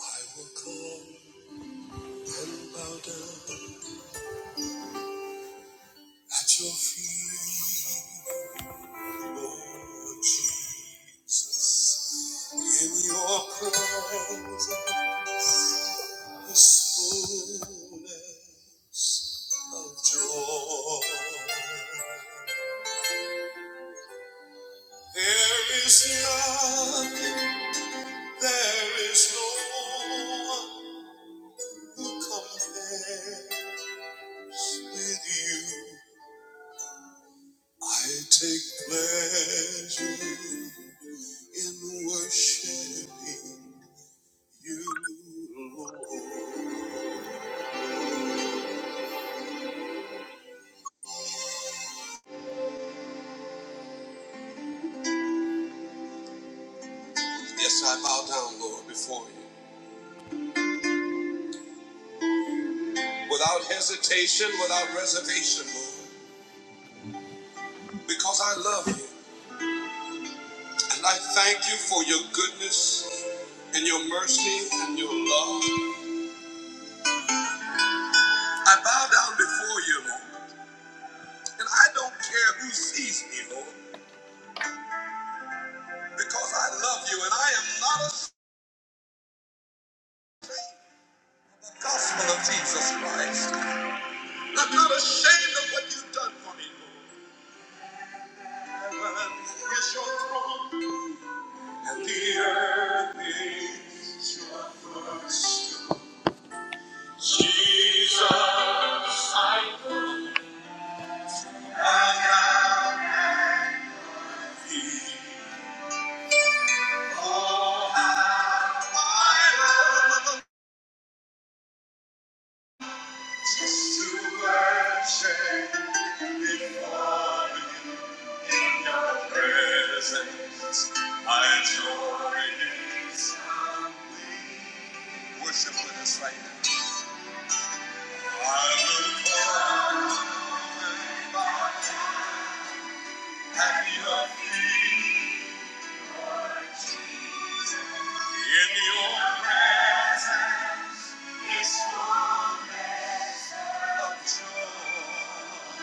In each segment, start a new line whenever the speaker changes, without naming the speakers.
I will come and bow down at your feet, Lord Jesus. In your presence is fullness of joy. There is none, there is no one who compares with you. I take pleasure in worshiping you, Lord. Yes, I bow down, Lord, before you. Without hesitation, without reservation, Lord. Because I love you. And I thank you for your goodness and your mercy and your love. I bow down before you, Lord. And I don't care who sees me, Lord. Because I love you and I am not ashamed of the gospel of Jesus Christ. I'm not ashamed of what you've done for me. Lord. Heaven is your throne, and the earth is your footstool. Jesus, I bow at thee. Oh, I love just to worship before you in your presence. My joy is complete. Worship with us right now. I look forward to happy feet in your love joy.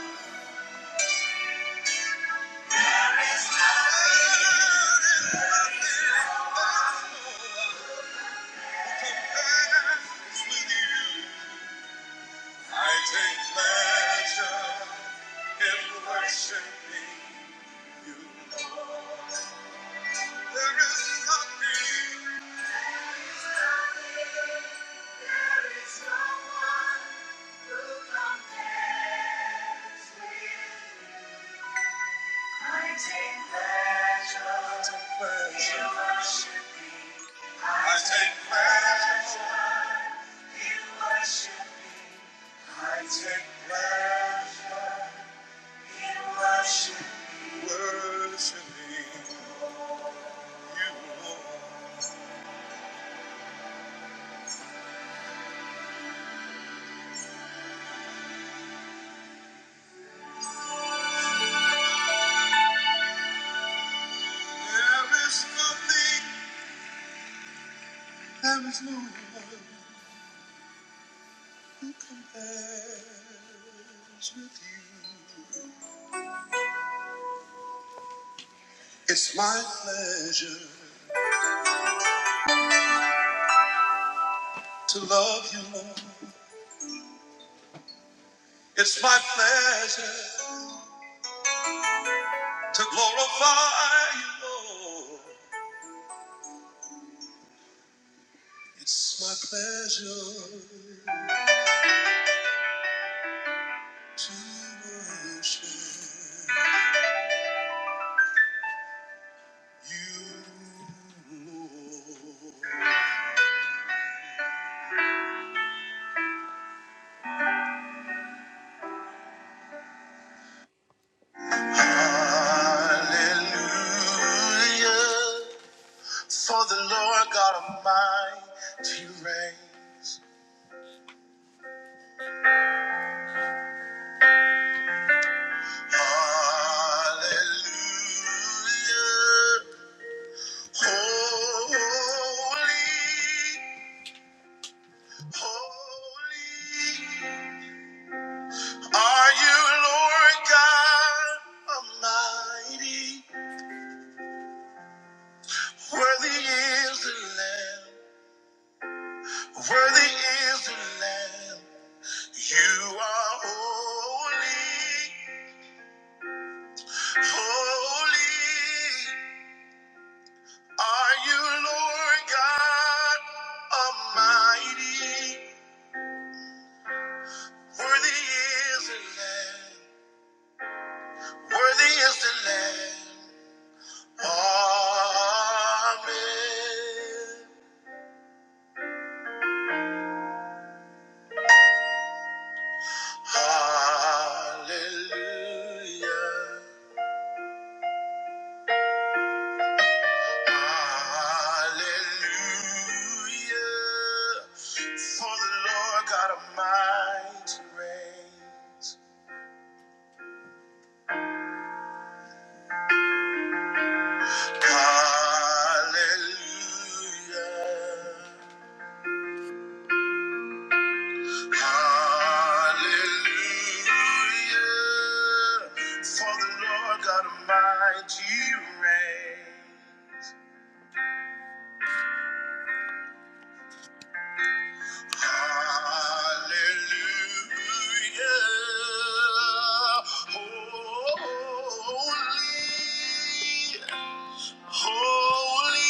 I take pleasure in worshiping you. There is nothing There is no one. compares with you. It's my pleasure to love you, Lord. It's my pleasure to glorify you, Lord. It's my pleasure to worship you, Lord. Hallelujah. For the Lord God Almighty reigns. Hallelujah. Holy, holy are you, Lord God Almighty. Worthy is the Lamb. Worthy is the Lamb. You are holy. Holy are you, Lord God Almighty. Worthy is the Lamb. Worthy is the Lamb. Amen. Hallelujah. Hallelujah. For the Lord God Almighty reigns. Hallelujah. Hallelujah. For the Lord God Almighty reigns. Hallelujah. Holy, holy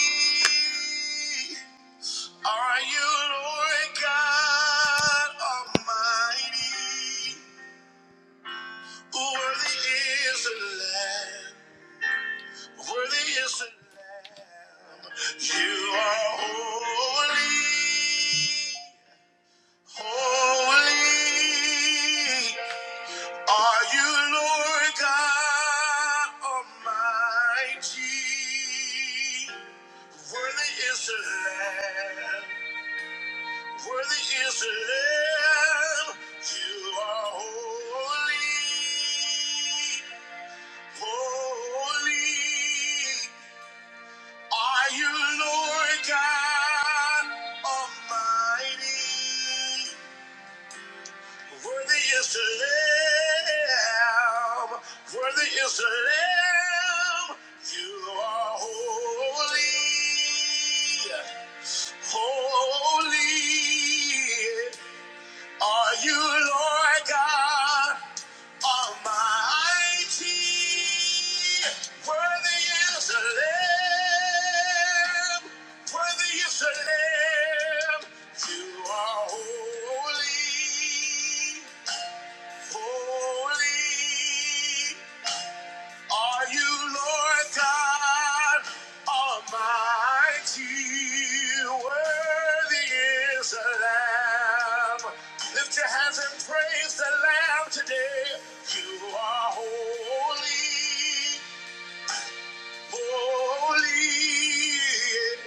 are you, Lord God Almighty. Worthy is the Lamb. Worthy is the Lamb. You are holy, holy. Are you Lord God Almighty? Worthy is the Lamb. Worthy is the Lamb. You are holy, holy. Are you Lord God Almighty? Worthy is the Lamb. Worthy is the Lamb. You are holy. Holy. Are you Lord God? Almighty, worthy is the Lamb, worthy is the Lamb. You are holy, holy. Are you Lord God Almighty? Worthy is the Lamb. Lift your hands and praise the Lamb today. You are holy, holy.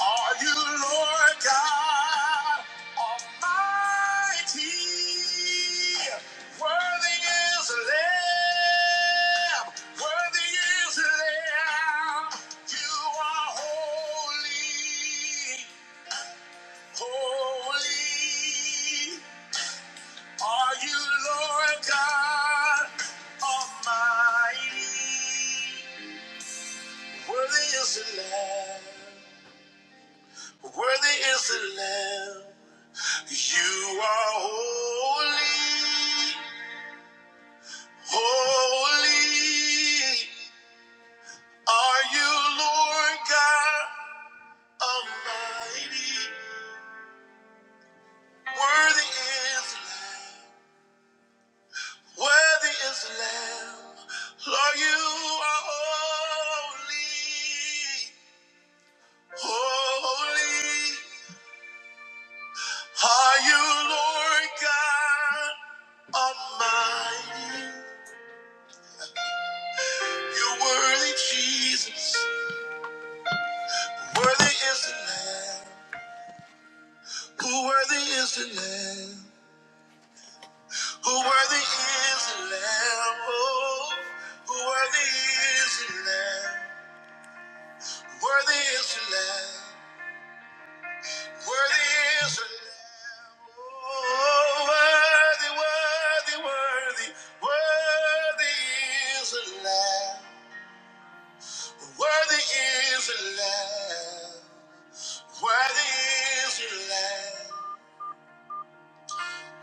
Are you Lord God Almighty? Worthy is the Lamb. Worthy is the Lamb. You are holy, holy. Are you Lord God Almighty? Worthy is the Lamb. Worthy is the Lamb. You are holy, holy are you, Lord God Almighty. Worthy is, worthy is the Lamb. Lord, you are holy, holy are you, Lord God Almighty. You're worthy, Jesus. Worthy is the Lamb. Who worthy is the Lamb? Who worthy is the Lamb? Oh, who worthy is the Lamb? Worthy is the Lamb. Worthy is the Lamb. Oh, worthy, worthy, worthy, worthy is the Lamb. Worthy is the Lamb. Worthy is the Lamb.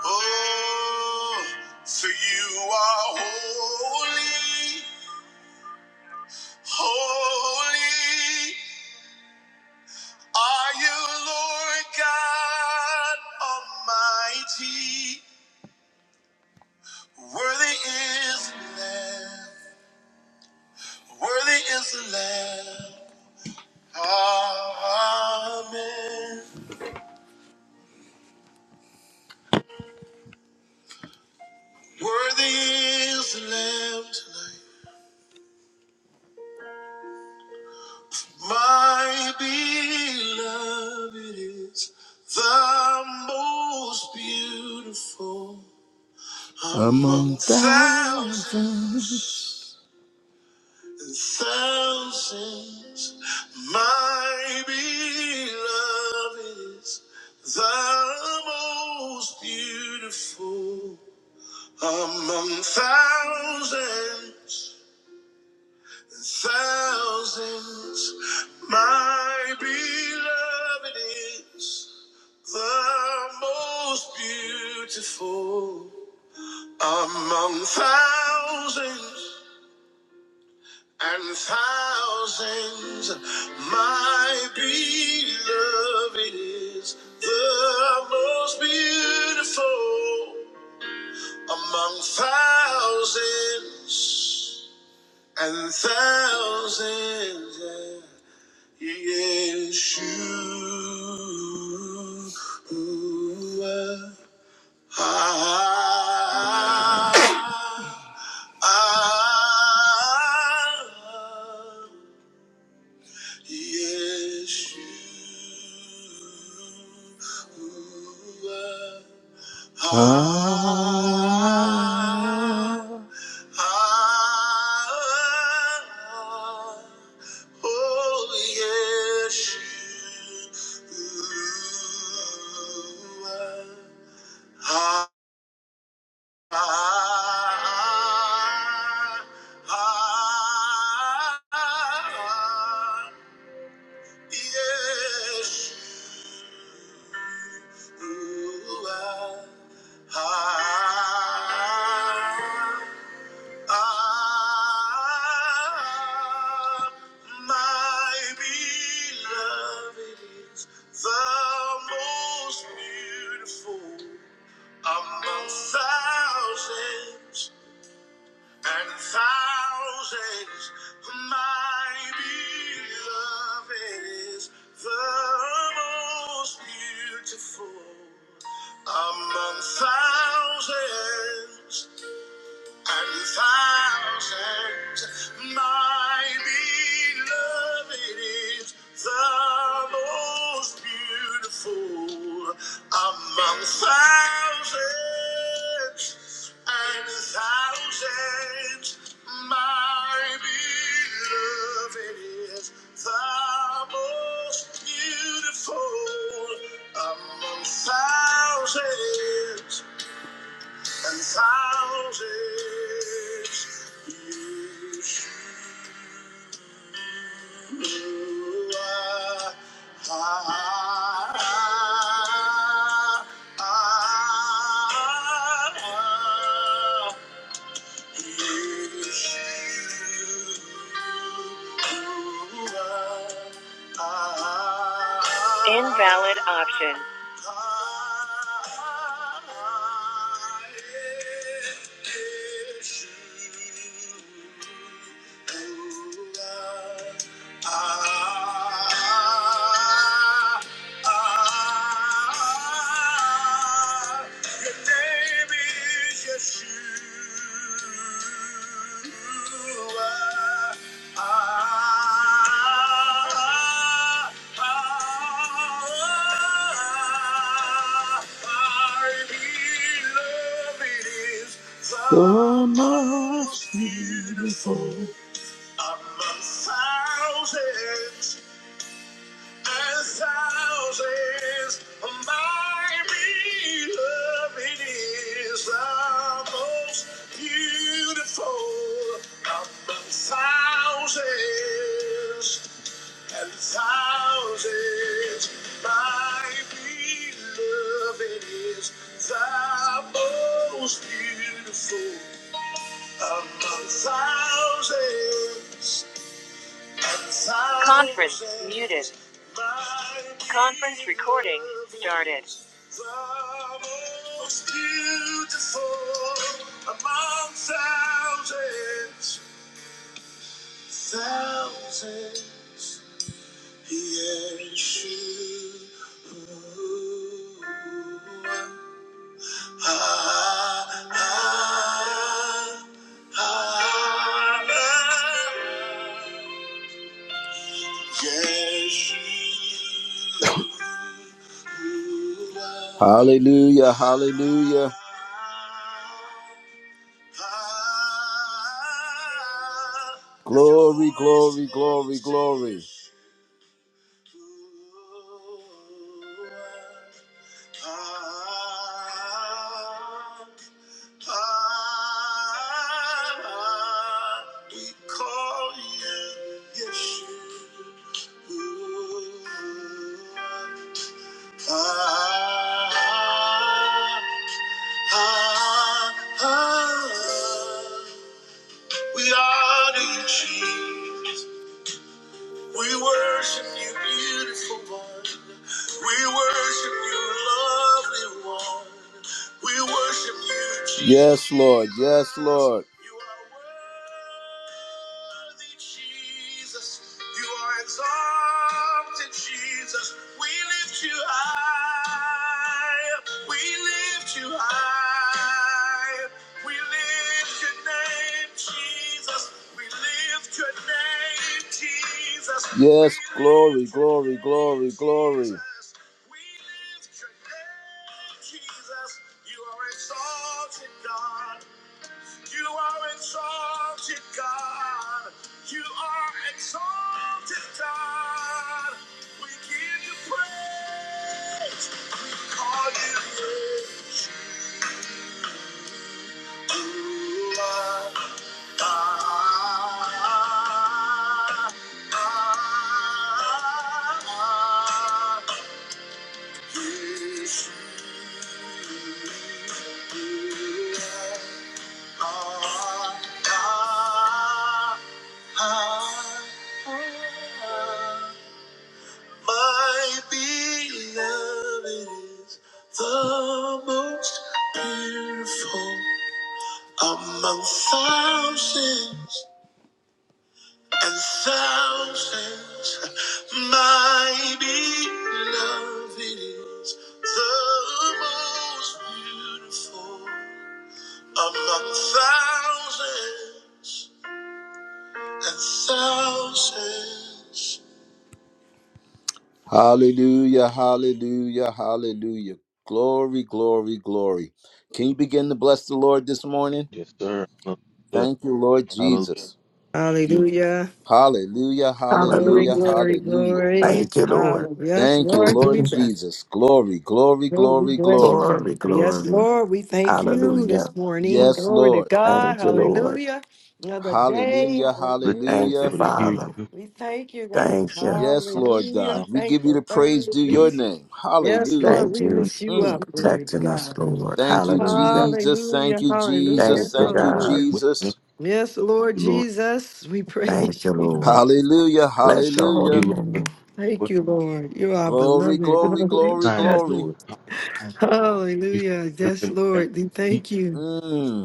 Oh, for you are holy. Holy are you, Lord God Almighty. Worthy is the Lamb. Worthy is the Lamb. Amen. Worthy is the Lamb. tonight. My beloved is the most beautiful among thousands. Thousands, my beloved is the most beautiful among thousands, thousands. My beloved is the most beautiful among thousands. and thousands my beloved is the most beautiful among thousands and thousands yeah. Yeshua ah, ah, ah, Yeshua. Ah, ah, oh, Yeshua. Ah, ah, ah, Yes, you are. I, I, my beloved is the most beautiful among thousands and thousands. My beloved is the most beautiful among thousands and thousands. My beloved is the most beautiful among thousands and thousands. My beloved is the most beautiful among thousands and thousands you see. You are high. Ah, ah, ah, Invalid option. Ah, your name is Yeshua. Ah, ah, our beloved is the most beautiful among thousands. And thousands my beloved is the most beautiful among thousands and thousands. My beloved is the most beautiful among thousands. Conference muted. Conference recording started. Most beautiful among thousands, Ah, ah, ah, Yeshua. Hallelujah, hallelujah. Glory, glory, glory, glory. We call you Yeshua. Ah, ah, ah. We honor you, Jesus. We worship you, beautiful one. We worship you, lovely one. We worship you, Jesus. Yes, Lord. Yes, Lord. You are worthy, Jesus. You are exalted, Jesus. We lift you high. We lift you high. We lift Yes, glory, glory, glory, glory. Ah, ah, ah, ah, yes, Ah, ah, ah. My beloved is the most beautiful among thousands. and thousands my beloved is the most beautiful among thousands and thousands. Hallelujah, hallelujah, hallelujah. Glory, glory, glory. Can you begin to bless the Lord this morning?
Yes, sir. Hallelujah.
Thank you, Lord
Hallelujah.
Jesus.
Hallelujah.
Hallelujah,
Glory,
hallelujah,
Hallelujah.
glory,
hallelujah.
glory.
Thank you, Lord.
Hallelujah. Yes,
Thank you,
Lord
Lord
Jesus.
Jesus. Glory, glory,
Lord, we
glory,
bless you.
glory.
God.
Glory,
Yes,
glory.
Lord, we thank you
Hallelujah.
this morning.
Yes,
Glory to
Lord.
God.
Thank you,
Lord.
Lord.
Hallelujah. Another day.
Hallelujah,
Thank you for the ability to
Hallelujah.
Thank
be
you,
hallelujah.
able to hear
Father.
you.
We thank you, God.
Thank you.
Yes,
Right
Lord God.
Hallelujah.
now,
We give you the
Thankful
praise due
give us
your
Thursdays.
name.
Yes,
what
Lord,
Hallelujah.
Thank
we
you're
you
doing
lift
in
you
your
for
up.
Mm.
word.
Glory to
protecting us,
God.
Lord.
Thank you,
Hallelujah.
Jesus. Thank
Hallelujah.
you, Jesus.
Thank
Hallelujah.
you,
Thank you,
God.
Hallelujah.
What you
Jesus.
Yes, Lord
do, Lord.
Jesus, we
Thank you,
praise you,
Lord.
Jesus.
Hallelujah,
Bless your
You,
holy
hallelujah.
Lord, for
name.
Thank
what
you, Lord. You are
Glory,
beloved.
what
glory,
Hallelujah.
glory,
Yes.
assignment,
glory.
Lord. Thank you for
Hallelujah.
the word that
Yes,
we have
Lord. We
received.
thank you.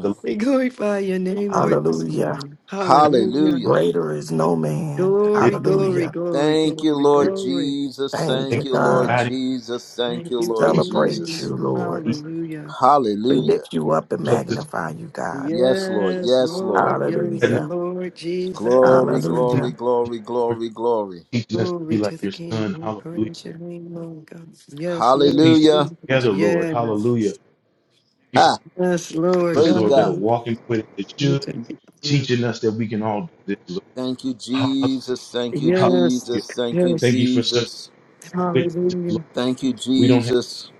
The Lord
We glorify your name, Lord, this
Hallelujah.
morning.
has
Hallelujah.
Hallelujah.
Greater is no man.
lived
Glory, glory,
Hallelujah.
glory,
Thank you,
glory,
here.
Lord
glory.
Jesus.
Thank
Thank
Thank
you,
you,
you for
Lord
God.
guiding.
Jesus. Thank
Thank
you,
you,
Lord
Thank you
Celebrate
Jesus.
Jesus.
you,
for
Lord.
leading
Hallelujah.
We
Hallelujah.
lift you up and
places.
magnify you, God.
Yes, Lord.
Yes,
Yes, Lord.
Lord. Yes,
And
Hallelujah.
Lord Jesus.
Glory,
please,
glory,
Hallelujah.
glory,
for
glory, glory.
teaching us to be
Glory
like
to the
your
King.
son.
We
Hallelujah.
praise your name, Lord God. Yes,
The
Lord
peace
Hallelujah.
Jesus.
together, Lord.
Yes.
Hallelujah. Thank you for
Ha.
Yes, Lord
others,
Praise
Lord, that are
God.
God.
walking with it. That
We
should.
thank you.
teaching us that we can all do this, Lord.
Thank you,
Hallelujah.
Jesus. Thank you,
Yes,
Hallelujah.
Jesus. Thank you,
Thank
yes.
you for such
Jesus.
witnesses,
Hallelujah.
Lord.
Thank you,
We don't have
Jesus.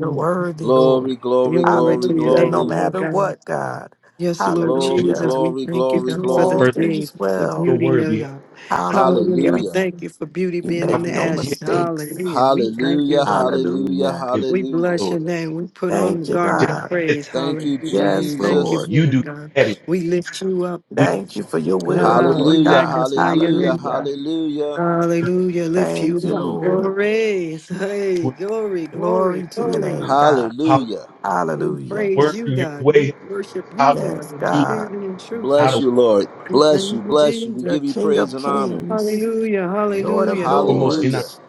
You're worthy, Lord.
Glory, glory,
Glory
glory,
to your
Hallelujah. No
name,
glory.
Lord
matter
God.
what, God.
Yes, Lord
to
Glory,
Jesus,
Hallelujah.
we
glory,
thank you,
You
glory,
God,
do
for
all
this
glory.
first
day,
things
the
well.
your
beauty
word.
of
We have
God. Hallelujah. We
Hallelujah.
Hallelujah.
thank you for beauty
You
being in
how
make
we
the
no
get
ashes.
mistakes.
Hallelujah. We thank you,
Hallelujah.
Lord.
Hallelujah.
Hallelujah.
it,
We
Hallelujah.
bless
Lord.
your name. We put on
Thank
the
you,
garment
To
of
God.
add,
praise.
Thank you,
Hallelujah. We
Yes,
thank you
Jesus.
Lord.
you
for it,
do
God.
the adding.
We lift you up,
We
God.
just
Thank you for your will,
Ah,
Lord
we
Hallelujah.
God.
magnify your
Hallelujah.
name.
Hallelujah.
Hallelujah.
heard
Hallelujah. Lift
Thank you,
you up.
Mm.
Lord.
Glory. Hey,
what-
glory, glory,
Glory to your
glory.
name, God.
how
Hallelujah.
We
your
Hallelujah.
praise
word
you,
and your
God.
way
We
has
worship you,
allowed
Lord,
Yes,
in
us to do
spirit
God.
and in truth,
how to
Bless
Lord.
you,
walk
Lord.
We
Bless
thank
you,
you,
bless you. We
Jesus.
You're
give you
King
praise
of
and honor.
Kings,
Hallelujah.
Lord of
Hallelujah.
foremost in our
Hallelujah.
Lords.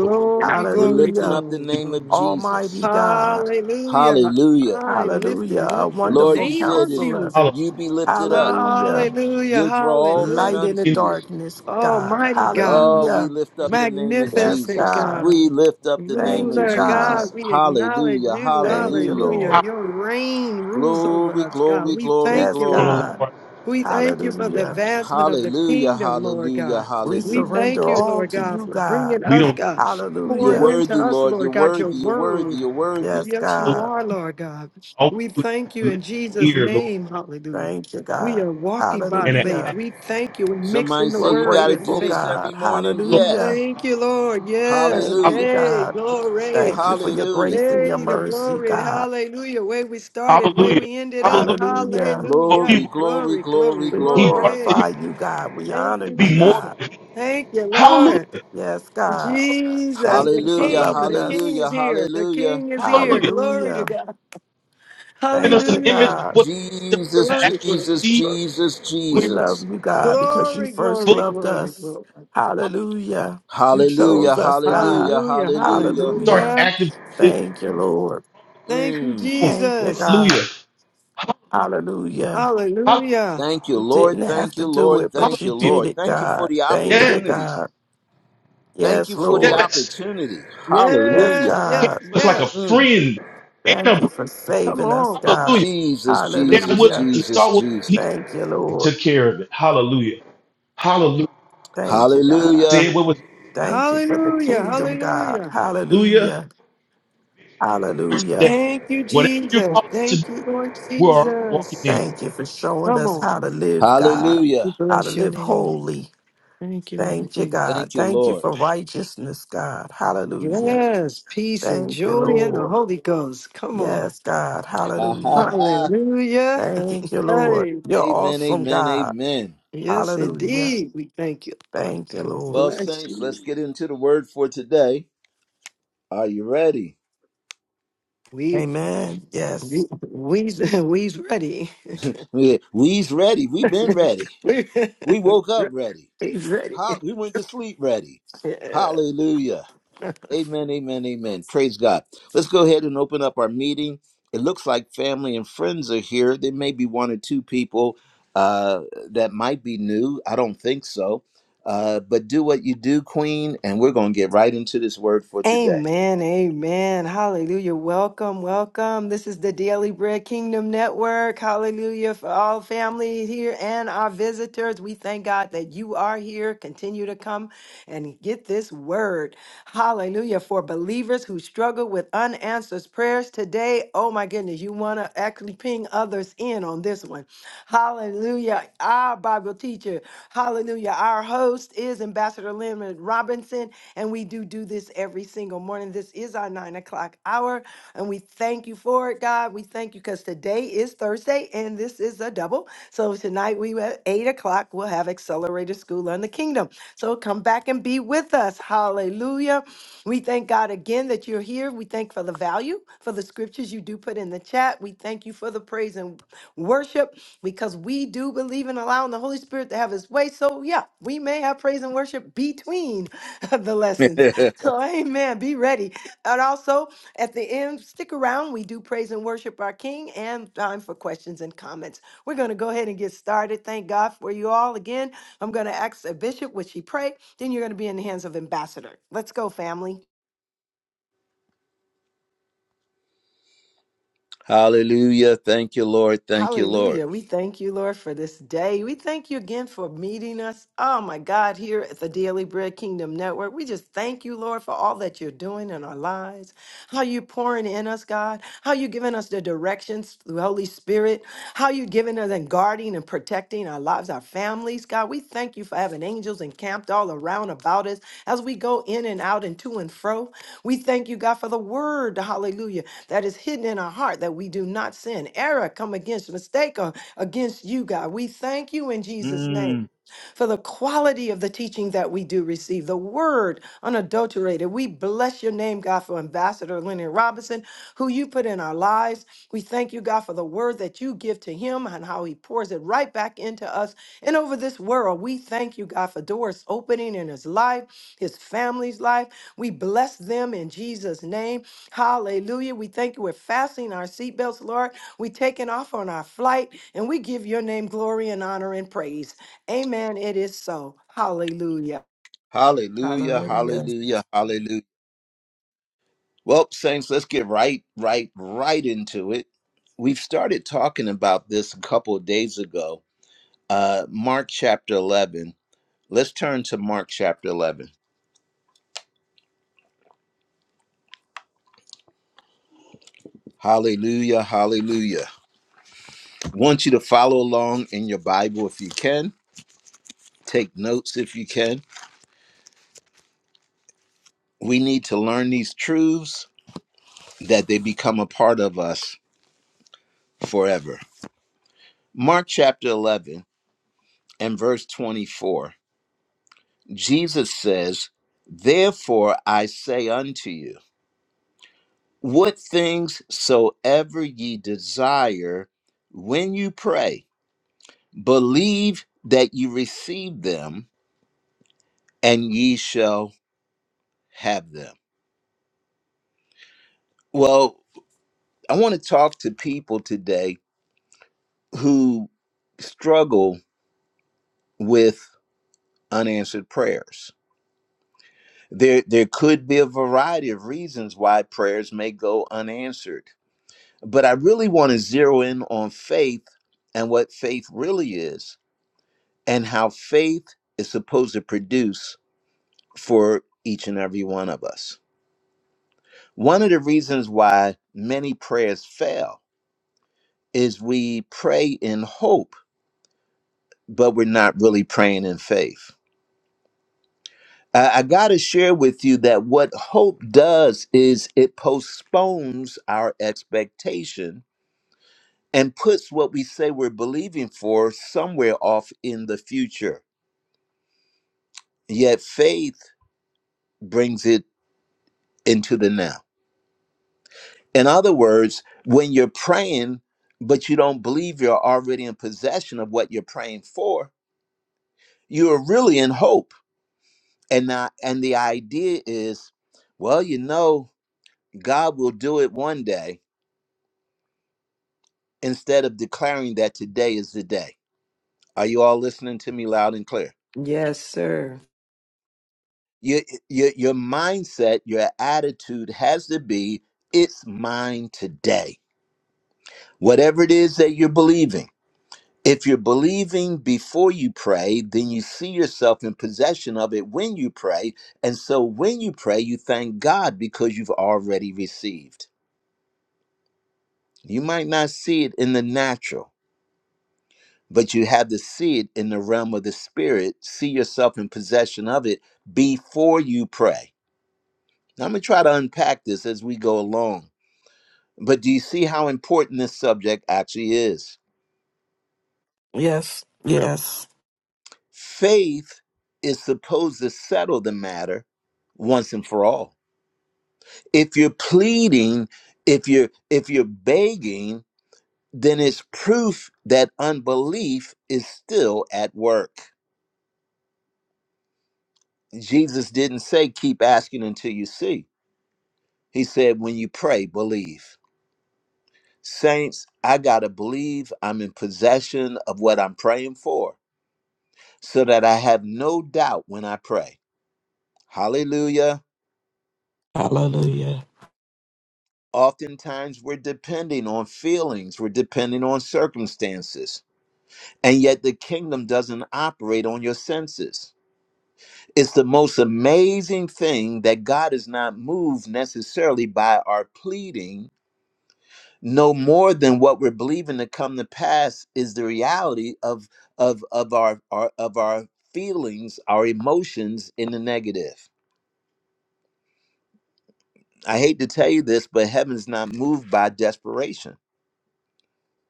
people.
We're
glory,
lifting
Hallelujah.
up the
glory,
To
name of
glory.
Jesus.
Almighty God.
Hallelujah.
Hallelujah.
I'm
Hallelujah.
lifting
A
up the
Lord,
wonderful
you
name
said
of
if
counselor.
Jesus.
follow.
you be lifted up,
Hallelujah.
Hallelujah.
you'll draw all men
Light
Hallelujah.
in the
unto
We can
you.
darkness, God.
Almighty God.
Oh, we
Hallelujah.
lift up
be
the name of
Yes,
Magnificent
Jesus.
God.
We
God.
lift up the name
Thank you,
of
Ruler
God.
Jesus.
God, we
we
acknowledge
follow
Hallelujah.
you.
Thank you,
Hallelujah.
Hallelujah.
Lord.
power.
Your reign rules over
Glory,
us, God.
glory,
We
glory,
thank
Yes,
We
you,
don't
glory.
allow
Lord.
God.
ourselves.
We thank you for the
Hallelujah.
advancement of the
Hallelujah.
kingdom, Lord
Hallelujah.
God.
We
We
Hallelujah.
thank
surrender
you,
to-
all
Lord
to
God,
you,
for
God.
bringing
We
us,
don't
God,
You're
pouring
Hallelujah.
into
worthy,
us,
Lord. You're
Lord God, your
worthy. You're worthy.
word.
You're worthy.
Yes,
Yes, you
God.
are,
follow.
Lord God. We
All we do is
thank
have a
you in
listening
Jesus'
ear, Lord,
name. Hallelujah.
Thank you,
We
God.
are walking by
and
faith.
an
Hallelujah.
We thank you. We're
Somebody
mixing the
say
We're
you
word
got to
with
do
grateful,
faith.
this every
God.
morning?
We
Hallelujah.
Yes.
thank you, Lord. Yes.
Thank you,
Hallelujah.
Hey,
God.
glory.
Thank you for your
Hallelujah.
grace and your
Hey, the
mercy,
glory.
God.
Hallelujah. Where we started, where
Hallelujah.
we ended up.
Hallelujah.
Hallelujah.
What we
Hallelujah.
Glory,
were,
glory,
Glory,
glory,
glory,
We
he
glory.
brought us to
glory.
here
glorify you, God. We
Thank
honor
to
you,
you,
be more.
Jesus.
God.
Thank you,
Hallelujah.
Lord.
Yes, God.
Hallelujah.
Jesus,
Thank
the
you for
Hallelujah,
King,
loving
the King
us.
hallelujah,
is here. The
hallelujah.
King is here.
Hallelujah.
Glory to
Hallelujah.
God.
Giving
Thank
us an
you,
image
Hallelujah.
of
God.
what the future we're
Jesus,
to
Glory, glory,
actually
Jesus,
see
Jesus,
We
when we're
love
Jesus.
you, God, because you
glory,
first
glory, glory.
loved
fully.
glory.
us.
glory.
Hallelujah.
Hallelujah. You
No
Hallelujah,
chose
more
us,
pains of
God.
hallelujah,
this
Hallelujah.
world.
hallelujah.
We start
Hallelujah.
Hallelujah.
acting this from
Thank you, Lord.
the
Thank
place
you,
Mm.
that we're going.
Thank you,
Jesus.
God.
Hallelujah. Hallelujah.
Hallelujah.
Hallelujah.
Hallelujah.
Thank you,
You didn't
Lord.
have
Thank
to
you,
do
Lord.
it, but
Thank
you
you,
Hallelujah.
did
Lord.
it,
Thank you for
God.
the
Thank you,
opportunity.
Yes.
God.
Thank
Yes,
you for the
Lord.
Yes.
opportunity.
Yes,
Yes,
Hallelujah.
You
God.
came
yes,
to us like a
yes.
Mm.
friend and
Thank
a
you
brother.
for
Come
saving us,
on.
Hallelujah!
God.
Jesus,
They're
Jesus,
willing
Hallelujah.
to
Jesus,
saw what we
Jesus.
Thank you,
and
Lord.
took care of it. Hallelujah. Hallelujah.
Thank you, God.
Hallelujah.
Said what was
Thank you for the
Hallelujah.
kingdom, God.
Hallelujah.
hallelujah
Hallelujah.
for today.
Hallelujah.
Thank you,
Whatever you're
Jesus.
calling to
Thank
do,
you, Lord
we're already walking in
Jesus.
it.
Thank you for showing
Come
us
on.
how to live, God,
We
Hallelujah.
how to
bless your
live
name, Lord.
holy.
Thank you, Lord
Thank you,
Jesus.
God.
Thank you,
Thank you
Lord.
for righteousness, God. Hallelujah.
Yes, peace and
Thank you,
joy in the
Lord.
Holy Ghost. Come on.
Yes, God.
Ha ha
Hallelujah.
ha.
Hallelujah.
Thank you, Lord.
Hey.
You're
Amen.
awesome,
Amen.
God.
Amen.
Yes,
Hallelujah.
indeed. We thank you, Lord.
Thank you, Lord.
Well,
Bless
saints,
you.
let's get into the word for today. Are you ready?
We've,
Amen. Yes.
we, we, we's ready.
We- We's ready. We've been ready. We woke up ready.
He's ready.
Ho- We went to sleep ready.
Yeah.
Hallelujah. Amen, amen, amen. Praise God. Let's go ahead and open up our meeting. It looks like family and friends are here. There may be one or two people uh, that might be new. I don't think so. Uh, but do what you do, Queen, and we're going to get right into this word for today.
Amen. Amen. Hallelujah. Welcome. Welcome. This is the Daily Bread Kingdom Network. Hallelujah. For all family here and our visitors, we thank God that you are here. Continue to come and get this word. Hallelujah. For believers who struggle with unanswered prayers today, oh my goodness, you want to actually ping others in on this one. Hallelujah. Our Bible teacher, hallelujah. Our host is Ambassador Leonard Robinson. And we do do this every single morning. This is our nine o'clock hour. And we thank you for it, God. We thank you because today is Thursday and this is a double. So tonight we at eight o'clock, we'll have accelerated school on the kingdom. So come back and be with us. Hallelujah. We thank God again that you're here. We thank for the value, for the scriptures you do put in the chat. We thank you for the praise and worship because we do believe in allowing the Holy Spirit to have his way. So, yeah, we may have praise and worship between the lessons. So, amen. Be ready. And also, at the end, stick around. We do praise and worship our King and time for questions and comments. We're going to go ahead and get started. Thank God for you all again. I'm going to ask a bishop, would she pray? Then you're going to be in the hands of ambassador. Let's go, family.
hallelujah. Thank you, Lord. Thank you, Lord.
Hallelujah. We thank you, Lord, for this day. We thank you again for meeting us. Oh, my God, here at the Daily Bread Kingdom Network. We just thank you, Lord, for all that you're doing in our lives, how you pouring in us, God, how you giving us the directions through Holy Spirit, how you giving us and guarding and protecting our lives, our families. God, we thank you for having angels encamped all around about us as we go in and out and to and fro. We thank you, God, for the word. Hallelujah that is hidden in our heart that we do not sin. Error come against mistake or against you, God. We thank you in Jesus' name for the quality of the teaching that we do receive, the word unadulterated. We bless your name, God, for Ambassador Leonard Robinson, who you put in our lives. We thank you, God, for the word that you give to him and how he pours it right back into us and over this world. We thank you, God, for doors opening in his life, his family's life. We bless them in Jesus' name. Hallelujah. We thank you. We're fastening our seatbelts, Lord. We're taking off on our flight, and we give your name glory and honor and praise. Amen. It is so. Hallelujah.
Hallelujah,
Hallelujah.
hallelujah, hallelujah. Well, Saints, let's get right, right, right into it. We've started talking about this a couple of days ago Uh, Mark chapter 11. Let's turn to Mark chapter 11. Hallelujah, hallelujah. Want you to follow along in your Bible if you can. Take notes if you can. We need to learn these truths that they become a part of us forever. Mark chapter 11 and verse 24. Jesus says, Therefore I say unto you, what things soever ye desire when you pray. believe that you receive them and ye shall have them. Well, I want to talk to people today who struggle with unanswered prayers. There there could be a variety of reasons why prayers may go unanswered. But I really want to zero in on faith and what faith really is and how faith is supposed to produce for each and every one of us. One of the reasons why many prayers fail is we pray in hope, but we're not really praying in faith. I, I got to share with you that what hope does is it postpones our expectation and puts what we say we're believing for somewhere off in the future. Yet faith brings it into the now. In other words, when you're praying, but you don't believe you're already in possession of what you're praying for, you are really in hope and not and the idea is well you know god will do it one day instead of declaring that today is the day are you all listening to me loud and clear
Yes, sir.
your your, your mindset your attitude has to be it's mine today whatever it is that you're believing if you're believing before you pray, then you see yourself in possession of it when you pray. And so when you pray, you thank God because you've already received. You might not see it in the natural, but you have to see it in the realm of the spirit, see yourself in possession of it before you pray. Now, I'm going to try to unpack this as we go along, but do you see how important this subject actually is?
Yes. Yes.
Faith is supposed to settle the matter once and for all. If you're pleading, if you're if you're begging, then it's proof that unbelief is still at work. Jesus didn't say keep asking until you see. He said when you pray, believe. Saints, I got to believe I'm in possession of what I'm praying for so that I have no doubt when I pray. Hallelujah.
Hallelujah.
Oftentimes we're depending on feelings, we're depending on circumstances. And yet the kingdom doesn't operate on your senses. It's the most amazing thing that God is not moved necessarily by our pleading no more than what we're believing to come to pass is the reality of of of our, our of our feelings our emotions in the negative i hate to tell you this but heaven's not moved by desperation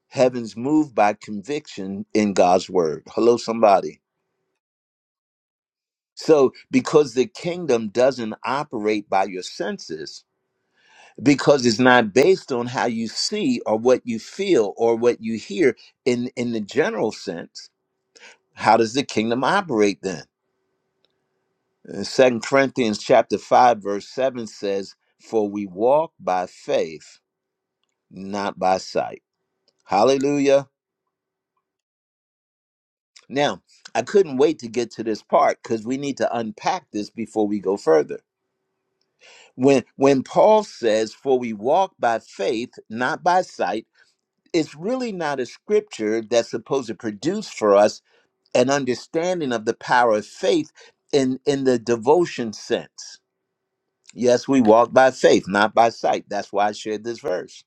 heaven's moved by conviction in god's word hello somebody so because the kingdom doesn't operate by your senses because it's not based on how you see or what you feel or what you hear in in the general sense How does the kingdom operate then? Uh, Second Corinthians chapter 5 verse 7 says, "For we walk by faith, not by sight." Hallelujah. Now, I couldn't wait to get to this part cuz we need to unpack this before we go further. When when Paul says, "For we walk by faith, not by sight," it's really not a scripture that's supposed to produce for us an understanding of the power of faith in in the devotion sense Yes, we walk by faith, not by sight. That's why I shared this verse.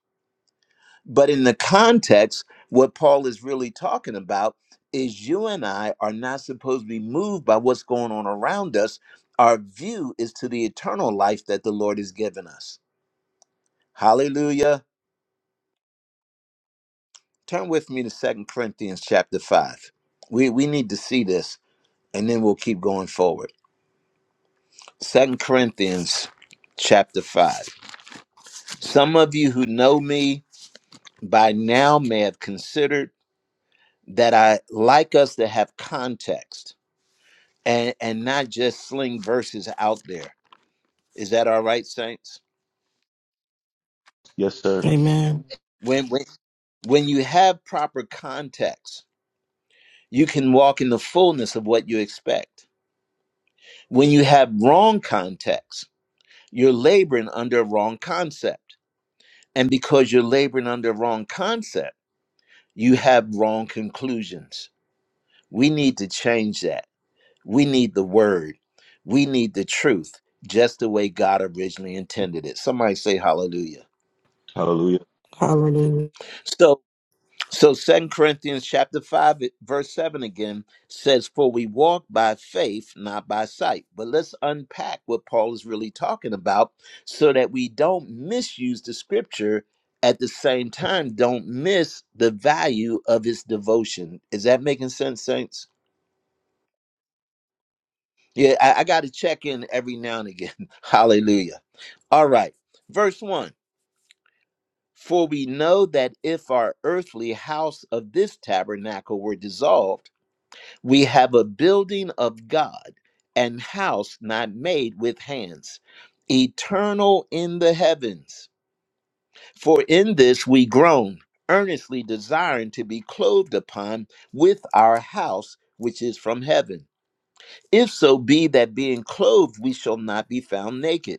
But in the context, what Paul is really talking about is you and I are not supposed to be moved by what's going on around us. Our view is to the eternal life that the Lord has given us. Hallelujah. Turn with me to Second Corinthians chapter 5. We we need to see this and then we'll keep going forward. Second Corinthians chapter 5. Some of you who know me by now may have considered that I like us to have context and and not just sling verses out there. Is that all right, saints?
Yes, sir.
Amen.
When when when you have proper context, you can walk in the fullness of what you expect. When you have wrong context, you're laboring under a wrong concept. And because you're laboring under a wrong concept, you have wrong conclusions. We need to change that We need the word. We need the truth, just the way God originally intended it. Somebody say hallelujah.
Hallelujah.
Hallelujah.
So so Second Corinthians chapter 5 verse 7 again says for we walk by faith not by sight. But let's unpack what Paul is really talking about so that we don't misuse the scripture at the same time don't miss the value of its devotion. Is that making sense saints? Yeah, I, I got to check in every now and again. Hallelujah. All right. Verse 1 For we know that if our earthly house of this tabernacle were dissolved, we have a building of God and house not made with hands, eternal in the heavens. For in this we groan, earnestly desiring to be clothed upon with our house which is from heaven. If so be that being clothed, we shall not be found naked.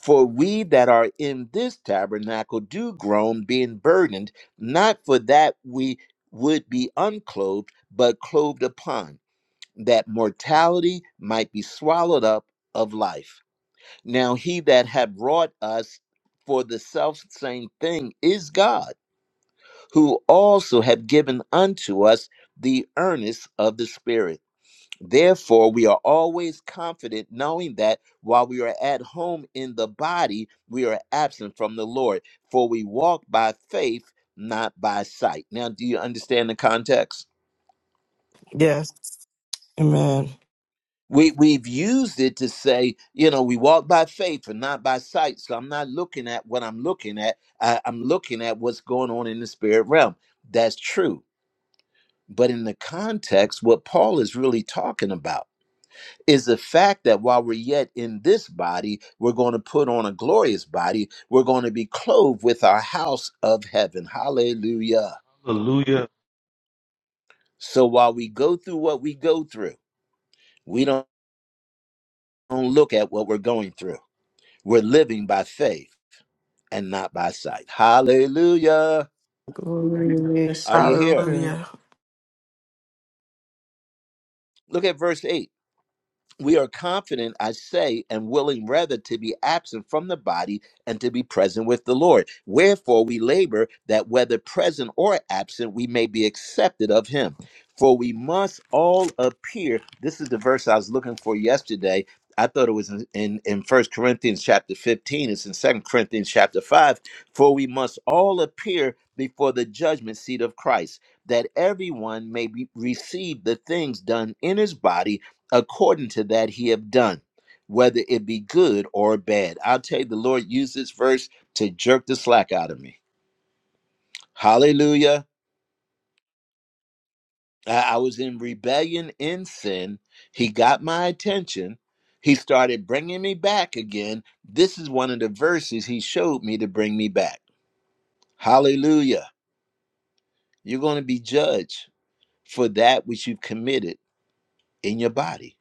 For we that are in this tabernacle do groan, being burdened, not for that we would be unclothed, but clothed upon, that mortality might be swallowed up of life. Now he that hath wrought us for the self same thing is God, who also hath given unto us the earnest of the Spirit. Therefore, we are always confident knowing that while we are at home in the body, we are absent from the Lord, for we walk by faith, not by sight. Now, do you understand the context?
Yes. Amen.
We, we've used it to say, you know, we walk by faith and not by sight. So I'm not looking at what I'm looking at. I, I'm looking at what's going on in the spirit realm. That's true. But in the context, what Paul is really talking about is the fact that while we're yet in this body, we're going to put on a glorious body. We're going to be clothed with our house of heaven. Hallelujah.
Hallelujah.
So while we go through what we go through, we don't, don't look at what we're going through. We're living by faith and not by sight. Hallelujah.
Glory, yes,
Are you here?
sir.
Hallelujah.
Look at verse 8. we are confident, I say, and willing rather to be absent from the body and to be present with the Lord. Wherefore we labor that whether present or absent, we may be accepted of him. For we must all appear. This is the verse I was looking for yesterday. I thought it was in, in, in 1 Corinthians chapter 15. It's in Second Corinthians chapter 5. For we must all appear before the judgment seat of Christ, that everyone may be, receive the things done in his body according to that he have done, whether it be good or bad. I'll tell you, the Lord used this verse to jerk the slack out of me. Hallelujah. I, I was in rebellion in sin. He got my attention. He started bringing me back again. This is one of the verses he showed me to bring me back. Hallelujah. You're going to be judged for that which you've committed in your body.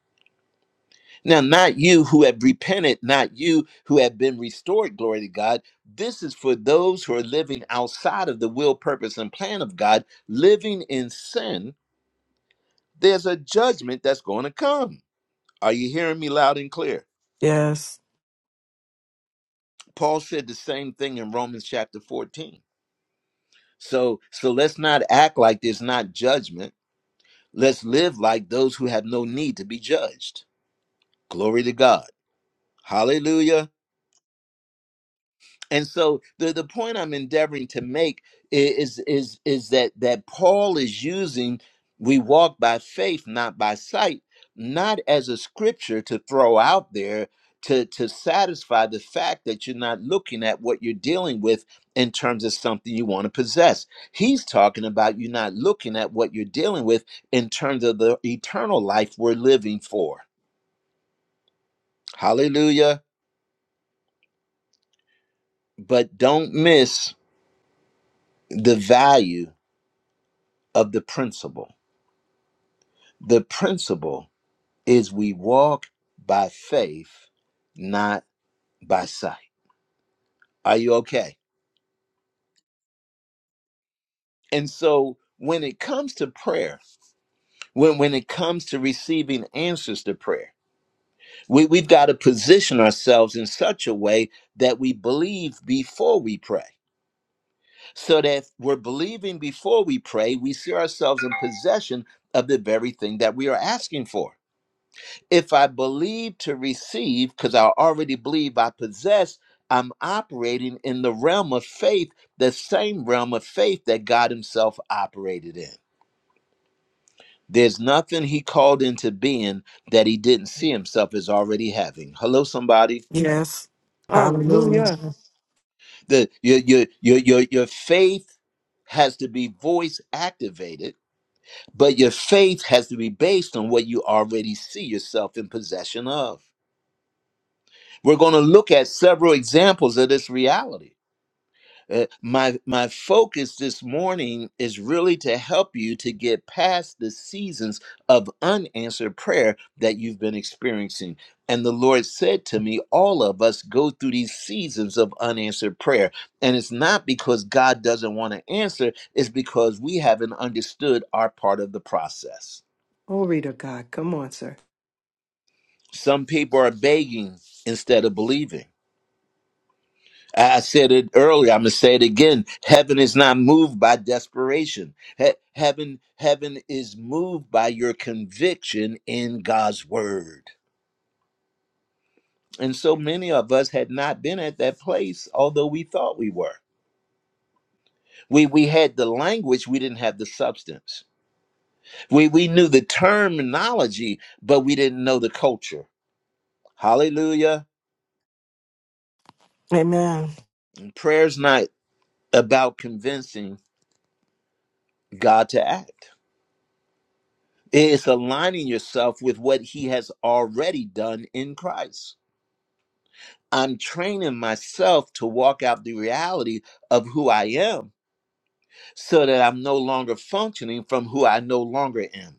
Now, not you who have repented, not you who have been restored, glory to God. This is for those who are living outside of the will, purpose, and plan of God, living in sin. There's a judgment that's going to come. Are you hearing me loud and clear?
Yes.
Paul said the same thing in Romans chapter 14. So, so let's not act like there's not judgment. Let's live like those who have no need to be judged. Glory to God. Hallelujah. and so the, the point I'm endeavoring to make i- is is is that that Paul is using we walk by faith, not by sight, not as a scripture to throw out there to to satisfy the fact that you're not looking at what you're dealing with in terms of something you want to possess. He's talking about you not looking at what you're dealing with in terms of the eternal life we're living for. Hallelujah. But don't miss the value of the principle The principle is we walk by faith, not by sight. Are you okay? And so when it comes to prayer, when, when it comes to receiving answers to prayer, we, we've got to position ourselves in such a way that we believe before we pray. So that if we're believing before we pray, we see ourselves in possession of the very thing that we are asking for. If I believe to receive, because I already believe I possess, I'm operating in the realm of faith, the same realm of faith that God Himself operated in. There's nothing He called into being that He didn't see Himself as already having. Hello, somebody.
Yes.
Hallelujah.
Hallelujah.
The your your your your, your faith has to be voice activated, but your faith has to be based on what you already see yourself in possession of. We're going to look at several examples of this reality. Uh, my my focus this morning is really to help you to get past the seasons of unanswered prayer that you've been experiencing and the lord said to me all of us go through these seasons of unanswered prayer and it's not because god doesn't want to answer it's because we haven't understood our part of the process
Glory to God. Come on, sir.
some people are begging instead of believing I said it earlier. I'm gonna say it again. Heaven is not moved by desperation. He- heaven, heaven is moved by your conviction in God's word. And so many of us had not been at that place, although we thought we were. We we had the language, we didn't have the substance. We we knew the terminology, but we didn't know the culture. Hallelujah.
Amen.
Prayer's not about convincing God to act. It's aligning yourself with what he has already done in Christ. I'm training myself to walk out the reality of who I am so that I'm no longer functioning from who I no longer am.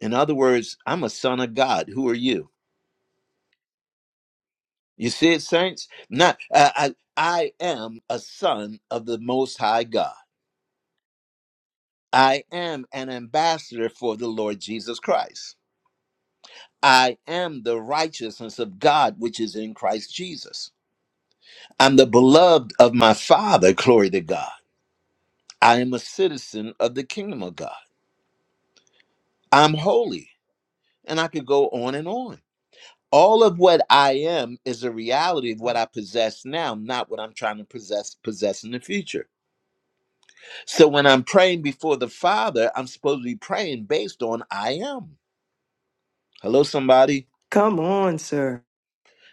In other words, I'm a son of God. Who are you? You see it, saints? Not I, I, I am a son of the Most High God. I am an ambassador for the Lord Jesus Christ. I am the righteousness of God which is in Christ Jesus. I'm the beloved of my Father, glory to God. I am a citizen of the kingdom of God. I'm holy. And I could go on and on. All of what I am is a reality of what I possess now, not what I'm trying to possess possess in the future. So when I'm praying before the Father, I'm supposed to be praying based on I am. Hello, somebody.
Come on, sir.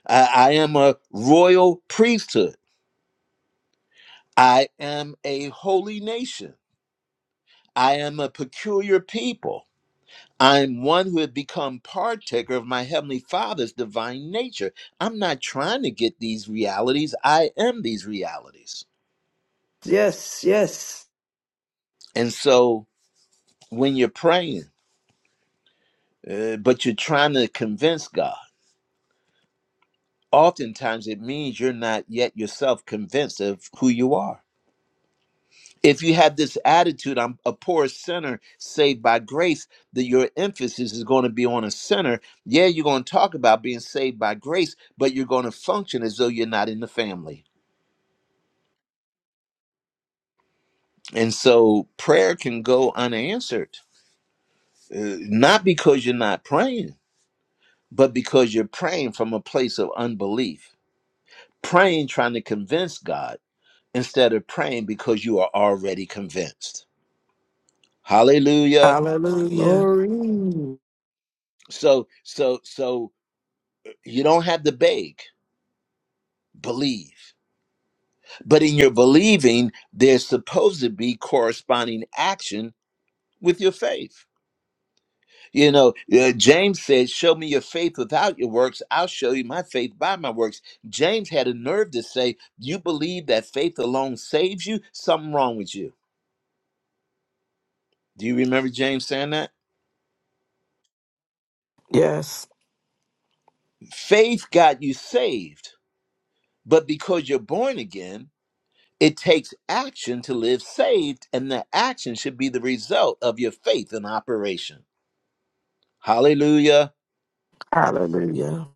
I, I am a royal priesthood. I am a holy nation. I am a peculiar people. I'm one who had become partaker of my Heavenly Father's divine nature. I'm not trying to get these realities. I am these realities.
Yes, yes.
And so when you're praying, uh, but you're trying to convince God, oftentimes it means you're not yet yourself convinced of who you are. If you have this attitude, I'm a poor sinner saved by grace, that your emphasis is going to be on a sinner. Yeah, you're going to talk about being saved by grace, but you're going to function as though you're not in the family. And so prayer can go unanswered, uh, not because you're not praying, but because you're praying from a place of unbelief, praying trying to convince God instead of praying because you are already convinced. Hallelujah.
Hallelujah.
Glory.
So, so, so you don't have to beg, believe. But in your believing, there's supposed to be corresponding action with your faith. You know, uh, James said, Show me your faith without your works. I'll show you my faith by my works. James had a nerve to say, You believe that faith alone saves you? Something wrong with you. Do you remember James saying that?
Yes.
Faith got you saved, but because you're born again, it takes action to live saved, and the action should be the result of your faith in operation. Hallelujah.
Hallelujah.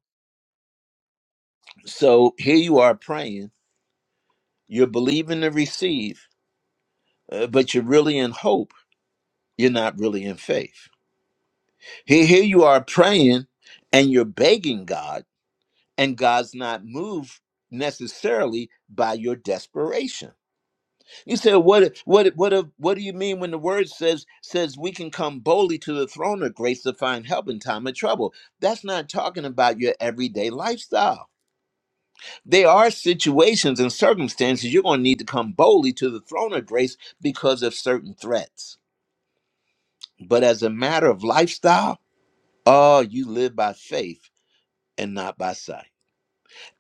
So here you are praying, you're believing to receive, uh, but you're really in hope you're not really in faith. Here, here you are praying and you're begging God, and God's not moved necessarily by your desperation. You say, what what what what do you mean when the word says says we can come boldly to the throne of grace to find help in time of trouble? That's not talking about your everyday lifestyle. There are situations and circumstances you're going to need to come boldly to the throne of grace because of certain threats. But as a matter of lifestyle, Oh, you live by faith and not by sight.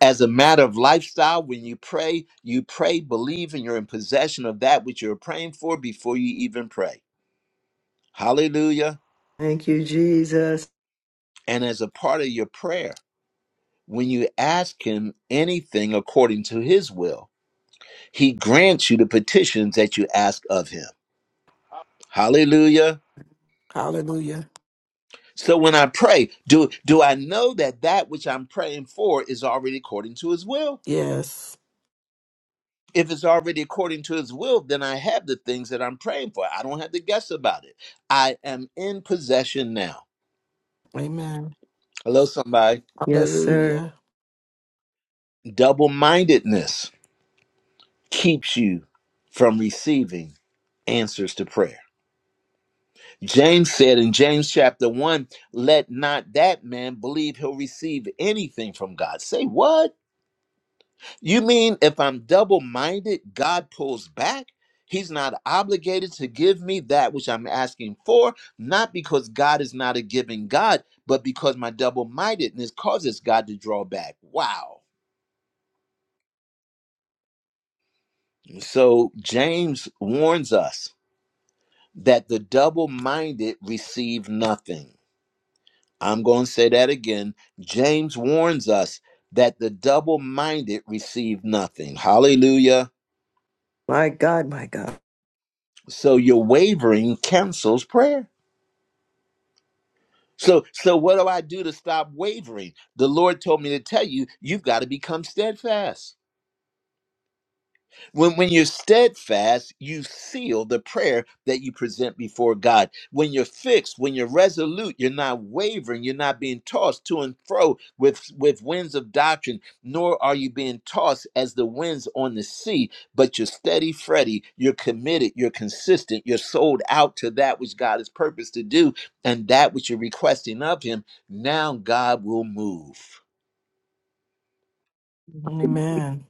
As a matter of lifestyle, when you pray, you pray, believe, and you're in possession of that which you're praying for before you even pray. Hallelujah.
Thank you, Jesus.
And as a part of your prayer, when you ask Him anything according to His will, He grants you the petitions that you ask of Him. Hallelujah.
Hallelujah.
So when I pray, do, do I know that that which I'm praying for is already according to His will?
Yes.
if it's already according to his will, then I have the things that I'm praying for. I don't have to guess about it. I am in possession now.
Amen.
Hello, somebody.
Yes, sir.
Hallelujah.
Double mindedness keeps you from receiving answers to prayer. James said in James chapter 1, let not that man believe he'll receive anything from God. Say what? You mean if I'm double minded, God pulls back? He's not obligated to give me that which I'm asking for, not because God is not a giving God, but because my double mindedness causes God to draw back. Wow. So James warns us that the double minded receive nothing. I'm going to say that again. James warns us that the double minded receive nothing. Hallelujah.
My God, my God.
So your wavering cancels prayer. So so what do I do to stop wavering? The Lord told me to tell you, you've got to become steadfast. When, when you're steadfast, you seal the prayer that you present before God. When you're fixed, when you're resolute, you're not wavering, you're not being tossed to and fro with, with winds of doctrine, nor are you being tossed as the winds on the sea, but you're steady, Freddy, you're committed, you're consistent, you're sold out to that which God has purposed to do, and that which you're requesting of Him. Now God will move.
Amen.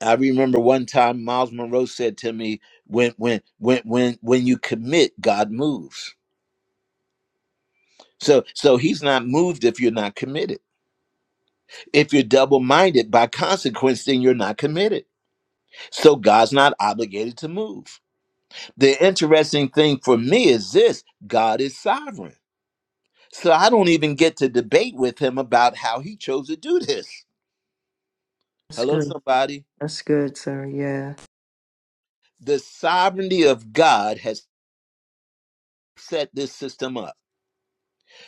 I remember one time Miles Monroe said to me, "When when when when when you commit, God moves." So so he's not moved if you're not committed. If you're double-minded, by consequence, then you're not committed. So God's not obligated to move. The interesting thing for me is this: God is sovereign. So I don't even get to debate with him about how he chose to do this.
That's
Hello,
good.
somebody.
That's good, sir. Yeah.
The sovereignty of God has set this system up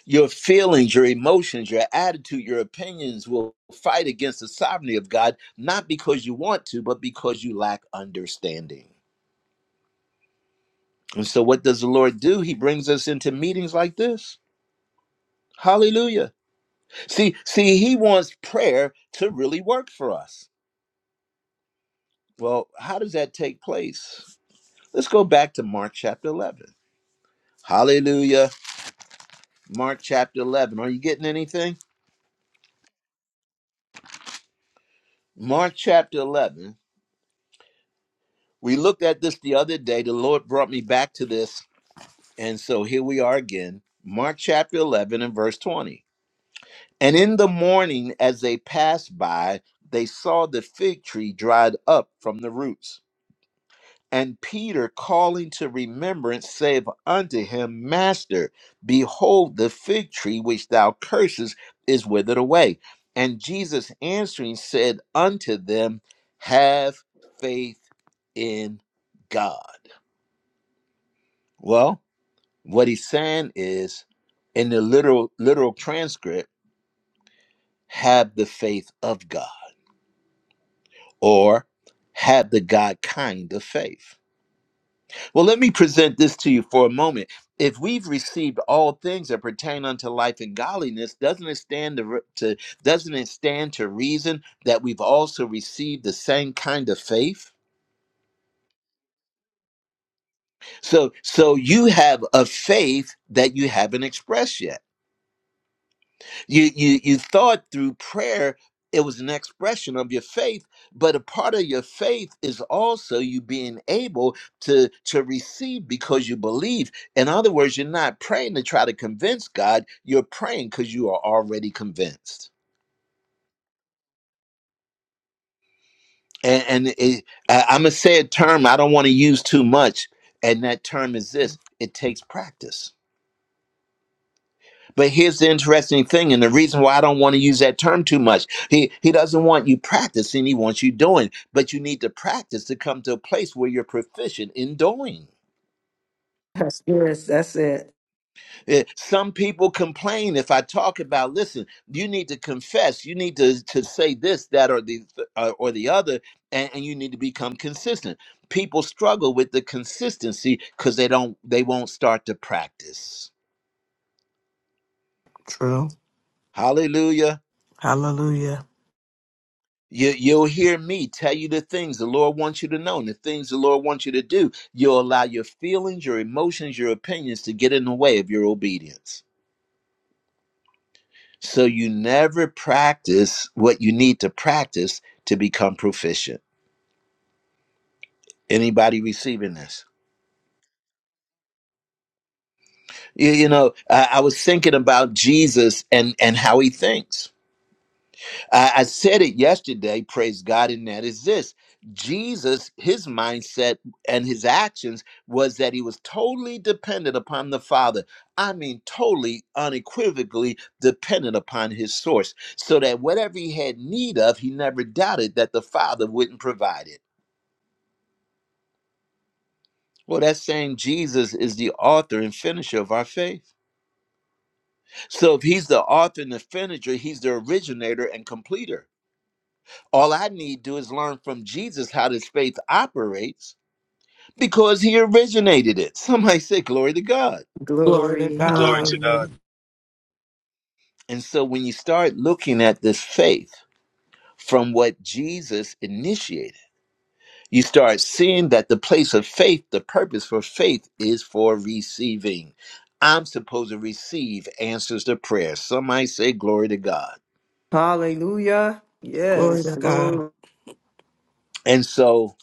Your feelings, your emotions, your attitude, your opinions will fight against the sovereignty of God, not because you want to, but because you lack understanding. And so, what does the Lord do? He brings us into meetings like this. Hallelujah. See, see, He wants prayer to really work for us. Well, how does that take place? Let's go back to Mark chapter 11. Hallelujah. Mark chapter 11. Are you getting anything? Mark chapter 11. We looked at this the other day. The Lord brought me back to this And so here we are again, Mark chapter 11 and verse 20. And in the morning, as they passed by, they saw the fig tree dried up from the roots. And Peter, calling to remembrance, saith unto him, Master, behold, the fig tree which thou cursest is withered away. And Jesus answering said unto them, Have faith in God. Well, What he's saying is, in the literal literal transcript, have the faith of God, or have the God kind of faith. Well, let me present this to you for a moment. If we've received all things that pertain unto life and godliness, doesn't it stand to, to doesn't it stand to reason that we've also received the same kind of faith? So, so you have a faith that you haven't expressed yet You you you thought through prayer it was an expression of your faith, but a part of your faith is also you being able to to receive because you believe. In other words, you're not praying to try to convince God. You're praying because you are already convinced. And, and it, I, I'm gonna say a term I don't want to use too much, and that term is this: it takes practice. But here's the interesting thing, and the reason why I don't want to use that term too much. He he doesn't want you practicing, he wants you doing. But you need to practice to come to a place where you're proficient in doing.
That's yes, that's it.
Eh, Some people complain if I talk about, listen, you need to confess, you need to, to say this, that, or the uh, or the other, and, and you need to become consistent. People struggle with the consistency because they don't they won't start to practice.
True.
Hallelujah.
Hallelujah.
You, you'll hear me tell you the things the Lord wants you to know and the things the Lord wants you to do. You'll allow your feelings, your emotions, your opinions to get in the way of your obedience. So you never practice what you need to practice to become proficient. Anybody receiving this? You, you know, I, I was thinking about Jesus and and how he thinks I, I said it yesterday, praise God, and that is this Jesus, his mindset and his actions was that he was totally dependent upon the Father. I mean, totally unequivocally dependent upon his source, so that whatever he had need of, he never doubted that the Father wouldn't provide it. Well, that's saying Jesus is the author and finisher of our faith. So if he's the author and the finisher, he's the originator and completer. All I need to do is learn from Jesus how this faith operates because he originated it. Somebody say, Glory to God.
Glory to
Glory.
Glory
God.
to God.
Hallelujah.
And so when you start looking at this faith from what Jesus initiated, you start seeing that the place of faith, the purpose for faith is for receiving. I'm supposed to receive answers to prayer. Somebody say, Glory to God.
Hallelujah.
Glory
Yes.
to God.
Glory.
And so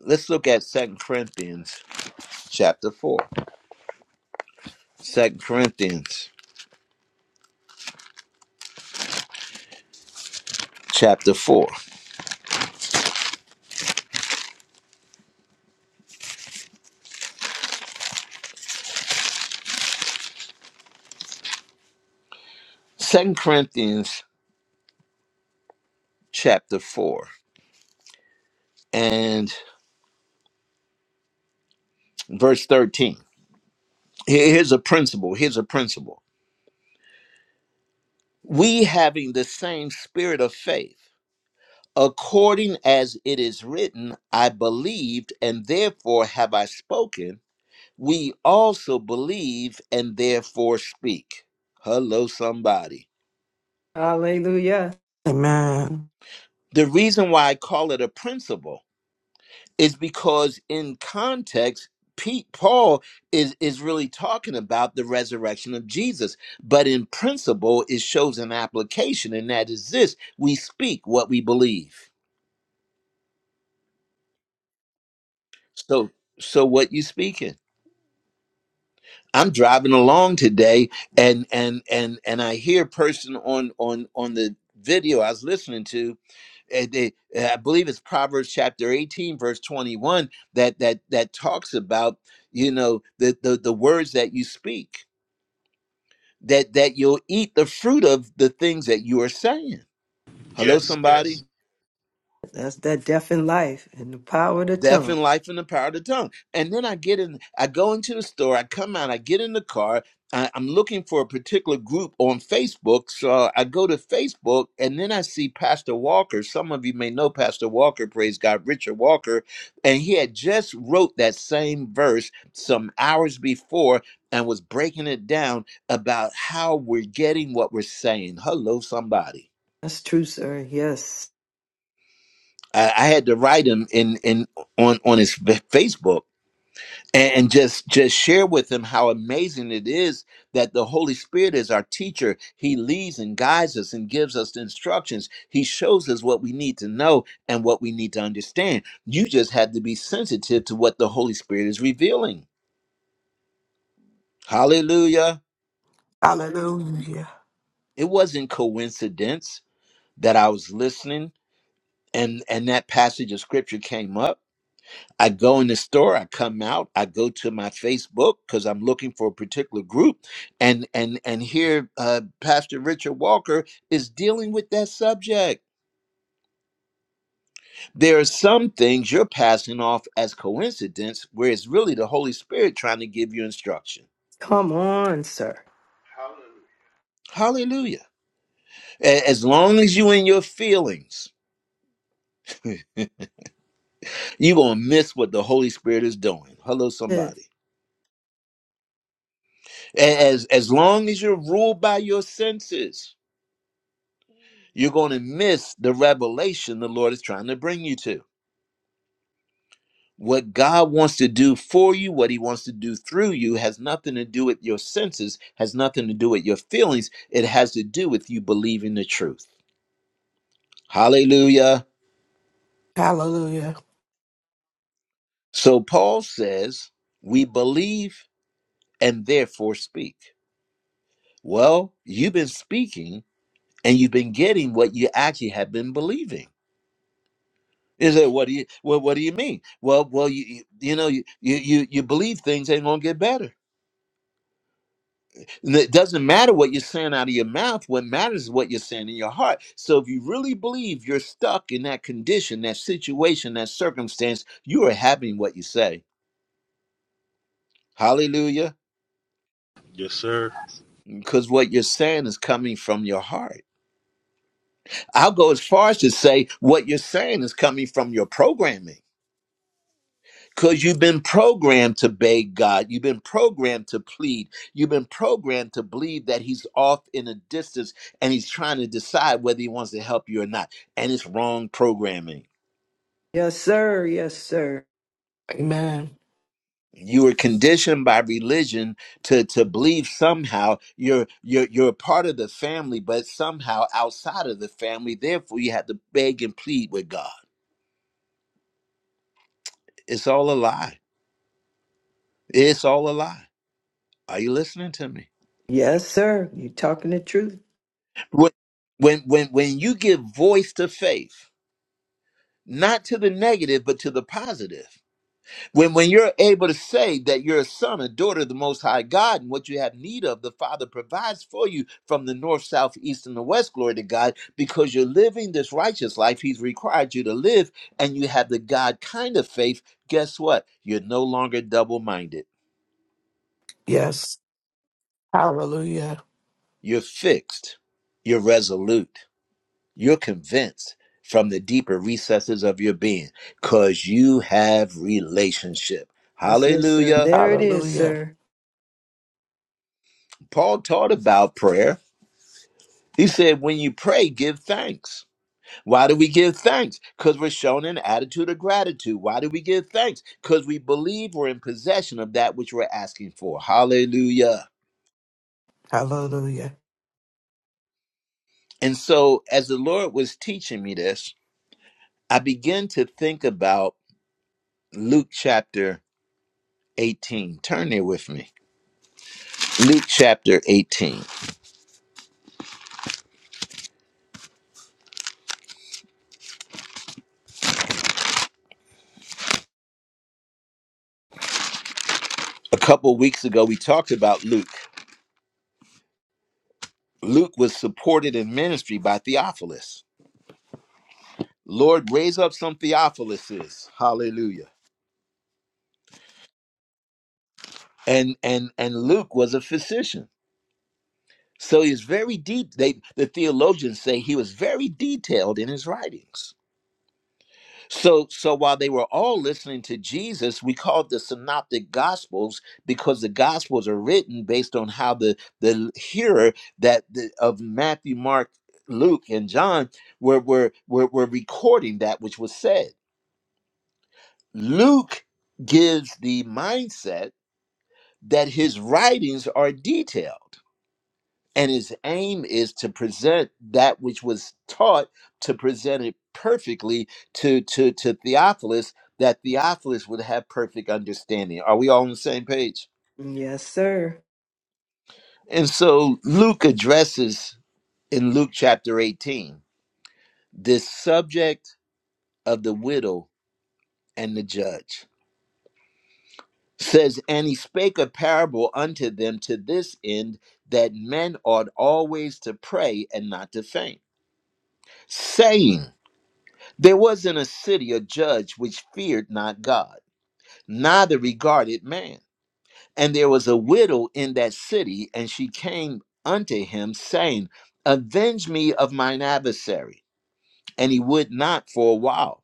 let's look at Second Corinthians chapter 4. Second Corinthians chapter 4. Second Corinthians chapter 4 and verse 13. Here- Here's a principle. Here's a principle. We having the same spirit of faith, according as it is written, I believed and therefore have I spoken, we also believe and therefore speak. Hello, somebody.
Hallelujah.
Amen.
The reason why I call it a principle is because in context Pete Paul is is really talking about the resurrection of Jesus but in principle it shows an application and that is this we speak what we believe so so what you speaking I'm driving along today and and and and I hear a person on on on the video I was listening to uh, they, uh, I believe it's Proverbs chapter 18, verse 21, that that that talks about you know the the, the words that you speak, that that you'll eat the fruit of the things that you are saying. Hello,
Yes,
somebody.
yes.
That's that death in life and the power of the
Death
tongue.
and life in the power of the tongue. And then I get in, I go into the store, I come out, I get in the car. I, I'm looking for a particular group on Facebook. So I go to Facebook and then I see Pastor Walker. Some of you may know Pastor Walker, praise God, Richard Walker. And he had just wrote that same verse some hours before and was breaking it down about how we're getting what we're saying. Hello, somebody.
That's true, sir. Yes.
I, I had to write him in, in on, on his Facebook and just just share with them how amazing it is that the holy spirit is our teacher he leads and guides us and gives us the instructions he shows us what we need to know and what we need to understand you just have to be sensitive to what the holy spirit is revealing hallelujah
Hallelujah.
it wasn't coincidence that i was listening and and that passage of scripture came up I go in the store, I come out, I go to my Facebook because I'm looking for a particular group, and and and here uh, Pastor Richard Walker is dealing with that subject. There are some things you're passing off as coincidence, where it's really the Holy Spirit trying to give you instruction.
Come on, sir.
Hallelujah.
Hallelujah! A- As long as you in your feelings, you're gonna miss what the Holy Spirit is doing. Hello,
Yes,
somebody. A- As as long as you're ruled by your senses you're going to miss the revelation the Lord is trying to bring you to. What God wants to do for you, what He wants to do through you, has nothing to do with your senses, has nothing to do with your feelings. It has to do with you believing the truth. Hallelujah.
Hallelujah.
So Paul says, We believe and therefore speak. Well, you've been speaking and you've been getting what you actually have been believing. Is it what do you well, what do you mean? Well, well, you you, know you you you believe things ain't gonna get better. And It doesn't matter what you're saying out of your mouth. What matters is what you're saying in your heart. So if you really believe you're stuck in that condition, that situation, that circumstance, you are having what you say. Hallelujah.
Yes, sir.
Because what you're saying is coming from your heart. I'll go as far as to say what you're saying is coming from your programming. Because you've been programmed to beg God. You've been programmed to plead. You've been programmed to believe that He's off in a distance and He's trying to decide whether He wants to help you or not. And it's wrong programming.
Yes, sir. Yes, sir.
Amen.
You were conditioned by religion to, to believe somehow you're, you're, you're a part of the family, but somehow outside of the family. Therefore, you have to beg and plead with God. It's all a lie. It's all a lie. Are you listening to me?
Yes, sir. You talking the truth?
When, when, when when you give voice to faith, not to the negative, but to the positive. When when you're able to say that you're a son, a daughter of the Most High God, and what you have need of, the Father provides for you from the north, south, east, and the west. Glory to God, because you're living this righteous life He's required you to live, and you have the God kind of faith. Guess what? You're no longer double-minded.
Yes. Hallelujah.
You're fixed. You're resolute. You're convinced from the deeper recesses of your being, cause you have relationship.
That's it, sir.
Hallelujah.
There it is,
Hallelujah.
sir.
Paul taught about prayer. He said, when you pray, give thanks. Why do we give thanks? Because we're shown an attitude of gratitude. Why do we give thanks? Because we believe we're in possession of that which we're asking for. Hallelujah.
Hallelujah.
And so, as the Lord was teaching me this, I began to think about Luke chapter 18. Turn there with me. Luke chapter 18. A couple of weeks ago, we talked about Luke. Luke was supported in ministry by Theophilus. Lord, raise up some Theophiluses. Hallelujah. And and and Luke was a physician. So he's very deep. They the theologians say he was very detailed in his writings. So so while they were all listening to Jesus, we call the synoptic gospels because the gospels are written based on how the the hearer that the, of Matthew, Mark, Luke, and John were were were, were recording that which was said. Luke gives the mindset that his writings are detailed and his aim is to present that which was taught to present it perfectly to to to Theophilus that Theophilus would have perfect understanding are we all on the same page
Yes, sir.
and so Luke addresses in Luke chapter 18 this subject of the widow and the judge says and he spake a parable unto them to this end that men ought always to pray and not to faint saying, There was in a city a judge which feared not God, neither regarded man. And there was a widow in that city, and she came unto him, saying, Avenge me of mine adversary. And he would not for a while.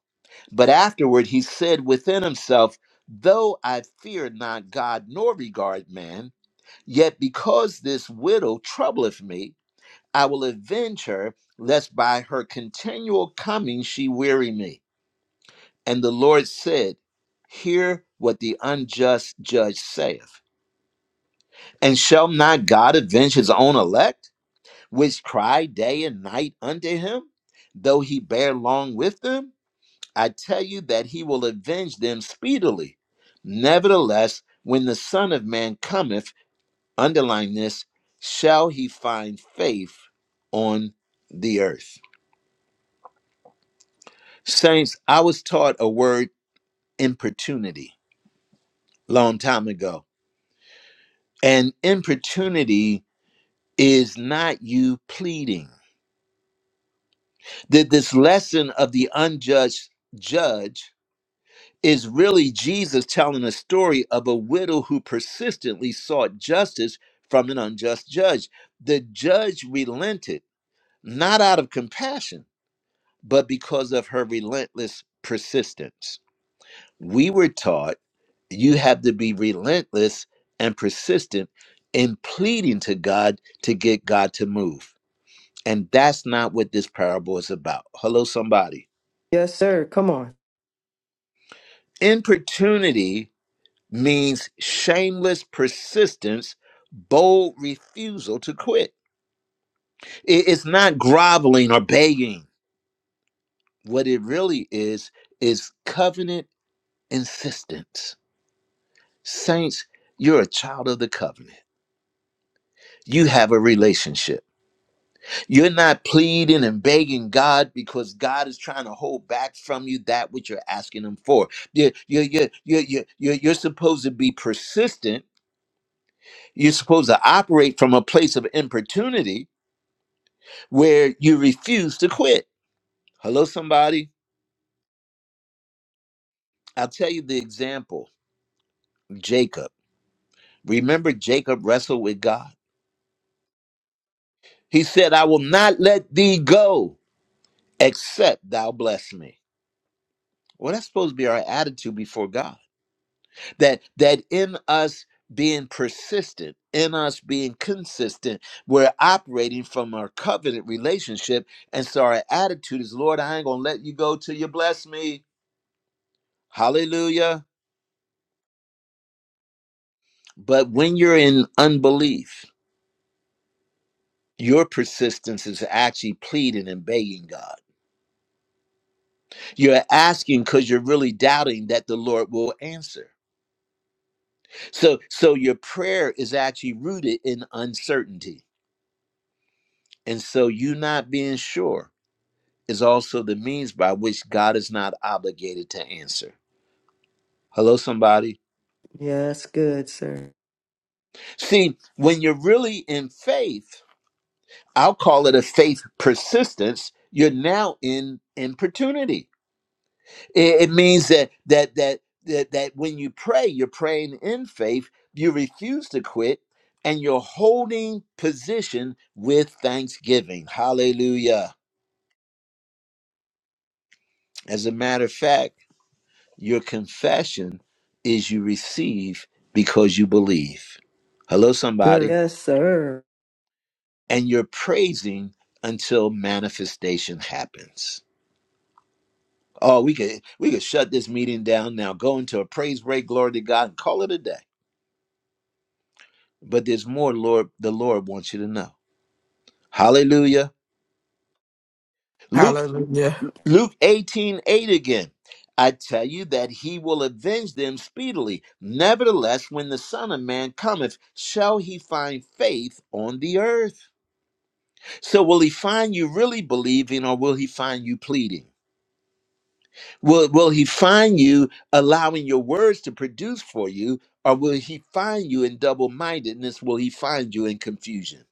But afterward he said within himself, Though I fear not God nor regard man, yet because this widow troubleth me, I will avenge her, lest by her continual coming she weary me. And the Lord said, Hear what the unjust judge saith. And shall not God avenge his own elect, which cry day and night unto him, though he bear long with them? I tell you that he will avenge them speedily. Nevertheless, when the Son of Man cometh, underline this, shall he find faith on the earth? Saints, I was taught a word, importunity, long time ago And importunity is not you pleading. That this lesson of the unjudged judge is really Jesus telling a story of a widow who persistently sought justice from an unjust judge. The judge relented, not out of compassion, but because of her relentless persistence. We were taught you have to be relentless and persistent in pleading to God to get God to move And that's not what this parable is about. Hello, somebody.
Yes, sir. Come on.
Importunity means shameless persistence, bold refusal to quit. I- It's not groveling or begging. What it really is, is covenant insistence. Saints, you're a child of the covenant, you have a relationship. You're not pleading and begging God because God is trying to hold back from you that which you're asking Him for. You're, you're, you're, you're, you're, you're you're supposed to be persistent. You're supposed to operate from a place of importunity where you refuse to quit. Hello, somebody. I'll tell you the example Jacob. Remember, Jacob wrestled with God. He said, I will not let thee go except thou bless me. Well, that's supposed to be our attitude before God that that in us being persistent in us being consistent we're operating from our covenant relationship and so our attitude is lord i ain't gonna let you go till you bless me hallelujah but when you're in unbelief your persistence is actually pleading and begging god you're asking because you're really doubting that the lord will answer so so your prayer is actually rooted in uncertainty and so you not being sure is also the means by which God is not obligated to answer. Hello, somebody.
Yes, good, sir.
See, when you're really in faith, I'll call it a faith persistence. You're now in importunity. It, it means that that that that that when you pray, you're praying in faith. You refuse to quit, and you're holding position with thanksgiving. Hallelujah. As a matter of fact. Your confession is you receive because you believe. Hello,
Sir.
somebody.
Yes, sir.
And you're praising until manifestation happens. Oh, we could we could shut this meeting down now, go into a praise break, glory to God, and call it a day. But there's more, Lord, the Lord wants you to know. Hallelujah. Luke
Hallelujah.
Luke 18 8 again. I tell you that he will avenge them speedily. Nevertheless, when the Son of Man cometh, shall he find faith on the earth? So will he find you really believing or will he find you pleading? Will will he find you allowing your words to produce for you or will he find you in double-mindedness? Will he find you in confusion?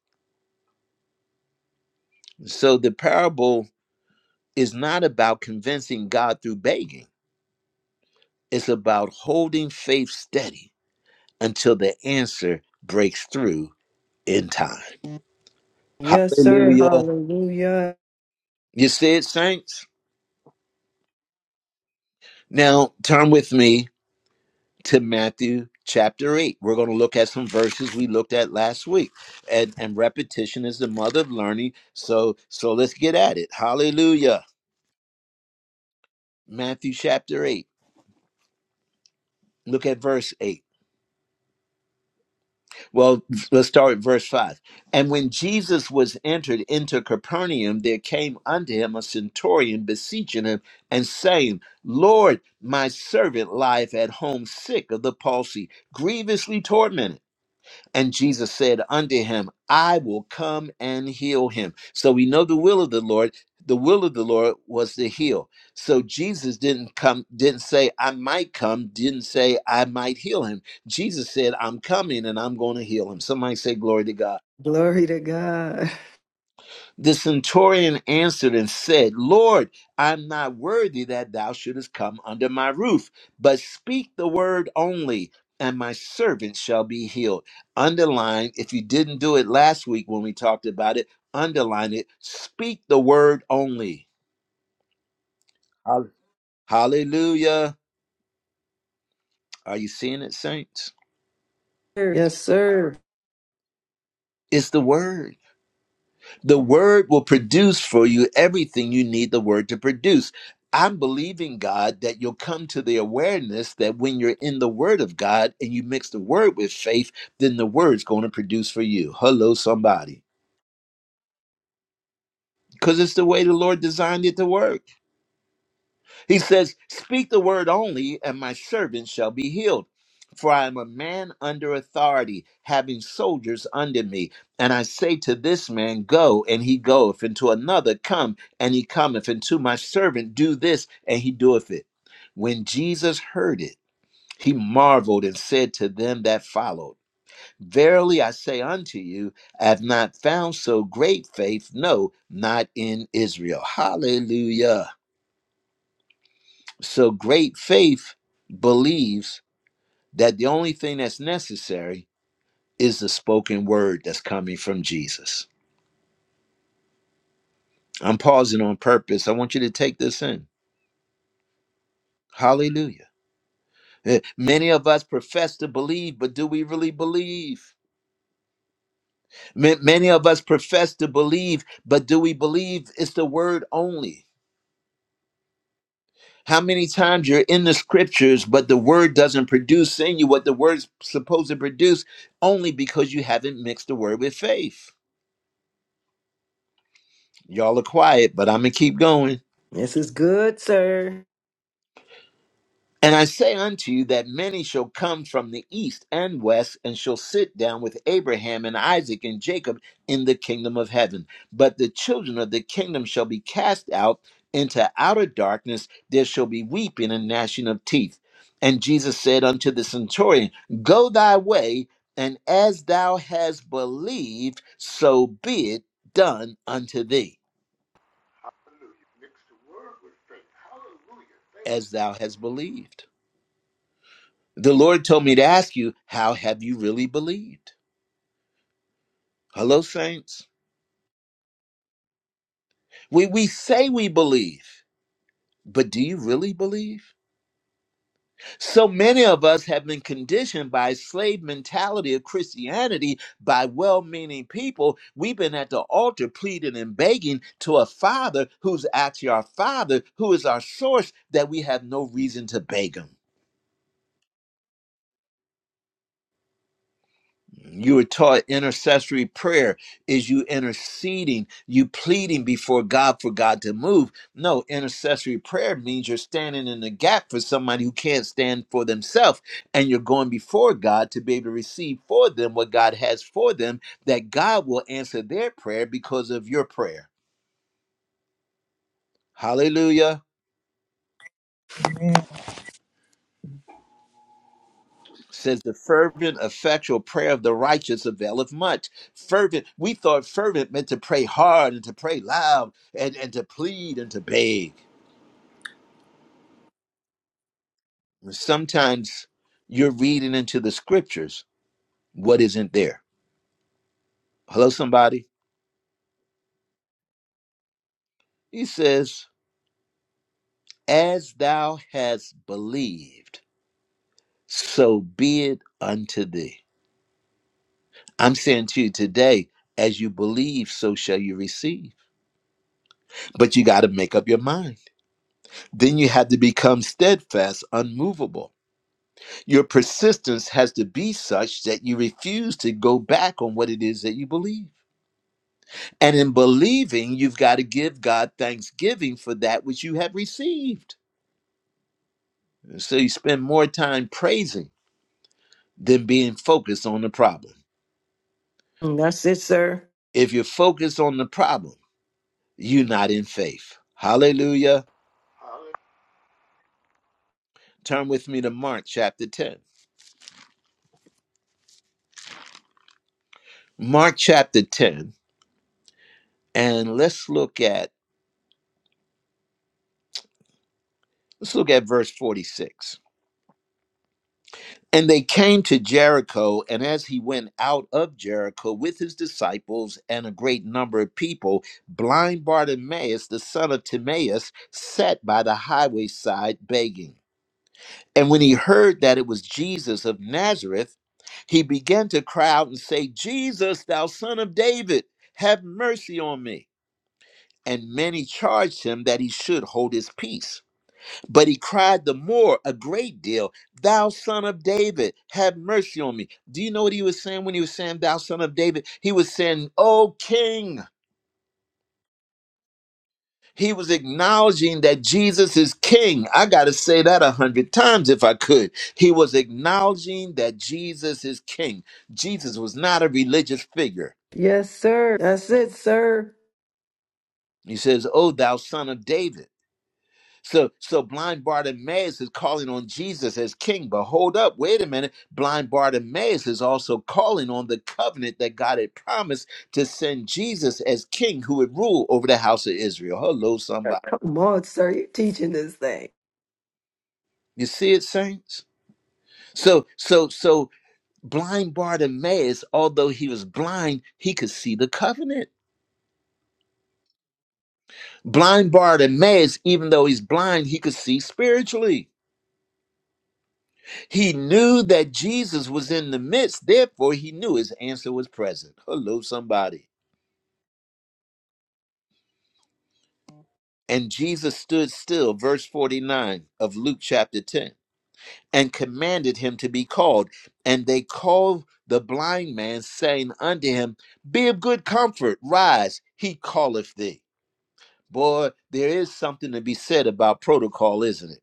So the parable is not about convincing God through begging. It's about holding faith steady until the answer breaks through in time.
Yes, sir.
Hallelujah.
Hallelujah.
You see it, saints? Now turn with me to Matthew chapter 8. We're going to look at some verses we looked at last week. And and repetition is the mother of learning. So so let's get at it. Hallelujah. Matthew chapter 8. Look at verse 8. Well, let's start at verse 5. And when Jesus was entered into Capernaum, there came unto him a centurion beseeching him and saying, Lord, my servant lieth at home sick of the palsy, grievously tormented. And Jesus said unto him, I will come and heal him. So we know the will of the Lord. The will of the Lord was to heal. So Jesus didn't come, didn't say, I might come, didn't say, I might heal him. Jesus said, I'm coming and I'm going to heal him. Somebody say, Glory to God.
Glory to God.
The centurion answered and said, Lord, I'm not worthy that thou shouldest come under my roof, but speak the word only, and my servant shall be healed. Underline, if you didn't do it last week when we talked about it, underline it. Speak the word only. Hallelujah. Hallelujah. Are you seeing it, saints?
Sir. Yes, sir.
It's the word. The word will produce for you everything you need the word to produce. I'm believing God that you'll come to the awareness that when you're in the word of God and you mix the word with faith, then the word's going to produce for you. Hello, somebody. Because it's the way the Lord designed it to work. He says, Speak the word only, and my servant shall be healed. For I am a man under authority, having soldiers under me. And I say to this man, Go, and he goeth, and to another, Come, and he cometh, and to my servant, Do this, and he doeth it. When Jesus heard it, he marveled and said to them that followed, Verily I say unto you, I have not found so great faith, no, not in Israel. Hallelujah. So great faith believes that the only thing that's necessary is the spoken word that's coming from Jesus. I'm pausing on purpose. I want you to take this in. Hallelujah. Eh, Many of us profess to believe, but do we really believe? Ma- Many of us profess to believe, but do we believe it's the word only? How many times you're in the scriptures, but the word doesn't produce in you what the word's supposed to produce only because you haven't mixed the word with faith? Y'all are quiet, but I'm going to keep going.
This is good, sir.
And I say unto you that many shall come from the east and west and shall sit down with Abraham and Isaac and Jacob in the kingdom of heaven. But the children of the kingdom shall be cast out into outer darkness. There shall be weeping and gnashing of teeth. And Jesus said unto the centurion, Go thy way, and as thou hast believed, so be it done unto thee,
Hallelujah. Mix the word with faith. Hallelujah. Thank
as
you.
thou hast believed. The Lord told me to ask you, how have you really believed? Hello, saints. We, we say we believe, but do you really believe? So many of us have been conditioned by slave mentality of Christianity by well-meaning people. We've been at the altar pleading and begging to a father who's actually our father, who is our source that we have no reason to beg him. you were taught intercessory prayer is you interceding you pleading before god for god to move no intercessory prayer means you're standing in the gap for somebody who can't stand for themselves and you're going before god to be able to receive for them what god has for them that god will answer their prayer because of your prayer hallelujah
Amen.
says the fervent effectual prayer of the righteous availeth much fervent we thought fervent meant to pray hard and to pray loud and, and to plead and to beg sometimes you're reading into the scriptures what isn't there hello somebody he says as thou hast believed so be it unto thee i'm saying to you today as you believe so shall you receive but you got to make up your mind Then you have to become steadfast, unmovable. Your persistence has to be such that you refuse to go back on what it is that you believe. And in believing, you've got to give God thanksgiving for that which you have received. So you spend more time praising than being focused on the problem.
That's it, sir.
If you're focused on the problem, you're not in faith. Hallelujah. Turn with me to Mark chapter 10. Mark chapter 10, and let's look at let's look at verse 46. And they came to Jericho, and as he went out of Jericho with his disciples and a great number of people, blind Bartimaeus, the son of Timaeus, sat by the highway side begging. And when he heard that it was Jesus of Nazareth, he began to cry out and say, Jesus, thou son of David, have mercy on me. And many charged him that he should hold his peace. But he cried the more a great deal, Thou son of David, have mercy on me. Do you know what he was saying when he was saying, Thou son of David? He was saying, O king. He was acknowledging that Jesus is king. I got to say that a hundred times if I could. He was acknowledging that Jesus is king. Jesus was not a religious figure.
Yes, sir. That's it, sir.
He says, O thou son of David. So, so blind Bartimaeus is calling on Jesus as king, but hold up, wait a minute. Blind Bartimaeus is also calling on the covenant that God had promised to send Jesus as king who would rule over the house of Israel. Hello, somebody.
Come on, sir. You're teaching this thing.
You see it, saints? So, so, so blind Bartimaeus, although he was blind, he could see the covenant. Blind Bartimaeus, even though he's blind, he could see spiritually He knew that Jesus was in the midst, therefore, he knew his answer was present. Hello, somebody. And Jesus stood still, verse 49 of Luke chapter 10, and commanded him to be called. And they called the blind man, saying unto him, Be of good comfort, rise, he calleth thee. Boy, there is something to be said about protocol, isn't it?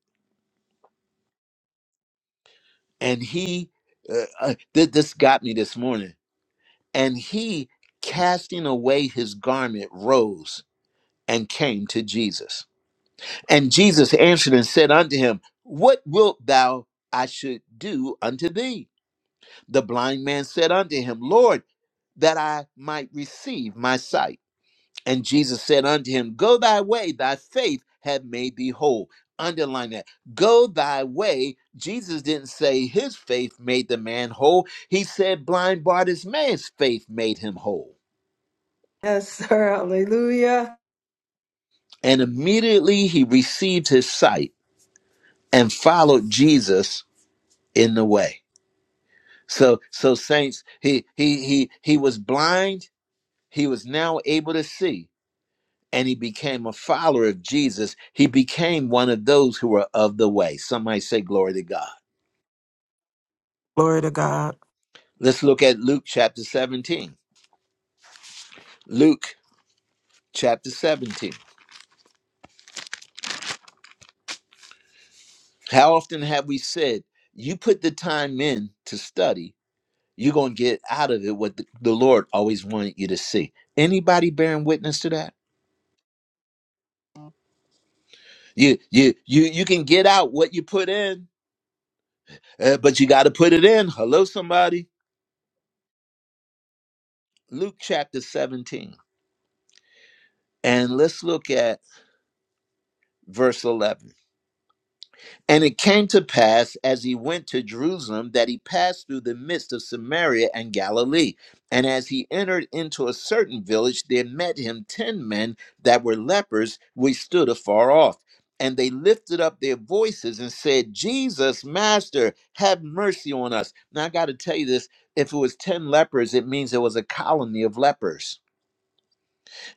And he, uh, uh, th- this got me this morning, and he, casting away his garment, rose and came to Jesus. And Jesus answered and said unto him, What wilt thou I should do unto thee? The blind man said unto him, Lord, that I might receive my sight. And Jesus said unto him, Go thy way, thy faith hath made thee whole. Underline that. Go thy way. Jesus didn't say his faith made the man whole. He said blind Bartimaeus' faith made him whole.
Yes, sir. Hallelujah.
And immediately he received his sight and followed Jesus in the way. So so saints, he he he he was blind, he was now able to see, and he became a follower of Jesus. He became one of those who were of the way. Somebody say glory to God.
Glory to God.
Let's look at Luke chapter 17. Luke chapter 17. How often have we said, you put the time in to study, you're going to get out of it what the, the Lord always wanted you to see. Anybody bearing witness to that? You you you you can get out what you put in Uh, but you got to put it in. Hello, somebody. Luke chapter 17. And let's look at verse 11. And it came to pass as he went to Jerusalem that he passed through the midst of Samaria and Galilee. And as he entered into a certain village, there met him ten men that were lepers, which stood afar off. And they lifted up their voices and said, Jesus, Master, have mercy on us. Now, I got to tell you this if it was 10 lepers, it means there was a colony of lepers.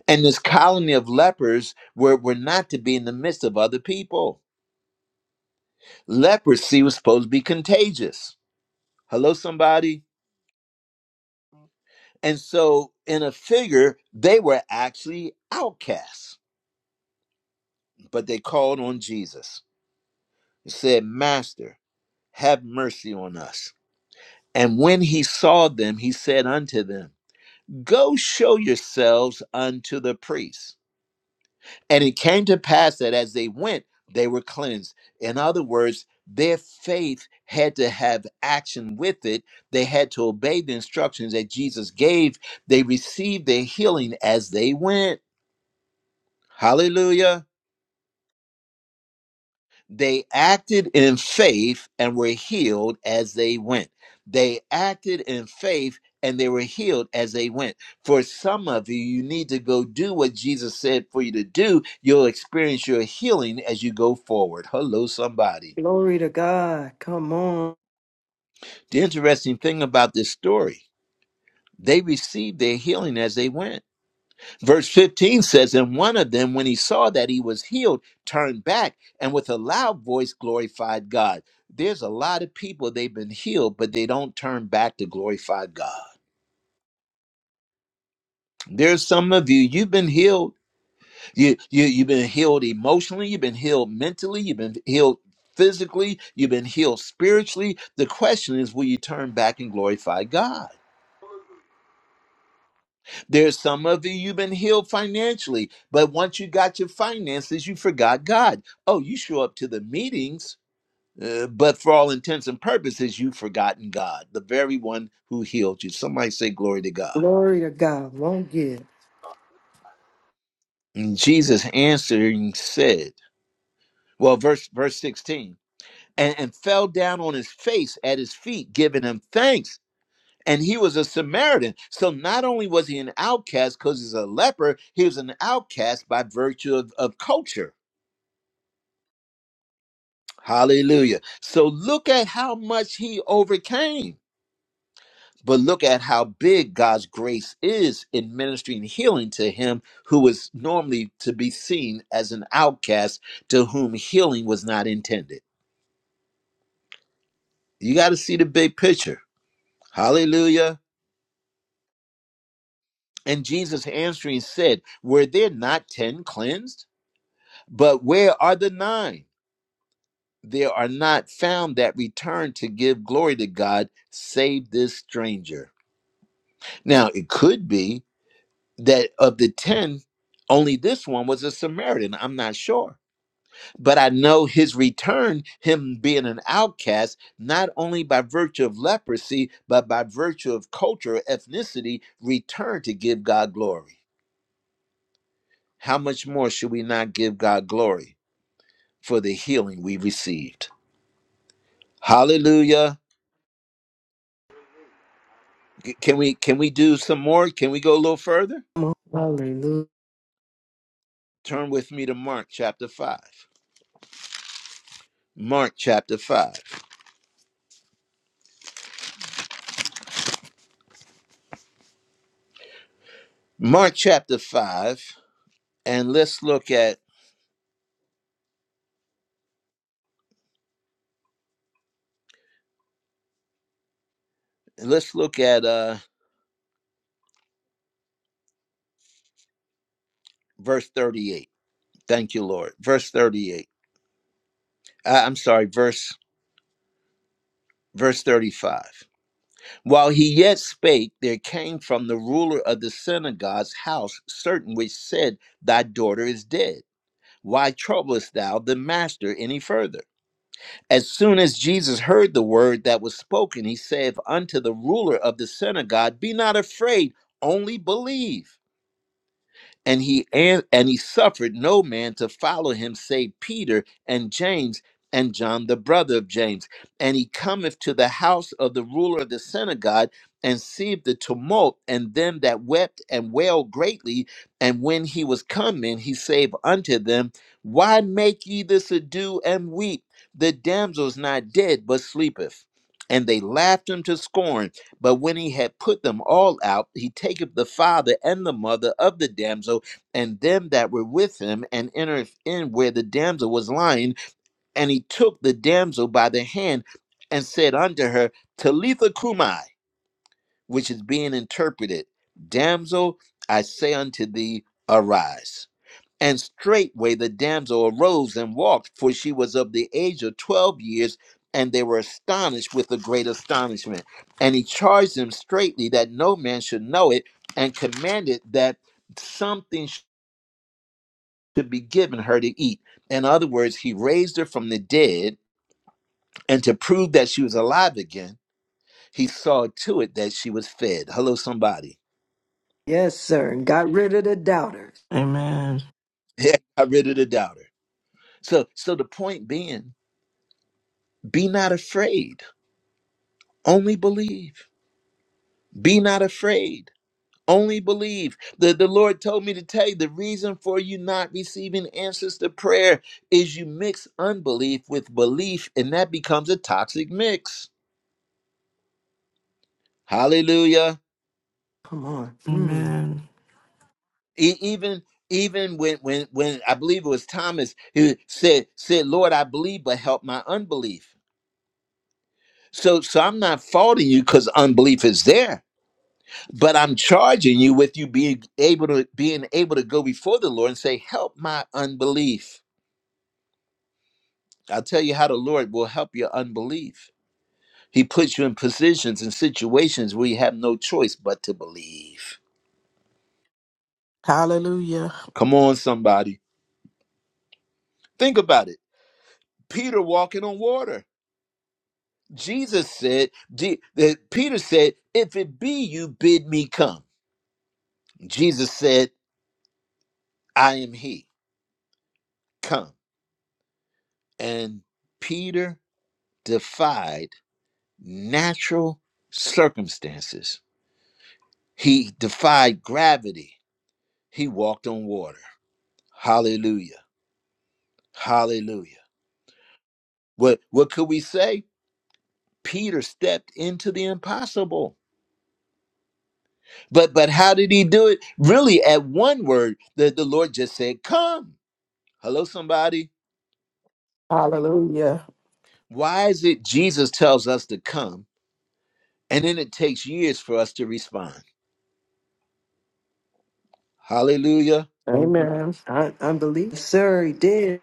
And this colony of lepers were, were not to be in the midst of other people. Leprosy was supposed to be contagious. Hello, somebody? And so, in a figure, they were actually outcasts, but they called on Jesus and said, Master, have mercy on us. And when he saw them, he said unto them, Go show yourselves unto the priests." And it came to pass that as they went, they were cleansed. In other words, their faith had to have action with it. They had to obey the instructions that Jesus gave. They received their healing as they went. Hallelujah. They acted in faith and were healed as they went. They acted in faith and they were healed as they went. For some of you, you need to go do what Jesus said for you to do. You'll experience your healing as you go forward. Hello, somebody.
Glory to God. Come on.
The interesting thing about this story, they received their healing as they went Verse 15 says, And one of them, when he saw that he was healed, turned back and with a loud voice glorified God. There's a lot of people, they've been healed, but they don't turn back to glorify God. There's some of you, you've been healed. You, you, you've been healed emotionally, you've been healed mentally, you've been healed physically, you've been healed spiritually. The question is, will you turn back and glorify God?
Hallelujah.
There's some of you you've been healed financially, but once you got your finances, you forgot God. Oh, you show up to the meetings, uh, but for all intents and purposes, you've forgotten God, the very one who healed you. Somebody say glory to God.
Glory to God. Won't give.
And Jesus answering said, well, verse verse 16, and, and fell down on his face at his feet, giving him thanks. And he was a Samaritan. So not only was he an outcast because he's a leper, he was an outcast by virtue of, of culture Hallelujah. So look at how much he overcame. But look at how big God's grace is in ministering healing to him who was normally to be seen as an outcast to whom healing was not intended. You got to see the big picture. Hallelujah. And Jesus answering said, Were there not 10 cleansed? But where are the nine? There are not found that return to give glory to God, save this stranger. Now, it could be that of the 10, only this one was a Samaritan. I'm not sure. But I know his return, him being an outcast, not only by virtue of leprosy, but by virtue of culture, ethnicity, returned to give God glory. How much more should we not give God glory for the healing we received? Hallelujah. C- Can we can we do some more? Can we go a little further?
Come on. Hallelujah.
Turn with me to Mark chapter 5. Mark chapter 5. Mark chapter 5 and let's look at let's look at uh verse 38 thank you lord verse 38 I, i'm sorry verse verse 35 while he yet spake there came from the ruler of the synagogue's house certain which said thy daughter is dead why troublest thou the master any further as soon as jesus heard the word that was spoken he saith unto the ruler of the synagogue be not afraid only believe and he and, and he suffered no man to follow him save peter and james and john the brother of james and he cometh to the house of the ruler of the synagogue and seeth the tumult and them that wept and wailed greatly and when he was come in he saith unto them why make ye this ado and weep the damsel is not dead but sleepeth and they laughed him to scorn but when he had put them all out, he taketh the father and the mother of the damsel and them that were with him, and entereth in where the damsel was lying. And he took the damsel by the hand and said unto her, Talitha Kumai, which is being interpreted, Damsel, I say unto thee, arise. And straightway the damsel arose and walked, for she was of the age of twelve years, and they were astonished with a great astonishment. And he charged them straitly that no man should know it, and commanded that something should be given her to eat. In other words, he raised her from the dead, and to prove that she was alive again, he saw to it that she was fed. Hello, somebody.
Yes, sir. And got rid of the doubters.
Amen.
Yeah, got rid of the doubter. So so the point being, be not afraid, only believe Be not afraid. Only believe. The, the Lord told me to tell you the reason for you not receiving answers to prayer is you mix unbelief with belief, and that becomes a toxic mix. Hallelujah.
Come on. Mm.
Amen.
E- even even when when when I believe it was Thomas who said said, Lord, I believe, but help my unbelief. So so I'm not faulting you because unbelief is there, but I'm charging you with you being able to being able to go before the Lord and say, help my unbelief. I'll tell you how the Lord will help your unbelief. He puts you in positions and situations where you have no choice but to believe.
Hallelujah.
Come on, somebody. Think about it. Peter walking on water. Jesus said, Je- that Peter said, if it be you, bid me come. Jesus said, I am he. Come. And Peter defied natural circumstances. He defied gravity. He walked on water. Hallelujah. Hallelujah. What what could we say? Peter stepped into the impossible. But but how did he do it? Really, at one word, the, the Lord just said, Come. Hello, somebody.
Hallelujah.
Why is it Jesus tells us to come and then it takes years for us to respond? Hallelujah.
Um,
Amen.
I, unbelief. Yes, sir, he did.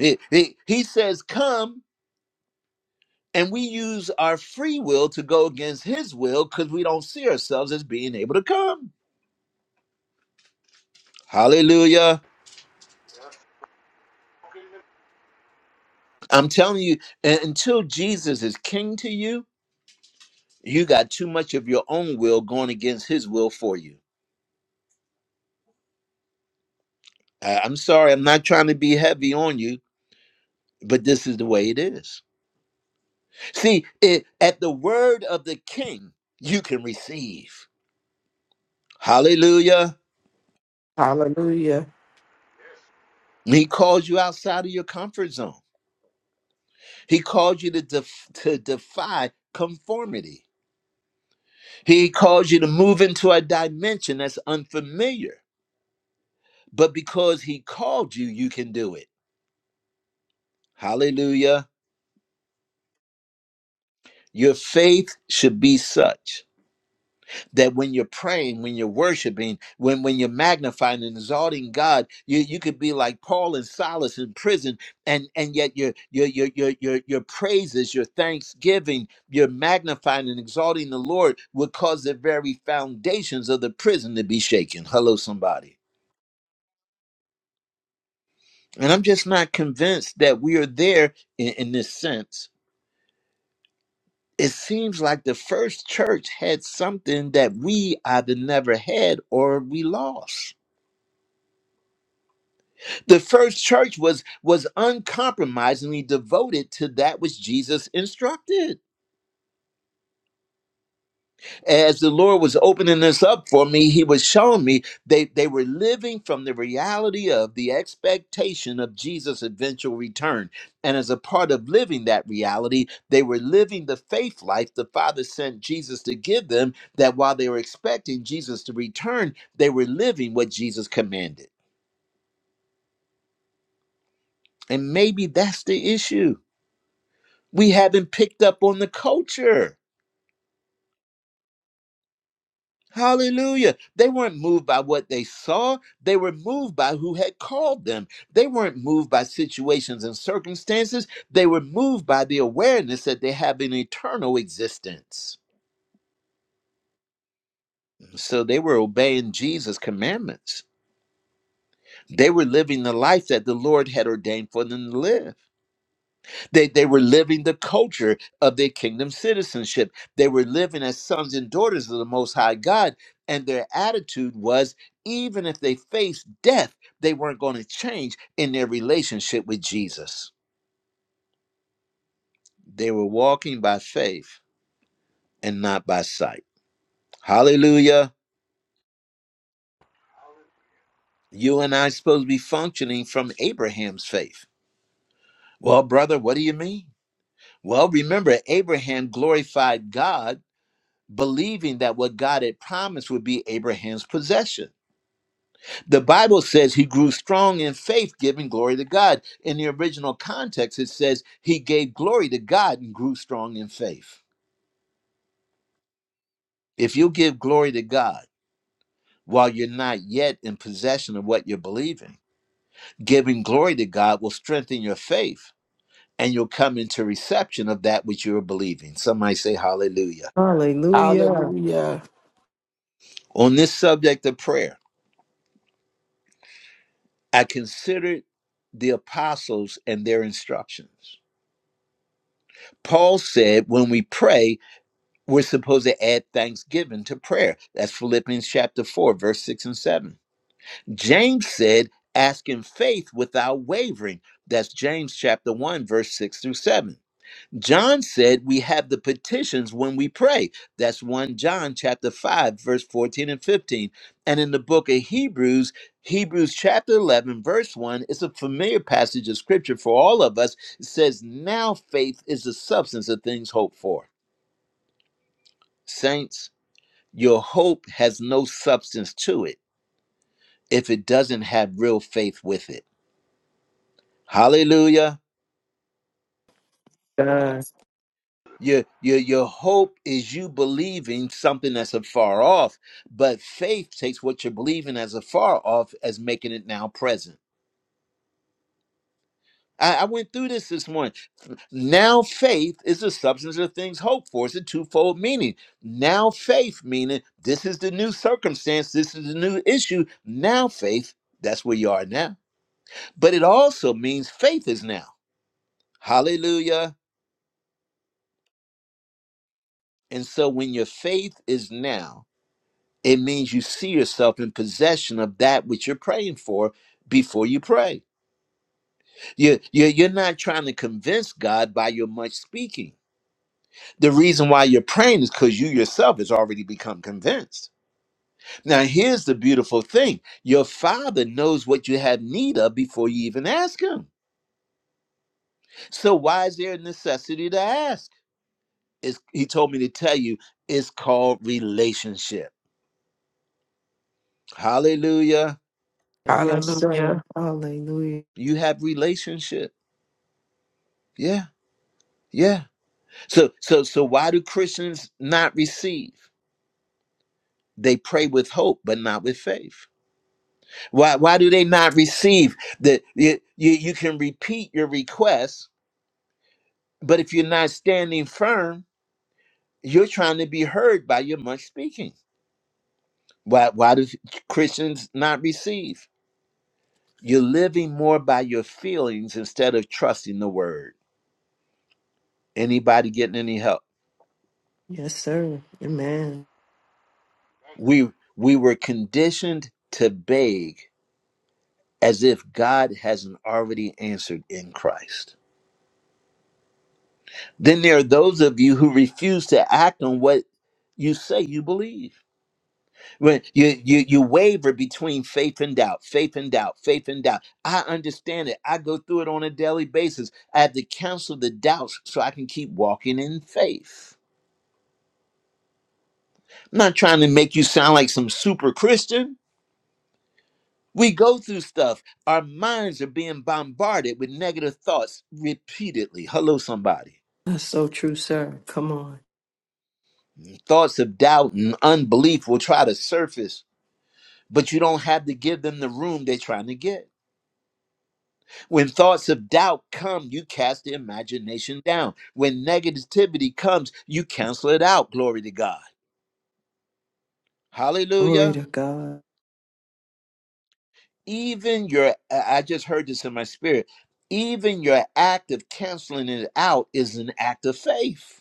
He, he, he says, Come, and we use our free will to go against his will because we don't see ourselves as being able to come. Hallelujah.
Yes.
I'm telling you, un- until Jesus is king to you, You got too much of your own will going against his will for you. I- I'm sorry, I'm not trying to be heavy on you, but this is the way it is. See, it, at the word of the king, you can receive. Hallelujah.
Hallelujah.
Yes.
He calls you outside of your comfort zone. He calls you to, def- to defy conformity. He calls you to move into a dimension that's unfamiliar. But because he called you, you can do it. Hallelujah. Your faith should be such. that when you're praying, when you're worshiping, when when you're magnifying and exalting God, you you could be like Paul and Silas in prison, and and yet your your your your your your praises, your thanksgiving, your magnifying and exalting the Lord would cause the very foundations of the prison to be shaken. Hello, somebody. And I'm just not convinced that we are there in, in this sense. It seems like the first church had something that we either never had or we lost. The first church was was uncompromisingly devoted to that which Jesus instructed. As the Lord was opening this up for me, he was showing me they, they were living from the reality of the expectation of Jesus' eventual return. And as a part of living that reality, they were living the faith life the Father sent Jesus to give them, that while they were expecting Jesus to return, they were living what Jesus commanded. And maybe that's the issue We haven't picked up on the culture. Hallelujah. They weren't moved by what they saw. They were moved by who had called them. They weren't moved by situations and circumstances. They were moved by the awareness that they have an eternal existence. So they were obeying Jesus' commandments. They were living the life that the Lord had ordained for them to live. They, they were living the culture of their kingdom citizenship. They were living as sons and daughters of the Most High God. And their attitude was even if they faced death, they weren't going to change in their relationship with Jesus. They were walking by faith and not by sight. Hallelujah.
Hallelujah.
You and I are supposed to be functioning from Abraham's faith. Well, brother, what do you mean? Well, remember, Abraham glorified God believing that what God had promised would be Abraham's possession. The Bible says he grew strong in faith, giving glory to God. In the original context, it says he gave glory to God and grew strong in faith. If you give glory to God while you're not yet in possession of what you're believing, giving glory to God will strengthen your faith and you'll come into reception of that which you're believing. Somebody say hallelujah.
Hallelujah.
Hallelujah.
On this subject of prayer, I considered the apostles and their instructions. Paul said when we pray, we're supposed to add thanksgiving to prayer. That's Philippians chapter 4, verse 6 and 7. James said, ask in faith without wavering. That's James chapter 1, verse 6 through 7. John said we have the petitions when we pray. That's 1 John chapter 5 verse 14 and 15. And in the book of Hebrews, Hebrews chapter 11 verse 1 it's a familiar passage of scripture for all of us. It says, "Now faith is the substance of things hoped for." Saints, your hope has no substance to it if it doesn't have real faith with it. Hallelujah.
God.
Your, your, your hope is you believing something that's afar off, but faith takes what you're believing as afar off as making it now present. I, I went through this this morning. Now faith is the substance of things hoped for. It's a twofold meaning. Now faith meaning this is the new circumstance, this is the new issue. Now faith, that's where you are now. But it also means faith is now. Hallelujah. And so when your faith is now, It means you see yourself in possession of that which you're praying for before you pray. You, you, you're not trying to convince God by your much speaking. The reason why you're praying is because you yourself has already become convinced. Now, here's the beautiful thing your Father knows what you have need of before you even ask Him. So, why is there a necessity to ask? It's, he told me to tell you it's called relationship. Hallelujah.
Yes, sir.
Hallelujah.
Hallelujah.
You have relationship. Yeah, yeah So so so why do Christians not receive? They pray with hope, but not with faith. Why why do they not receive? That you, you you can repeat your request, but if you're not standing firm, you're trying to be heard by your much speaking. Why why do Christians not receive? You're living more by your feelings instead of trusting the word. Anybody getting any help?
Yes, sir. Amen.
Thank you.
We we were conditioned to beg as if God hasn't already answered in Christ. Then there are those of you who refuse to act on what you say you believe. When you, you you waver between faith and doubt, faith and doubt, faith and doubt. I understand it. I go through it on a daily basis. I have to cancel the doubts so I can keep walking in faith. I'm not trying to make you sound like some super Christian. We go through stuff. Our minds are being bombarded with negative thoughts repeatedly. Hello, somebody.
That's so true, sir. Come on.
Thoughts of doubt and unbelief will try to surface, but you don't have to give them the room they're trying to get. When thoughts of doubt come, you cast the imagination down. When negativity comes, you cancel it out. Glory to God.
Glory
Hallelujah.
to God.
Even your, I just heard this in my spirit, even your act of canceling it out is an act of faith.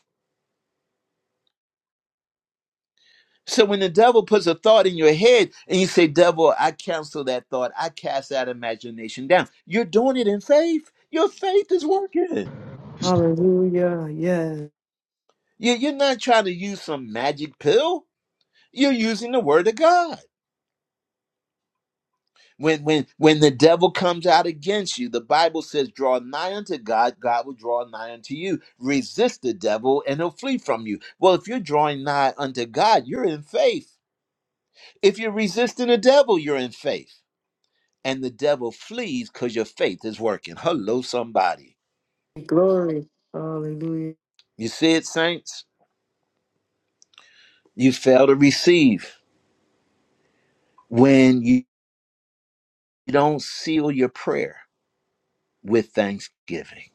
So when the devil puts a thought in your head and you say, Devil, I cancel that thought, I cast that imagination down, you're doing it in faith. Your faith is working.
Hallelujah. Yes.
You- You're not trying to use some magic pill. You're using the word of God. When when when the devil comes out against you, the Bible says, Draw nigh unto God, God will draw nigh unto you. Resist the devil and he'll flee from you. Well, if you're drawing nigh unto God, you're in faith. If you're resisting the devil, you're in faith. and the devil flees because your faith is working. Hello, somebody.
Glory. Hallelujah.
You see it, saints? You fail to receive when you don't seal your prayer with thanksgiving.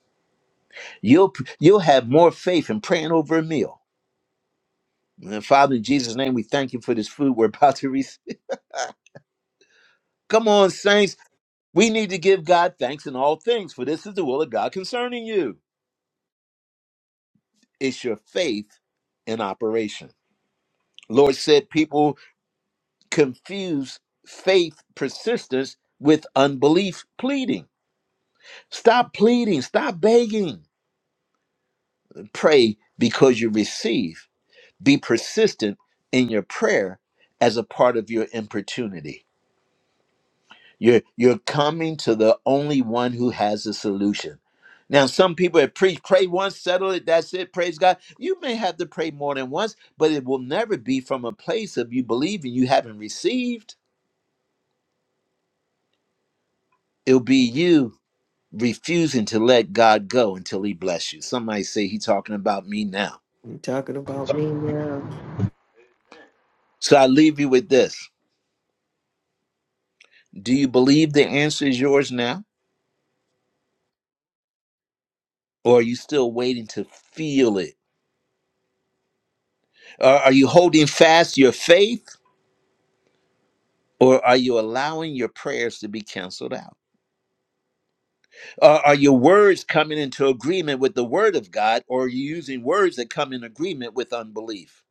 You'll you'll have more faith in praying over a meal. And Father, in Jesus' name, we thank you for this food we're about to receive. Come on, saints. We need to give God thanks in all things, for this is the will of God concerning you. It's your faith in operation. Lord said, people confuse faith persistence with unbelief pleading. Stop pleading, stop begging. Pray because you receive. Be persistent in your prayer as a part of your importunity. You're, you're coming to the only one who has a solution. Now, some people have preached, pray once, settle it, that's it, praise God. You may have to pray more than once, but it will never be from a place of you believing you haven't received. It'll be you refusing to let God go until he bless you. Somebody say he talking about me now.
You talking about me now?
Amen.
So I leave you with this. Do you believe the answer is yours now? Or are you still waiting to feel it? Or are you holding fast your faith? Or are you allowing your prayers to be canceled out? Or are your words coming into agreement with the word of God? Or are you using words that come in agreement with unbelief?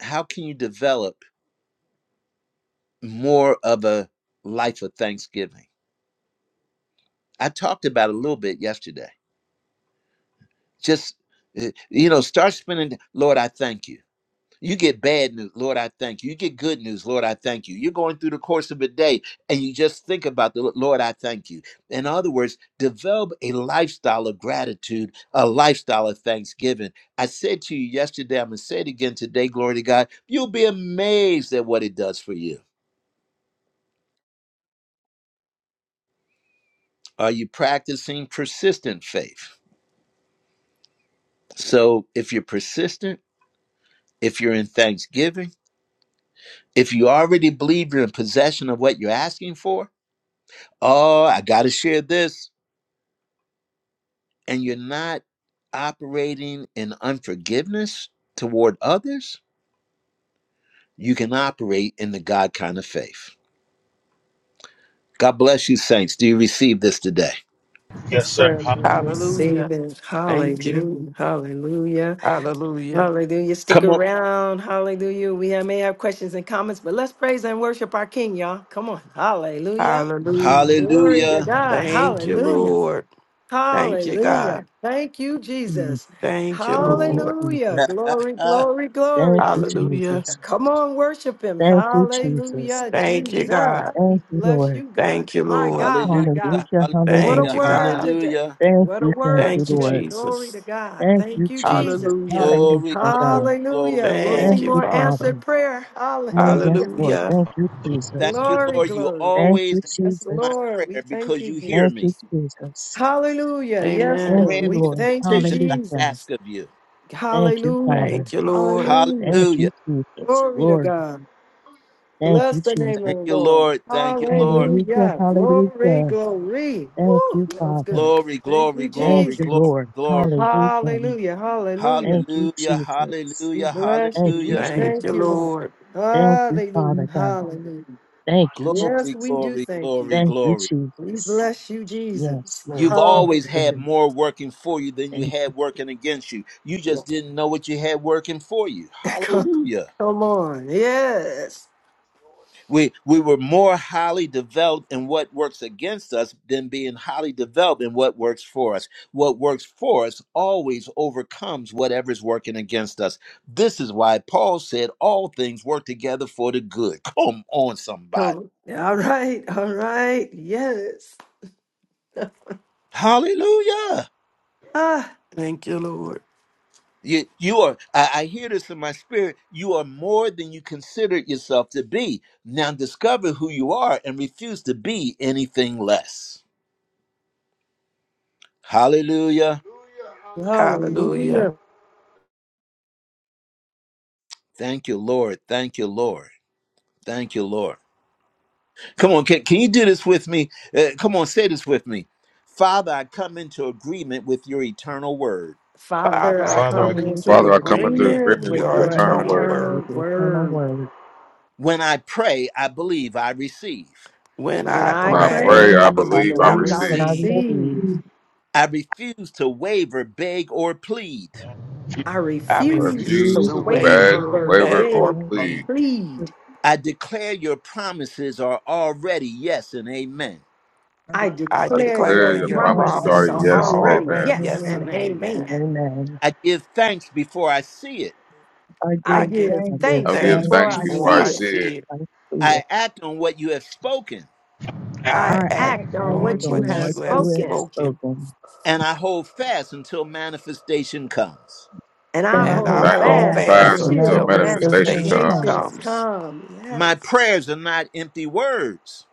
How can you develop more of a life of thanksgiving? I talked about it a little bit yesterday just uh, you know start spending lord i thank you you get bad news lord i thank you you get good news lord i thank you you're going through the course of a day and you just think about the lord i thank you in other words develop a lifestyle of gratitude a lifestyle of thanksgiving i said to you yesterday i'm going to say it again today glory to god you'll be amazed at what it does for you are you practicing persistent faith so if you're persistent if you're in thanksgiving If you already believe you're in possession of what you're asking for, oh, I got to share this, and you're not operating in unforgiveness toward others, you can operate in the God kind of faith. God bless you, saints. Do you receive this today?
Yes,
Yes, sir.
sir. Lord,
Hallelujah.
we
Hallelujah.
Receive it.
Thank you.
Hallelujah. Hallelujah.
Hallelujah.
Hallelujah. Stick
Come on.
around. Hallelujah. We have- may have questions and comments, but let's praise and worship our King, y'all. Come on. Hallelujah.
Hallelujah.
Glory to
Hallelujah.
God.
Thank you,
Hallelujah.
Lord. Thank you,
Hallelujah.
God.
Thank you,
Jesus.
Jesus.
Thank you,
Thank you,
Lord.
Hallelujah.
Jesus.
Glory, glory, glory.
Thank you,
Hallelujah.
Jesus.
Come on, worship him.
Thank you, Jesus.
Hallelujah,
Thank you,
Jesus.
God.
We
Thank you,
bless
Lord.
you, God.
Thank you,
My
Lord.
God,
hallelujah.
my God.
Hallelujah,
What a
Thank
Hallelujah.
you,
hallelujah.
word
God.
today.
Hallelujah.
Thank
What a
you, thank
word
you,
Thank you,
today.
Lord.
Glory
Jesus.
to God.
Thank you,
Thank you,
Jesus.
Jesus.
Hallelujah.
Glory,
Hallelujah,
glory,
God.
glory,
Hallelujah. We'll see
Thank
Thank
you,
you,
glory.
more
Father.
Father.
answered prayer.
Oh, yes,
Hallelujah.
Lord.
Hallelujah.
Thank you,
Thank
Jesus.
you,
Glory,
Lord. You
glory.
Thank
always
you,
Yes,
hear
Jesus.
my
Lord. We
prayer
thank
because
you,
you hear
Thank
me.
you,
Jesus.
Jesus.
Hallelujah. Yes,
Thank
Amen.
Lord.
you,
Grant me
We
Lord.
the
thank you,
petitions I
Hallelujah.
Jesus.
ask of you.
Thank you, Father.
Hallelujah.
Thank you, Lord.
Hallelujah.
Thank you,
Hallelujah.
Jesus.
Glory to
Lord,
God.
thank
Bless
you,
the name of
Jesus.
Thank
the
you,
Lord.
Lord. Thank you, Lord.
Hallelujah,
Hallelujah. Glory,
hallelujah.
glory.
Thank
Woo,
you,
that was
Father.
good.
Glory,
Thank
glory,
you,
Thank
glory,
you,
Jesus.
glory,
Lord.
glory.
Praise the
Hallelujah.
Hallelujah, hallelujah.
Thank you,
Hallelujah,
Jesus.
We
hallelujah,
bless you.
Thank you,
We
hallelujah.
Thank
thank
you,
you.
Jesus.
Lord.
Lord.
Thank you, Father
Hallelujah,
God.
hallelujah.
Thank you,
Yes,
Glory,
Jesus.
we do
glory,
thank
glory,
you.
Thank you,
glory.
We
Jesus.
bless you,
Yes,
Jesus.
Lord.
You've
Thank
always
you,
had
Hallelujah.
God.
more working for you than you
Thank you,
had working against you. You
Yeah.
just didn't know what you had working for you.
Come,
Hallelujah.
come on. Yes.
Lord.
we we were more highly developed in what works against us than being highly developed in what works for us what works for us always overcomes whatever's working against us this is why paul said all things work together for the good come on somebody
Come. All right, all right. Yes.
hallelujah
Ah,
Thank you, Lord.
you, you are I, I hear this in my spirit you are more than you consider yourself to be now discover who you are and refuse to be anything less hallelujah
Hallelujah. Hallelujah.
Hallelujah.
hallelujah.
Thank you, Lord. Thank you, Lord. Thank you, Lord. Come on, can, can you do this with me? Uh, come on, say this with me. Father, I come into agreement with your eternal word.
Father,
Father, I
I
Father, I
come
come
come
into
into
Father, I come into
agreement
agreement
with
agreement with
with
Jesus.
your
your
your
eternal
Amen.
eternal
word.
eternal
With
word.
the eternal
word.
word.
When I pray, I believe I receive.
When
When
I
When
When
I
I
I
We
pray,
pray,
pray,
know
I
I
pray, I
I
believe
believe
I
I
believe
believe
I
and
receive.
I
receive.
all the
receive.
receive.
truth
I refuse to waver, beg, or plead.
to you.
I
I
I
I
refuse
refuse
to
refuse
refuse
to
to
to
beg,
waver,
waver,
waver
waver,
beg,
or
or
beg,
and
or
plead.
plead.
quit
plead.
I declare your promises are already yes and amen.
and
I
the
I
I
I
declare
declare
declare
your
your
truth
your
playing.
are
promises are
all
promises are
things
promises
Thomas'
yes
are
and
yes
already
and
word.
amen.
already
yes
yes
and
and
amen.
amen.
amen.
And amen.
I give thanks before I see it.
I
I
I
give
give
give
I
thanks
give
I
thanks
give
because
thanks.
thanks
before
thanks
I
you.
before
before
I
I
see it.
see it,
see it
I see it.
I act on what you have spoken,
I
I
I
act
act
act
on
on
act
what
on
what
you
you
what
on
have
have
what
you have
you have
spoken,
spoken,
spoken,
spoken,
and I hold fast until manifestation comes.
and
and
I
and I
I
and I
and
hold
hold
have
I
hold
hold
fast
fasted
fast
fast
to
until
fast until
until
until
manifest
manifestation
manifestation
manifestation
manifestation
comes.
God.
comes.
manifestations
comes.
come.
My
Yes.
prayers are not empty words,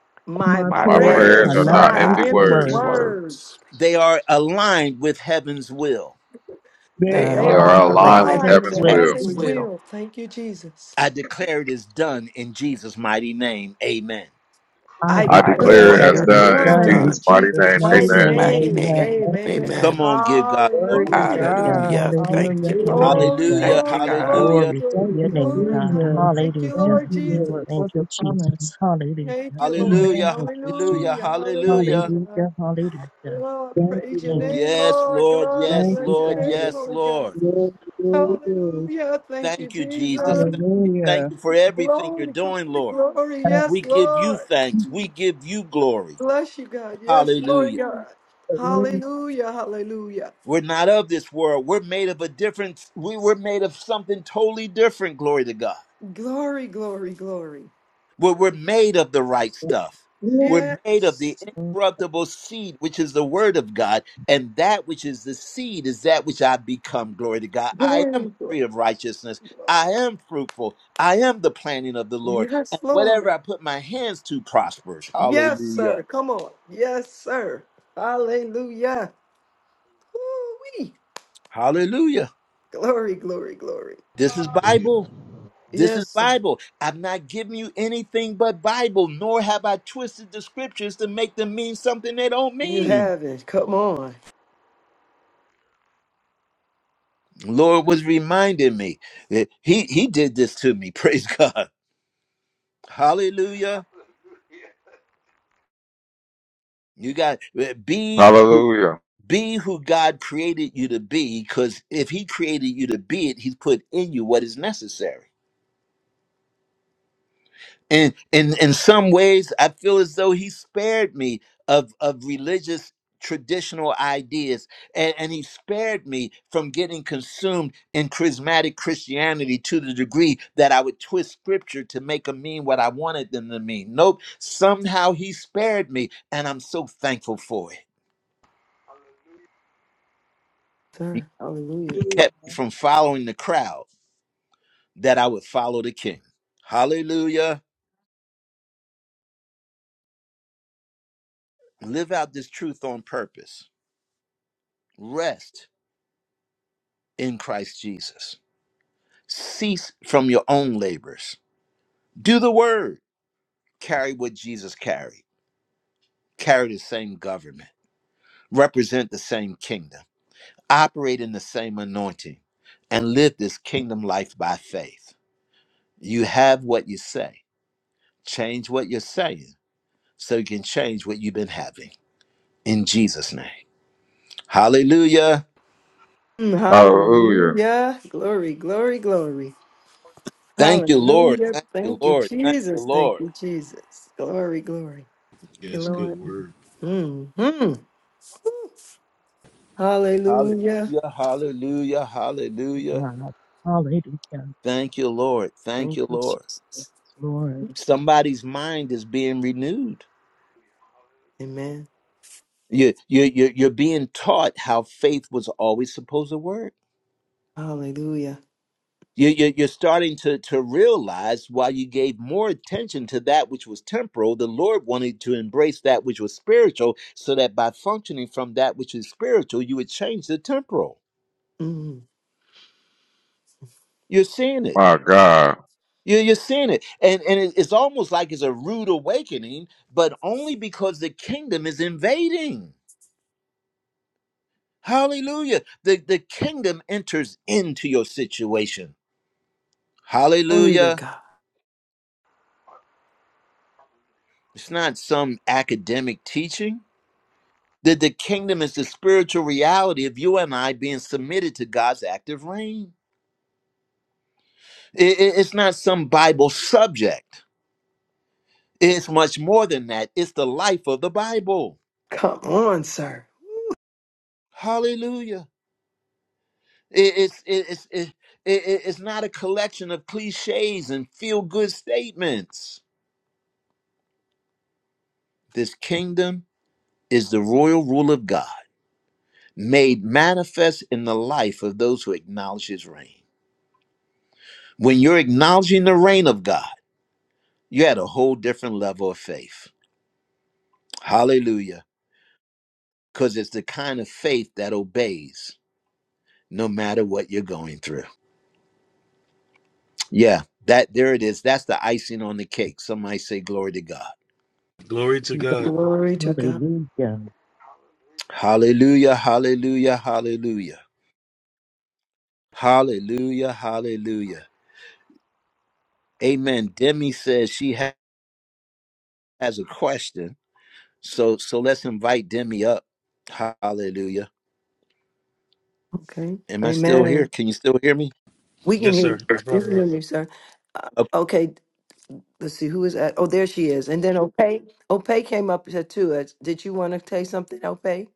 My
My
My
My
prayers
Prayers
and
prayers
prayers
are
prayers
are
are
are
not
not
not
empty
not
empty
empty
thanksgiving,
empty
words.
words.
words.
words,
they are aligned with heaven's will.
They
they
are
they
They
They
are
are
are
are
aligned
alive
with
aligned with
aligned with
heaven's
aligned
the
heaven's
with
will.
and
will.
heaven's
heaven's
will.
will.
will. Thank you, Jesus.
I declare it is done in Jesus' mighty name. Amen.
I
I
declare.
I
I
I
declare
declare
declare
declare it
it
that
that
as
is
declare
it is
in
done
it
the
is
in
done
done
name
in
in
Jesus'
done.
mighty
Jesus'
In
Jesus'
name.
mighty
mighty
Jesus'
Amen.
name.
mighty
name.
Amen.
name,
of
Amen. and
Come
amen.
on, give God
the
glory.
word of
Hallelujah.
Hallelujah.
God.
Hallelujah. Thank
Hallelujah.
you, Lord.
Hallelujah.
Glory,
Hallelujah.
Hallelujah,
Thank you,
glory,
God.
Thank
glory,
hallelujah,
you,
Glory to
thank
glory,
your
you,
name,
glory,
God.
God.
Jesus.
Thank you,
Thank
Hallelujah.
Lord
you, Lord,
Jesus.
Thank
for the
you,
promise.
Jesus.
Thank
Hallelujah.
you, Lord.
Amen.
hallelujah,
Thank you,
hallelujah,
Hallelujah.
Jesus.
hallelujah.
Hallelujah.
Hallelujah. Hallelujah.
Lord,
Thank you,
praise your
Thank
Lord.
name,
Yes,
Lord.
Lord,
Lord, I
yes,
Thank
bless
you,
your
Lord,
Father.
name,
yes,
Lord God.
Lord.
Glory, glory, glory.
Hallelujah. Thank you,
Thank you, Jesus.
Jesus.
Thank you, thank
Hallelujah.
you for everything you're
Glory,
doing,
glory,
Lord.
glory. Yes,
We give you
Lord.
thanks. We give you glory.
Bless you, God. Yes, Lord
Hallelujah.
God.
Hallelujah.
Hallelujah. Hallelujah.
We're not of this world. We're made of a different, we were made of something totally different, glory to God.
Glory, glory, glory.
We're, we're made of the right stuff. We're made of the
Yes.
Hallelujah. Amen.
incorruptible seed, which is the word of God. And that which is the seed is that which I become, glory to God. I am a
Glory,
tree
glory,
of righteousness. I
glory.
am fruitful. I am the planting of the Lord.
Yes,
And whatever
Lord.
I put my hands to prospers.
Yes,
Hallelujah.
sir. Come on. Yes, sir. Hallelujah. Woo-wee.
Hallelujah.
Glory, glory, glory.
This is
Hallelujah.
Bible. This is
Yes, sir.
Bible. I've not given you anything but Bible, nor have I twisted the scriptures to make them mean something they don't
You
mean.
haven't. Come on,
Lord was reminding me that He He did this to me. Praise God. Hallelujah.
Hallelujah.
You got uh, be
Hallelujah.
be who God created you to be, because if He created you to be it, He's put in you what is necessary. and in in some ways i feel as though he spared me of of religious traditional ideas and, and he spared me from getting consumed in charismatic christianity to the degree that i would twist scripture to make them mean what i wanted them to mean nope somehow he spared me and i'm so thankful for it
Hallelujah.
he
sir. Hallelujah.
kept me from following the crowd that i would follow the king hallelujah live out this truth on purpose rest in christ jesus Cease from your own labors. Do the word. Carry what Jesus carried. Carry the same government. Represent the same kingdom. Operate in the same anointing. And live this kingdom life by faith. You have what you say. Change what you're saying so you can change what you've been having. In Jesus' name. Hallelujah.
Mm,
Hallelujah.
Hallelujah. Glory, glory, glory.
Thank you, Lord.
Hallelujah.
Thank you,
Thank you,
Lord. Thank you,
Jesus. Thank
Lord.
you, Jesus. Glory, glory. Thank you,
Yes, good
Lord.
word.
hmm Hallelujah.
Hallelujah. Hallelujah.
you,
Hallelujah.
God. Hallelujah.
Thank you, Lord. Thank
Thank
you,
you,
Lord.
Jesus.
Lord.
Oops.
Somebody's mind is being renewed.
Hallelujah.
Amen.
You, you, you, you're being taught how faith was always supposed to work.
Hallelujah.
You, you, you're starting to, to realize while you gave more attention to that which was temporal, the Lord wanted to embrace that which was spiritual so that by functioning from that which is spiritual, you would change the temporal.
Mm.
You're seeing it.
My God.
You're, you're seeing it. And, and it- it's almost like it's a rude awakening, but only because the kingdom is invading. Hallelujah. The, the kingdom enters into your situation.
Glory to
Hallelujah.
God.
It's not some academic teaching. That the kingdom is the spiritual reality of you and I being submitted to God's active reign. I- i- it's not some Bible subject. It's much more than that. It's the life of the Bible.
Come on, sir.
Hallelujah. I- it's, it, it's, it- it- it's not a collection of cliches and feel good statements. This kingdom is the royal rule of God made manifest in the life of those who acknowledge his reign. When you're acknowledging the reign of God, you're at a whole different level of faith. Hallelujah. Because it's the kind of faith that obeys no matter what you're going through. Yeah, that there it is. That's the icing on the cake. Somebody say glory to God.
Glory to
to
God.
Glory to
God.
God.
Hallelujah.
Hallelujah, hallelujah, hallelujah. Hallelujah, hallelujah. Amen. Demi says she ha- has a question. So so let's invite Demi up. Hallelujah.
Okay.
Am I still here?
Amen.
Can you still hear me?
We can
Yes,
hear,
sir. I
we
brought
can
her
hear
up.
you, sir. Uh,
Okay.
okay. Let's see who is at. Oh, there she is. And then Opay, Opay came up to to us. Did you want to say something, Opay?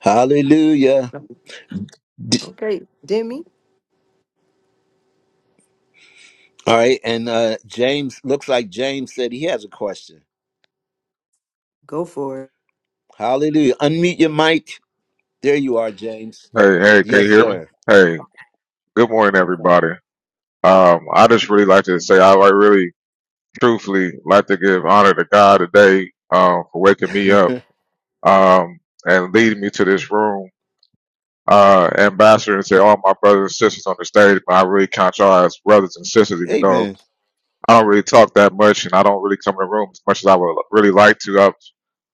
Hallelujah.
No.
D-
Okay, Demi,
All right. And uh, James, looks like James said he has a question.
go for it.
Hallelujah. Unmute your mic. There you are, James.
Hey, hey, can
Yes,
you hear me?
sir.
Hey, good morning,
Sorry.
everybody. Um, I just really like to say I like really truthfully like to give honor to God today um, for waking me up um, and leading me to this room. Uh, ambassador and say all my brothers and sisters on the stage, but I really count y'all as brothers and sisters, even though
Amen.
I don't really talk that much and I don't really come in the room as much as I would really like to. i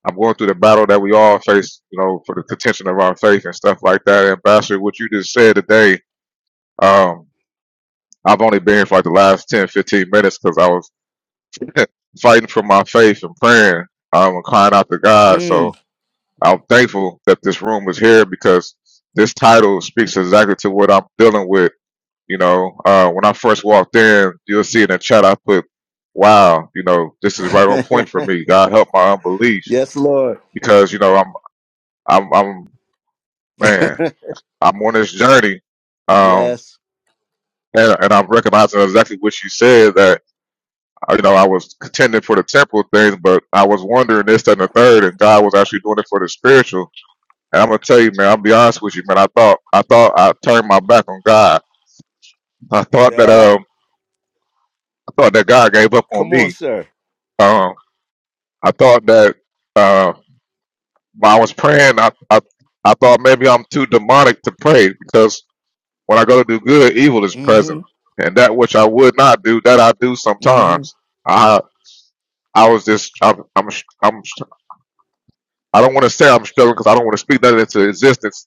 I'm going through the battle that we all face, you know, for the contention of our faith and stuff like that. Ambassador, what you just said today, um, I've only been here for like the last 10, 15 minutes because I was fighting for my faith and praying um, and crying out to God.
Mm.
So I'm thankful that this room is here because this title speaks exactly to what I'm dealing with. You know, uh, when I first walked in, you'll see in the chat I put, "Wow, you know, this is right on point for me. God help my unbelief
yes, Lord.
because you know I'm I'm I'm man, I'm on this journey, um,
Yes.
and, and I'm recognizing exactly what you said that I- you know, I was contending for the temporal things, but I was wondering this, that, and the third, and God was actually doing it for the spiritual. And I'm gonna tell you, man, I'll be honest with you, man. I thought, I thought I turned my back on God. I thought that,
Ah,
um, I thought that God gave up on
come on,
me.
sir.
Um, I thought that, uh, when I was praying, I, I, I thought maybe I'm too demonic to pray because when I go to do good, evil is
Mm
present,
hmm.
and that which I would not do, that I do
Mm hmm.
sometimes. I, I was just, I'm, I'm, I'm I don't want to say I'm struggling because I don't want to speak that into existence.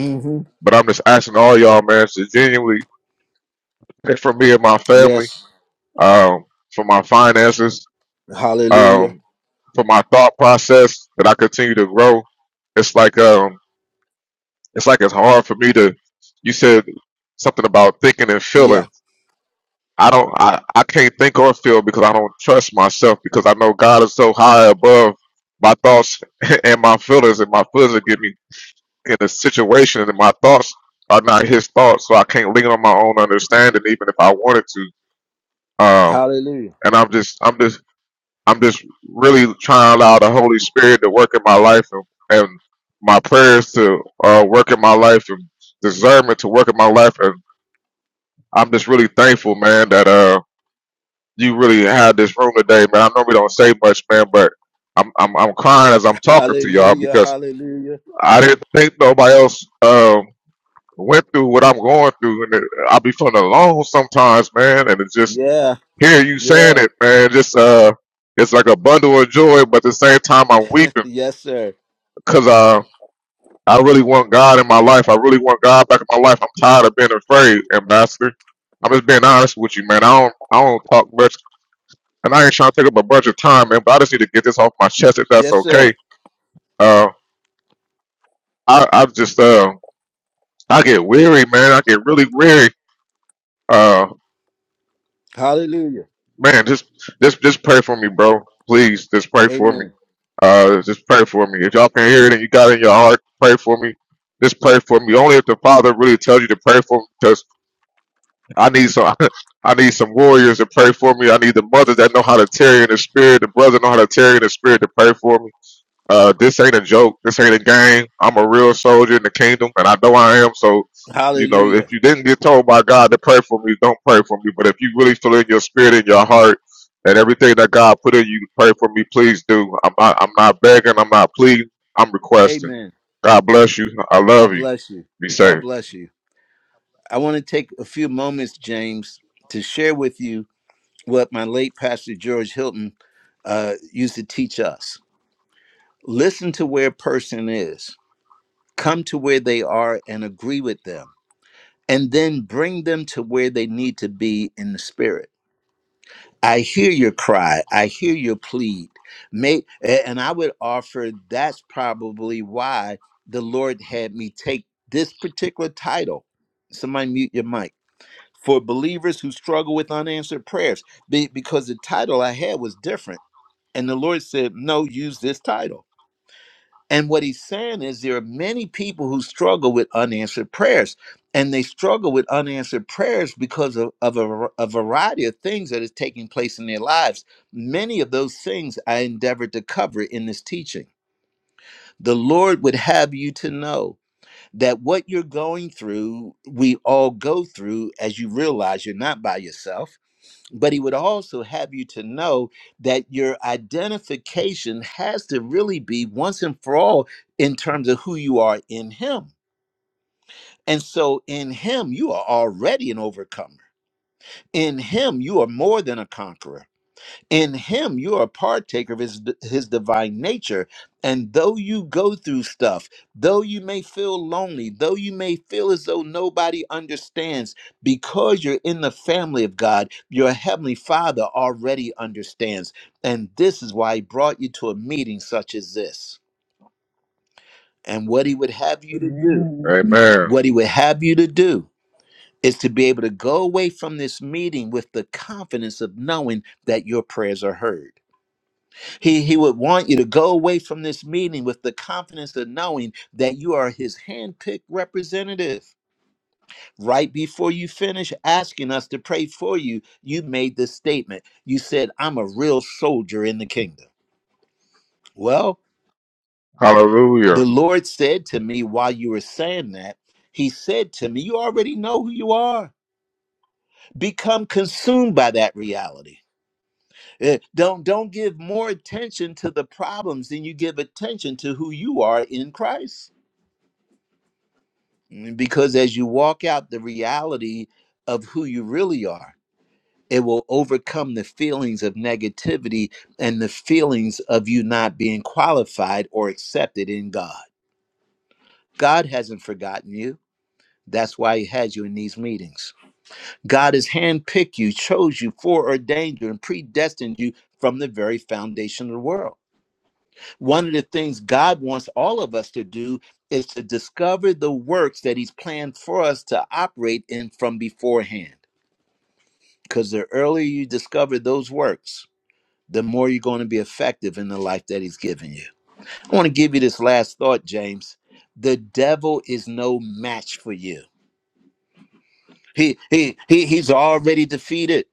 Mm hmm.
But I'm just asking all y'all, man, to genuinely pray for me and my family,
Yes.
um, for my finances,
Hallelujah.
um, for my thought process that I continue to grow. It's like um, it's like it's hard for me to. You said something about thinking and feeling.
Yeah.
I don't. I, I can't think or feel because I don't trust myself because I know God is so high above my thoughts and my feelings and my feelings will get me. in a situation and my thoughts are not his thoughts, so I can't lean on my own understanding even if I wanted to. Um,
Hallelujah.
and I'm just I'm just I'm just really trying to allow the Holy Spirit to work in my life and, and my prayers to uh, work in my life and discernment to work in my life and I'm just really thankful, man, that uh you really had this room today, man. I normally don't say much, man, but I'm I'm I'm crying as I'm talking to y'all
Hallelujah.
because
Hallelujah.
I didn't think nobody else. um, went through what I'm going through, and it, I be feeling alone sometimes, man. And it's just
Yeah.
hearing you saying
Yeah.
it, man, just uh, it's like a bundle of joy, but at the same time, I'm weeping
Yes, sir.
because uh, I really want God in my life. I really want God back in my life. I'm tired of being afraid, ambassador. I'm just being honest with you, man. I don't, I don't talk much, and I ain't trying to take up a bunch of time, man. But I just need to get this off my chest, if that's
Yes, sir.
okay. Uh, I, I just uh, I get weary, man. I get really weary. uh,
Hallelujah.
man, just just just pray for me, bro. Please, just pray for me.
Amen.
Uh, just pray for me. If y'all can hear it and you got it in your heart, pray for me. Just pray for me. Only if the Father really tells you to pray for me, because I need some. I need some warriors to pray for me. I need the mothers that know how to tarry in the spirit, the brothers know how to tarry in the spirit to pray for me. Uh, this ain't a joke. This ain't a game. I'm a real soldier in the kingdom, and I know I am. So, you know, if
Hallelujah.
you didn't get told by God to pray for me, don't pray for me. But if you really feel in your spirit, in your heart, and everything that God put in you, to pray for me, please do. I'm not. I'm not begging. I'm not pleading. I'm requesting.
Amen.
God bless you. I
God
love you.
bless you.
Be
God
safe.
bless you. I want to take a few moments, James, to share with you what my late pastor George Hilton uh, used to teach us. Listen to where a person is, come to where they are and agree with them, and then bring them to where they need to be in the spirit. I hear your cry. I hear your plead. May, a- and I would offer that's probably why the Lord had me take this particular title. Somebody mute your mic for believers who struggle with unanswered prayers, be, because the title I had was different, and the Lord said, "No, use this title." And what he's saying is there are many people who struggle with unanswered prayers. And they struggle with unanswered prayers because of, of a, a variety of things that is taking place in their lives. Many of those things I endeavored to cover in this teaching. The Lord would have you to know that what you're going through, we all go through as you realize you're not by yourself but he would also have you to know that your identification has to really be once and for all in terms of who you are in him. And so in him, you are already an overcomer. In him, you are more than a conqueror in him you are a partaker of his his divine nature and though you go through stuff though you may feel lonely though you may feel as though nobody understands because you're in the family of god your heavenly father already understands and this is why he brought you to a meeting such as this and what he would have you to do
Amen.
Amen.
what he would have you to do is to be able to go away from this meeting with the confidence of knowing that your prayers are heard He, he would want you to go away from this meeting with the confidence of knowing that you are his handpicked representative. Right before you finish asking us to pray for you, you made this statement. You said, I'm a real soldier in the kingdom. Well,
Hallelujah.
the Lord said to me while you were saying that, He said to me, You already know who you are. Become consumed by that reality. Eh, Don't, don't give more attention to the problems than you give attention to who you are in Christ. because as you walk out the reality of who you really are it will overcome the feelings of negativity and the feelings of you not being qualified or accepted in god god hasn't forgotten you that's why he has you in these meetings god has handpicked you chose you foreordained you and predestined you from the very foundation of the world One of the things God wants all of us to do is to discover the works that He's planned for us to operate in from beforehand. Because the earlier you discover those works, the more you're going to be effective in the life that He's given you. I want to give you this last thought, James. The devil is no match for you. He he he he's already defeated.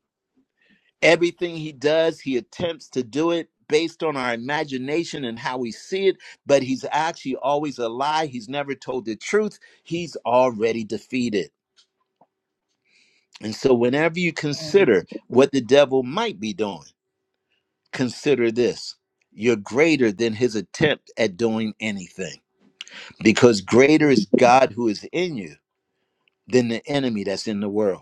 Everything he does, he attempts to do it based on our imagination and how we see it, but he's actually always a lie. He's never told the truth. He's already defeated. And so, whenever you consider what the devil might be doing, consider this you're greater than his attempt at doing anything, because greater is God who is in you than the enemy that's in the world.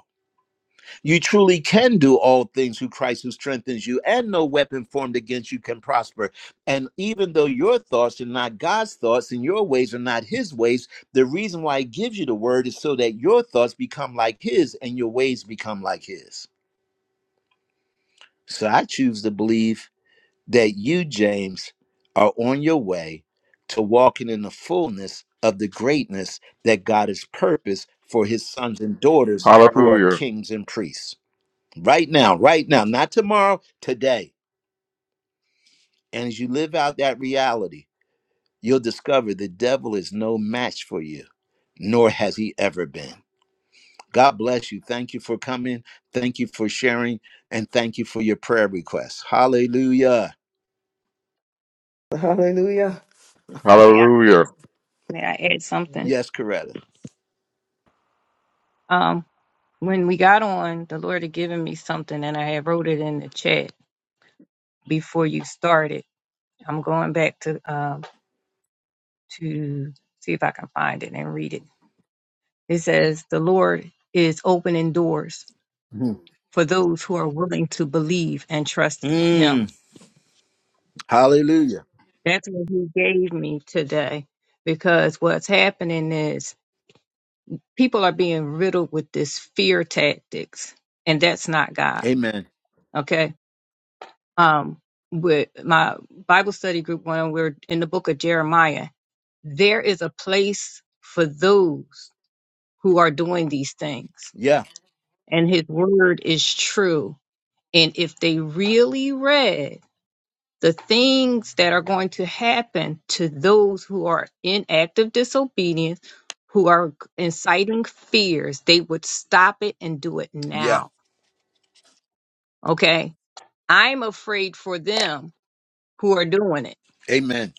You truly can do all things through Christ who strengthens you, and no weapon formed against you can prosper. And even though your thoughts are not God's thoughts and your ways are not his ways, the reason why he gives you the word is so that your thoughts become like his and your ways become like his. So I choose to believe that you, James, are on your way to walking in the fullness of the greatness that God has purposed for his sons and daughters who are
Hallelujah.
kings and priests right now, right now, not tomorrow, today. And as you live out that reality, you'll discover the devil is no match for you, nor has he ever been. God bless you. Thank you for coming. Thank you for sharing. And thank you for your prayer requests. Hallelujah.
Hallelujah.
May I
Hallelujah.
may I add something?
Okay.
Yes, Coretta.
Um, when we got on, the Lord had given me something, and I had wrote it in the chat before you started. I'm going back to um to see if I can find it and read it. It says, "The Lord is opening doors
Mhm.
for those who are willing to believe and trust Him."
Mm, hallelujah.
That's what He gave me today, because what's happening is people are being riddled with this fear tactics, and that's not God.
Amen.
Okay um, with my Bible study group when we're in the book of Jeremiah. There is a place for those who are doing these things,
Yeah.
and his word is true. And if they really read the things that are going to happen to those who are in active disobedience, who are inciting fears, they would stop it and do it
Yeah.
now. Okay. I'm afraid for them who are doing it
Amen.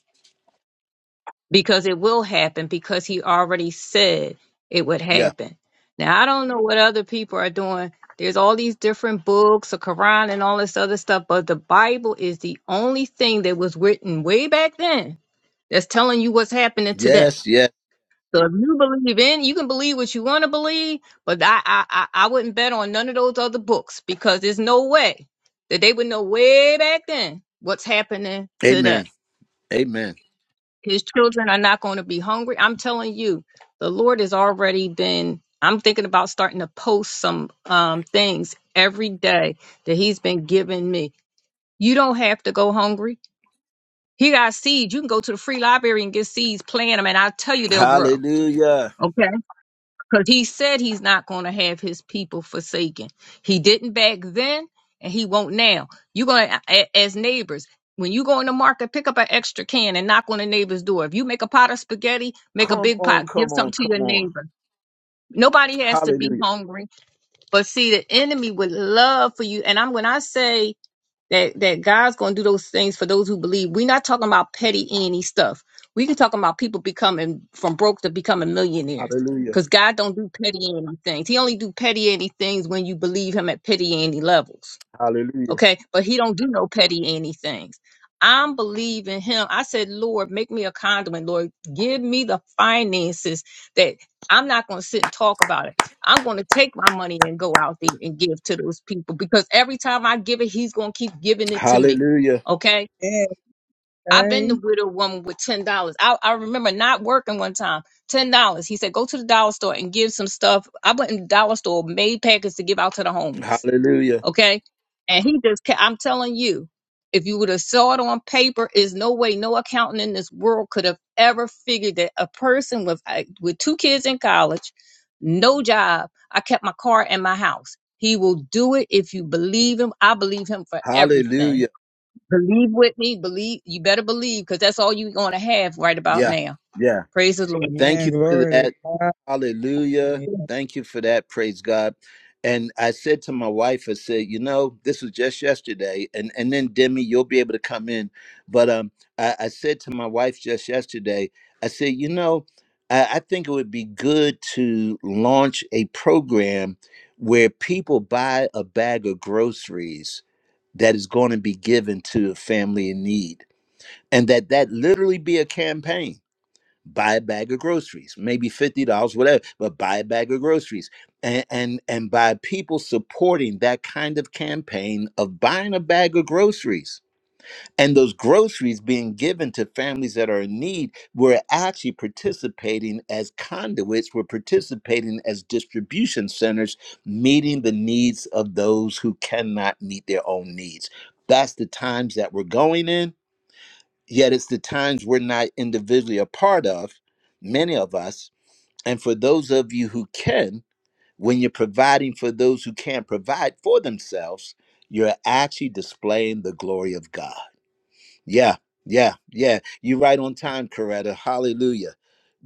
because it will happen because he already said it would
Yeah.
happen. Now I don't know what other people are doing. There's all these different books, the Quran and all this other stuff, but the Bible is the only thing that was written way back then that's telling you what's happening today.
Yes. Yes.
So if you believe in, you can believe what you want to believe, but I, I I I wouldn't bet on none of those other books because there's no way that they would know way back then what's happening today.
Amen. Amen.
His children are not going to be hungry. I'm telling you, the Lord has already been. I'm thinking about starting to post some um, things every day that He's been giving me. You don't have to go hungry. He got seeds. You can go to the free library and get seeds, plant them, and I'll tell you they'll grow.
Hallelujah.
Okay. Because he said he's not going to have his people forsaken. He didn't back then, and he won't now. You're going to, as neighbors, when you go in the market, pick up an extra can and knock on the neighbor's door. If you make a pot of spaghetti, make a
Come
big
on.
pot, give
Come
something
on.
to your
Come on.
neighbor. Nobody has to
Hallelujah.
be hungry. But see, the enemy would love for you. And I'm when I say that that God's going to do those things for those who believe. We're not talking about petty any stuff. We can talk about people becoming from broke to becoming millionaires.
Hallelujah.
Cause God don't do petty any things. He only do petty any things when you believe Him at petty any levels.
Hallelujah.
Okay, but he don't do no petty anything. I'm believing him. I said, Lord, make me a conduit. Lord, give me the finances that I'm not going to sit and talk about it. I'm going to take my money and go out there and give to those people because every time I give it, he's going to keep giving it to me.
Hallelujah.
Okay. I've been
okay.
the
Amen.
widow woman with ten dollars. I, I remember not working one time. Ten dollars. He said, "Go to the dollar store and give some stuff." I went in the dollar store, made packets to give out to the homeless
Hallelujah.
okay? And he just, ca- I'm telling you, if you would have saw it on paper, is no way no accountant in this world could have ever figured that a person with I- with two kids in college, no job, I kept my car and my house. He will do it if you believe him. I believe him for everything.
Hallelujah.
Believe with me. Believe you better believe because that's all you're going to have right about
Yeah.
now.
Yeah.
Praise the Lord.
Thank you for
Glory
that.
to God.
Hallelujah.
Amen.
Thank you for that. Praise God. And I said to my wife, I said, you know, this was just yesterday, and and then Demi, you'll be able to come in. But um, I, I said to my wife just yesterday, I said, you know, I, I think it would be good to launch a program where people buy a bag of groceries that is going to be given to a family in need and that that literally be a campaign buy a bag of groceries maybe $50 whatever but buy a bag of groceries and and and by people supporting that kind of campaign of buying a bag of groceries and those groceries being given to families that are in need we're actually participating as conduits we're participating as distribution centers meeting the needs of those who cannot meet their own needs that's the times that we're going in yet it's the times we're not individually a part of many of us and for those of you who can when you're providing for those who can't provide for themselves you're actually displaying the glory of god yeah, yeah, yeah. You're right on time, Coretta. Hallelujah.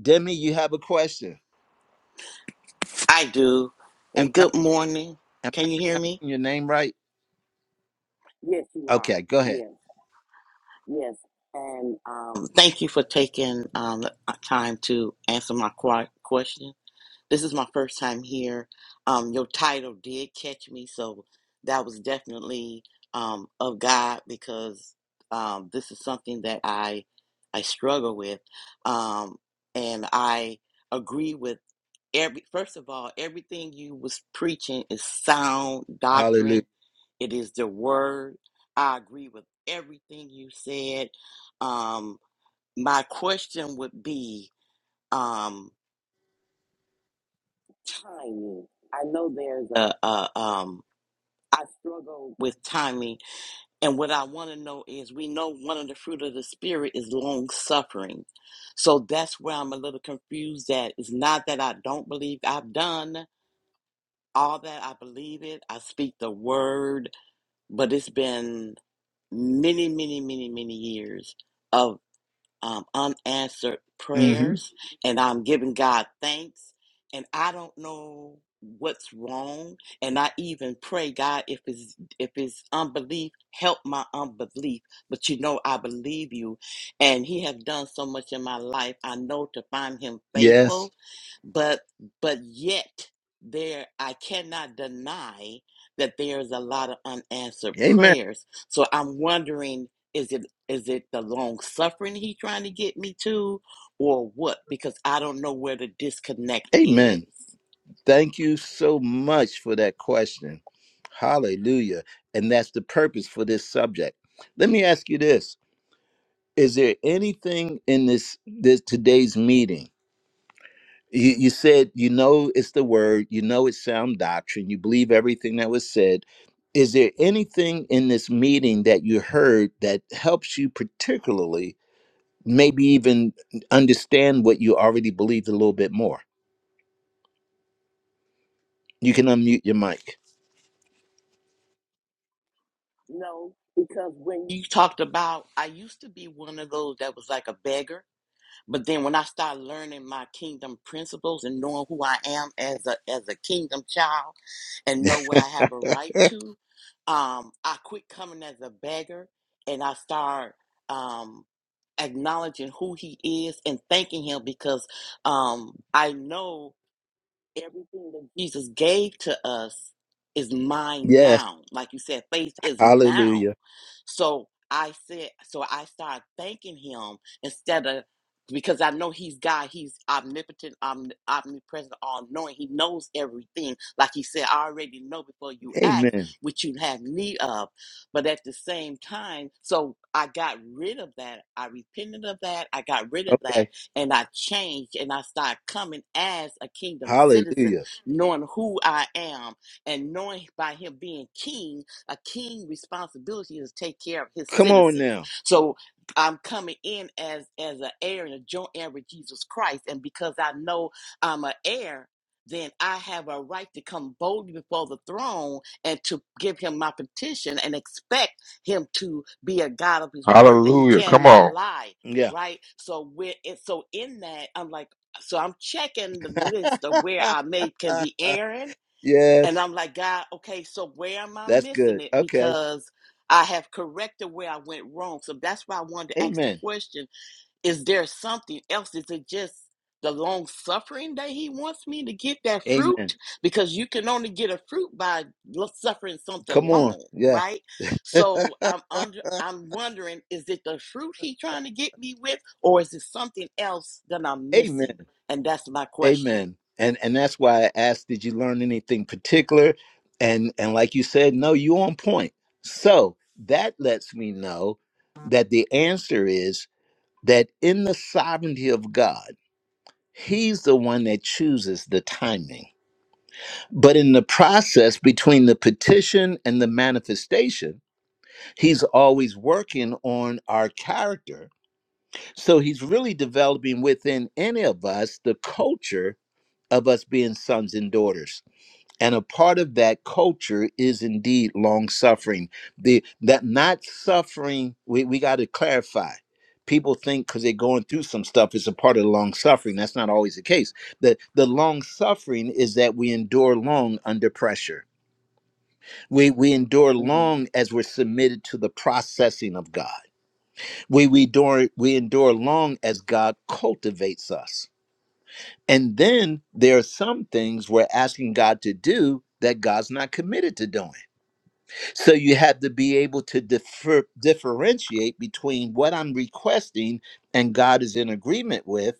Demi, you have a question.
I do.
Am
And
I
good morning.
am I
Can you hear me?
pronouncing your name right?
Yes, you are.
Okay, go ahead.
Yes, yes. And um, Thank you for taking um, the uh, time to answer my qu- question. This is my first time here. Um, your title did catch me, so that was definitely um, of God because um, this is something that I I struggle with, um, and I agree with. every first of all everything you was preaching is sound
Hallelujah.
doctrine it is the word i agree with everything you said um my question would be um timing i know there's a, a um i struggle with timing and what i want to know is we know one of the fruit of the spirit is long suffering so that's where i'm a little confused That it's not that i don't believe i've done all that. I believe it. I speak the word, but it's been many, many, many, many years of um, unanswered
hmm
prayers and I'm giving God thanks. And I don't know what's wrong. And I even pray, God, if it's if it's unbelief, help my unbelief. But you know I believe you. And he have done so much in my life. I know to find him
Yes.
faithful, but but yet there I cannot deny that there's a lot of unanswered
Amen.
prayers. So I'm wondering, is it is it the long suffering he trying to get me to or what? Because I don't know where the disconnect is.
Amen. Thank you so much for that question. Hallelujah. And that's the purpose for this subject. Let me ask you this. Is there anything in this this today's meeting? you, you said you know it's the word you know it's sound doctrine you believe everything that was said is there anything in this meeting that you heard that helps you particularly maybe even understand what you already believed a little bit more you can unmute your mic
Now, You talked about I used to be one of those that was like a beggar, but then when I started learning my kingdom principles and knowing who I am as a as a kingdom child and know what I have a right to, um, I quit coming as a beggar and I start um acknowledging who he is and thanking him because um I know Everything that Jesus gave to us is mine
yes
now. Like you said, faith is now.
hallelujah
So I said, so I started thanking him instead of because I know he's God, he's omnipotent, omni- omnipresent, all knowing. He knows everything. Like he said, I already know before you ask
amen
what you have need of. But at the same time, so I got rid of that. I repented of that. I got rid of that
okay
and I changed and I started coming as a kingdom citizen,
hallelujah
knowing who I am and knowing by him being king, a king responsibility is to take care of his
come on
citizens.
now
So I'm coming in as as an heir and a joint heir with Jesus Christ, and because I know I'm an heir. Then I have a right to come boldly before the throne and to give him my petition and expect him to be a God of his word that he
Hallelujah. Come
cannot
on.
lie
yeah
right? So we're it, so in that I'm like, so I'm checking the list of where I may can be erring, and
yes
I'm like, God, okay, so where am I
that's
missing
good
it?
okay
Because I have corrected where I went wrong. So that's why I wanted to ask the
amen
question is there something else? Is it just the long suffering that he wants me to get that
amen
fruit? Because you can only get a fruit by lo- suffering something
come on
long,
yeah
right? So I'm under I'm wondering, is it the fruit he trying to get me with, or is it something else that I'm
amen
missing? And that's my question.
Amen. And and that's why I asked, did you learn anything particular? And and like you said, no, you on point. So that lets me know that the answer is that in the sovereignty of God, He's the one that chooses the timing. But in the process between the petition and the manifestation, He's always working on our character. So He's really developing within any of us the culture of us being sons and daughters and a part of that culture is indeed long suffering the that not suffering we, we got to clarify people think because they're going through some stuff it's a part of the long suffering that's not always the case the the long suffering is that we endure long under pressure we we endure
Mhm.
long as we're submitted to the processing of god we we endure we endure long as god cultivates us and then there are some things we're asking god to do that god's not committed to doing So you have to be able to differ, differentiate between what I'm requesting and God is in agreement with,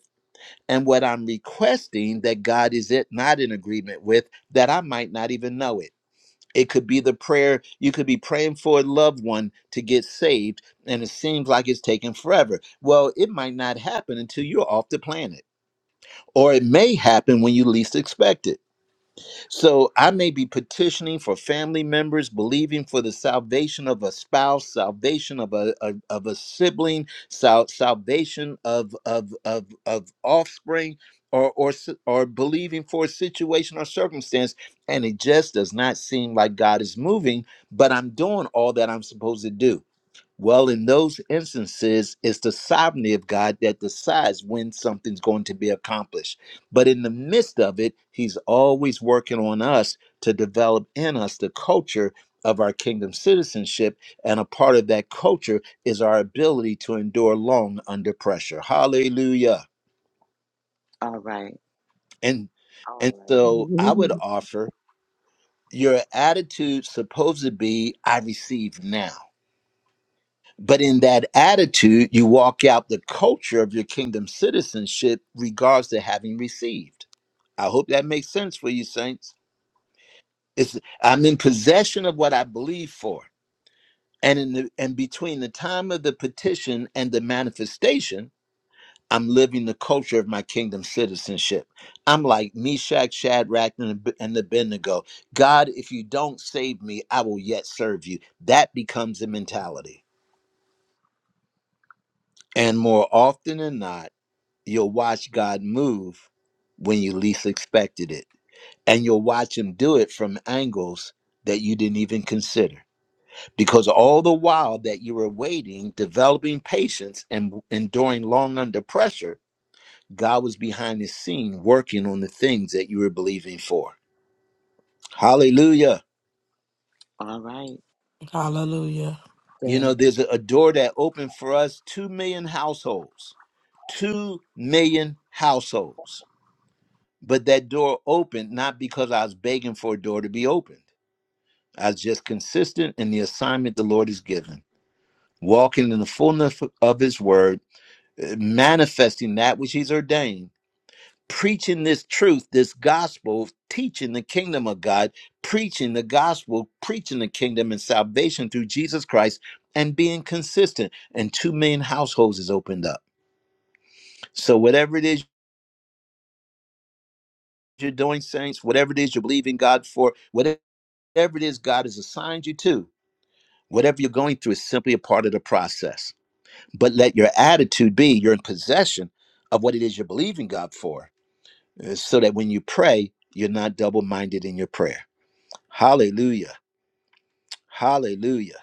and what I'm requesting that God is it not in agreement with that I might not even know it. It could be the prayer you could be praying for a loved one to get saved, and it seems like it's taking forever. Well, it might not happen until you're off the planet, or it may happen when you least expect it so I may be petitioning for family members, believing for the salvation of a spouse, salvation of a, a- of a sibling, sal- salvation of of of of offspring, or or s- or believing for a situation or circumstance, and it just does not seem like God is moving. But I'm doing all that I'm supposed to do well, in those instances, it's the sovereignty of God that decides when something's going to be accomplished. But in the midst of it, He's always working on us to develop in us the culture of our kingdom citizenship. And a part of that culture is our ability to endure long under pressure. Hallelujah.
All right.
And
All
and
right.
so I would
Hallelujah.
offer your attitude supposed to be, I receive now. But in that attitude, you walk out the culture of your kingdom citizenship, regards to having received. I hope that makes sense for you, saints. It's, I'm in possession of what I believe for, and in the, and between the time of the petition and the manifestation, I'm living the culture of my kingdom citizenship. I'm like Meshach, Shadrach, and Ab- and Abednego. God, if you don't save me, I will yet serve you. That becomes the mentality. And more often than not, you'll watch God move when you least expected it. And you'll watch him do it from angles that you didn't even consider. Because all the while that you were waiting, developing patience and enduring long under pressure, God was behind the scene working on the things that you were believing for. Hallelujah.
All
Hallelujah.
You
Yeah.
know,
right.
there's a a door that opened for us 2 million households. 2 million households but that door opened not because I was begging for a door to be opened. I was just consistent in the assignment the Lord has given, walking in the fullness of His word, uh, manifesting that which He's ordained, preaching this truth, this gospel, teaching the kingdom of God, preaching the gospel, preaching the kingdom and salvation through Jesus Christ, and being consistent. And two million households is opened up. So, whatever it is you're doing, saints, whatever it is you believe in God for, whatever whatever it is God has assigned you to, whatever you're going through is simply a part of the process. But let your attitude be you're in possession of what it is you're believing God for, uh, so that when you pray, you're not double minded in your prayer. Hallelujah. Hallelujah.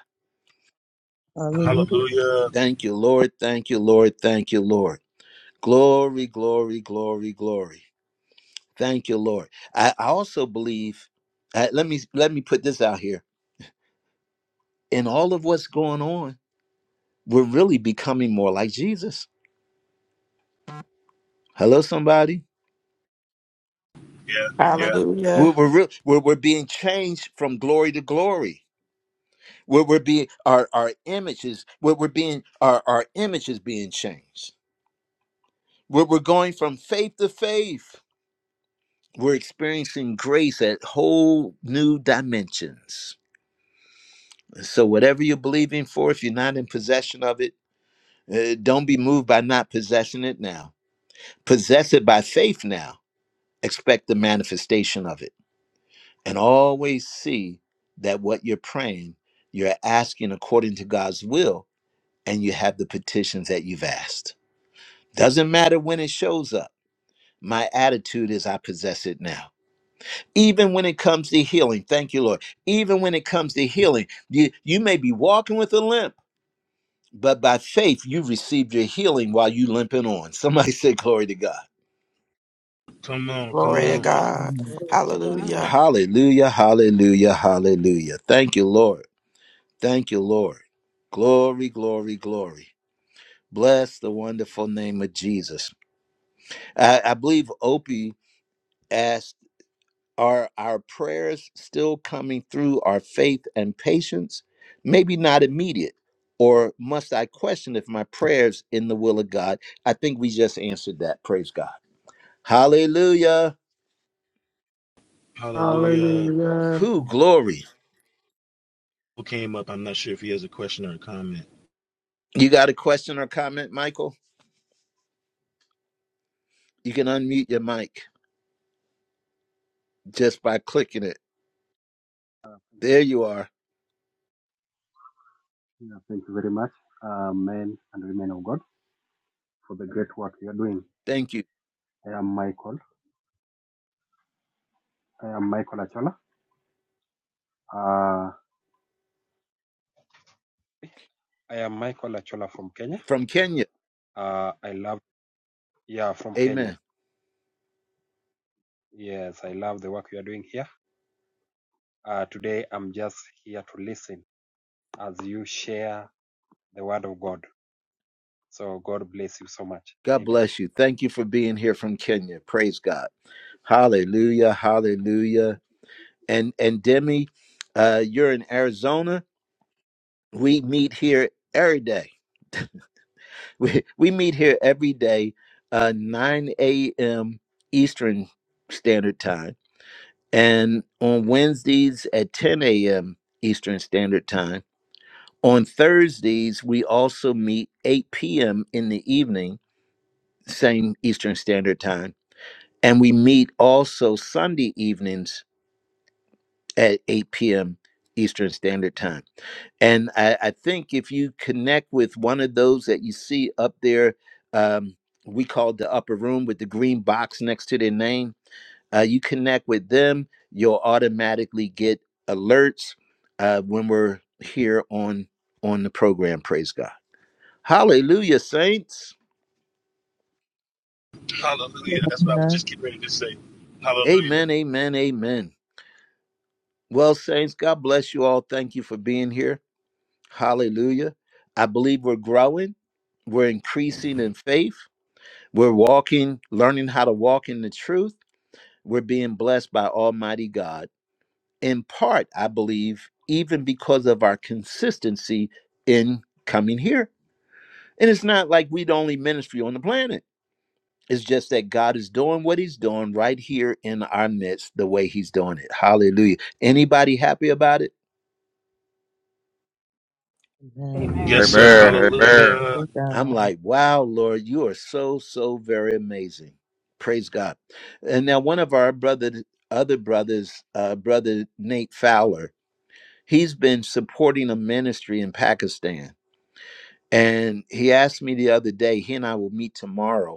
Hallelujah.
Hallelujah.
Thank you, Lord. Thank you, Lord. Thank you, Lord. Glory, glory, glory, glory. Thank you, Lord. I, I also believe, uh, let me let me put this out here. In all of what's going on, we're really becoming more like Jesus Hello, somebody.
Yeah, yeah.
We're,
Hallelujah.
we're, real, we're, we're being changed from glory to glory. We're, we're being our our images. We're, we're being our our image is being changed. We're, we're going from faith to faith. We're experiencing grace at whole new dimensions. So whatever you're believing for, if you're not in possession of it, uh, don't be moved by not possessing it now. Possess it by faith now. Expect the manifestation of it. and always see that what you're praying, you're asking according to God's will, and you have the petitions that you've asked. Doesn't matter when it shows up. My attitude is I possess it now. Even when it comes to healing, thank you, Lord. Even when it comes to healing, you, you may be walking with a limp, but by faith, you received your healing while you limping on. Somebody say, Glory to God.
Glory to God.
Amen.
Glory to God.
Hallelujah.
Hallelujah, hallelujah, hallelujah. Thank you, Lord. Thank you, Lord. Glory, glory, glory. Bless the wonderful name of Jesus. I, I believe Opie asked, Are our prayers still coming through our faith and patience? Maybe not immediate. Or must I question if my prayers in the will of God? I think we just answered that. Praise God. Hallelujah.
Hallelujah.
Hallelujah.
Who glory.
Who came up? I'm not sure if he has a question or a comment.
You got a question or comment, Michael? You can unmute your mic just by clicking it.
Uh,
There you are.
Yeah, thank you very much, uh, men and women of God, for the great work you are doing.
Thank you.
I am Michael. I am Michael Achola. Uh, I am Michael Achola from Kenya.
From Kenya.
Uh, I love, yeah, from
Amen.
Kenya. Yes, I love the work you are doing here. Uh, today, I'm just here to listen as you share the word of God. So, God bless you so much.
God
Amen.
bless you. Thank you for being here from Kenya. Praise God. Hallelujah.
And.
Hallelujah. And and Demi, uh, you're in Arizona. We meet here every day. We we meet here every day, uh, 9 a.m. Eastern Standard Time, and on Wednesdays at 10 a.m. Eastern Standard Time. On Thursdays, we also meet 8 p.m. in the evening, same Eastern Standard Time And we meet also Sunday evenings at 8 p.m. Eastern Standard Time. And I, I think if you connect with one of those that you see up there, um, we call the upper room with the green box next to their name, uh, you connect with them, you'll automatically get alerts uh, when we're here on on the program. Praise God. Hallelujah, saints.
Hallelujah. That's what I was
Amen.
just getting ready to say. Hallelujah.
Amen, amen, amen. Well, saints, God bless you all. Thank you for being here. Hallelujah. I believe we're growing, we're increasing in faith, we're walking, learning how to walk in the truth. We're being blessed by Almighty God. In part, I believe, even because of our consistency in coming here. And it's not like we're the only ministry on the planet. It's just that God is doing what He's doing right here in our midst, the way He's doing it. Hallelujah. Anybody happy about it?
Amen.
Amen.
Yes, sir.
Amen. Amen.
Glory
Hallelujah.
to
I'm
God.
like, wow, Lord, you are so, so very amazing. Praise God. And now one of our brother, other brothers, uh, brother Nate Fowler, he's been supporting a ministry in Pakistan. And he asked me the other day, he and I will meet tomorrow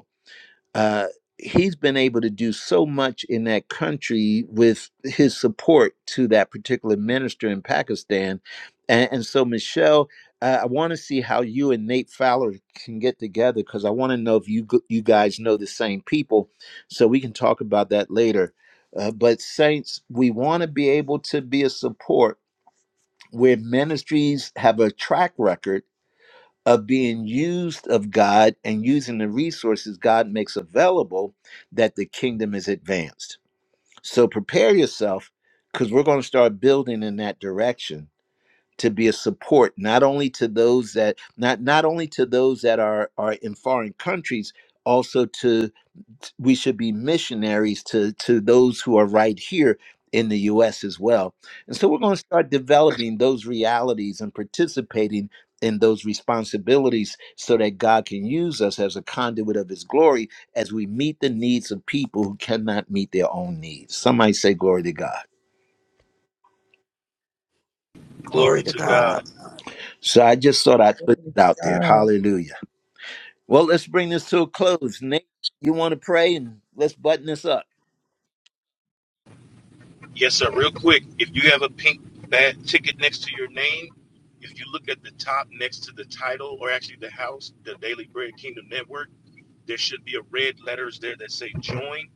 uh, he's been able to do so much in that country with his support to that particular minister in Pakistan. And, and so, Michelle, uh, I want to see how you and Nate Fowler can get together because I want to know if you g- you guys know the same people, so we can talk about that later. Uh, but saints, we want to be able to be a support where ministries have a track record of being used of God and using the resources God makes available that the kingdom is advanced. So prepare yourself because we're going to start building in that direction to be a support not only to those that not not only to those that are are in foreign countries also to we should be missionaries to to those who are right here in the US as well. And so we're going to start developing those realities and participating in those responsibilities so that God can use us as a conduit of his glory as we meet the needs of people who cannot meet their own needs. Somebody say glory to God.
Glory
Glory to
to
Glory to
God.
God.
God.
So I just thought I'd put
Glory
it
to
out there.
God.
Hallelujah. Well, let's bring this to a close. Nate, you want to pray and let's button this up.
Yes, sir. Real quick, if you have a pink bad ticket next to your name, if you look at the top next to the title or actually the house, the Daily Bread Kingdom Network, there should be a red letters there that say join.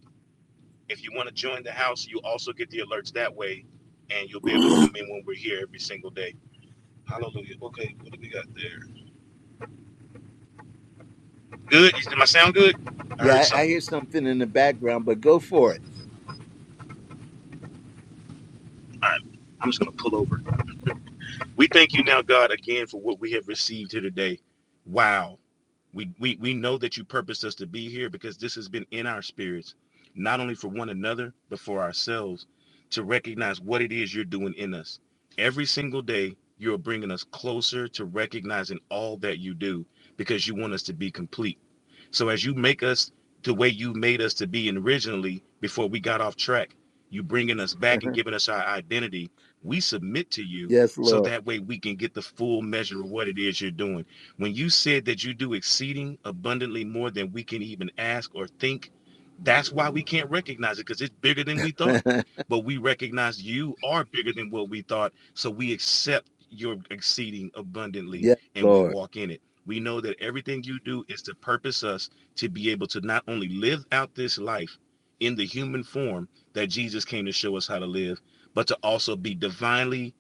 If you want to join the house, you also get the alerts that way and you'll be able to come in when we're here every single day. Hallelujah. Okay, what do we got there? Good. Did my sound good? I heard
Yeah, I, I
something.
hear something in the background, but go for it.
All right. I'm just gonna pull over. We thank you now, God, again for what we have received here today. Wow. We, we we know that you purposed us to be here because this has been in our spirits, not only for one another, but for ourselves to recognize what it is you're doing in us. Every single day, you're bringing us closer to recognizing all that you do because you want us to be complete. So as you make us the way you made us to be originally before we got off track, you bringing us back and giving us our identity, we submit to you
Yes,
so
Lord.
that way we can get the full measure of what it is you're doing. When you said that you do exceeding abundantly more than we can even ask or think, that's why we can't recognize it because it's bigger than we thought.
yes,
But we recognize you are bigger than what we thought. So we accept your exceeding abundantly and we
Lord.
walk in it. We know that everything you do is to purpose us to be able to not only live out this life in the human form that Jesus came to show us how to live, but to also be divinely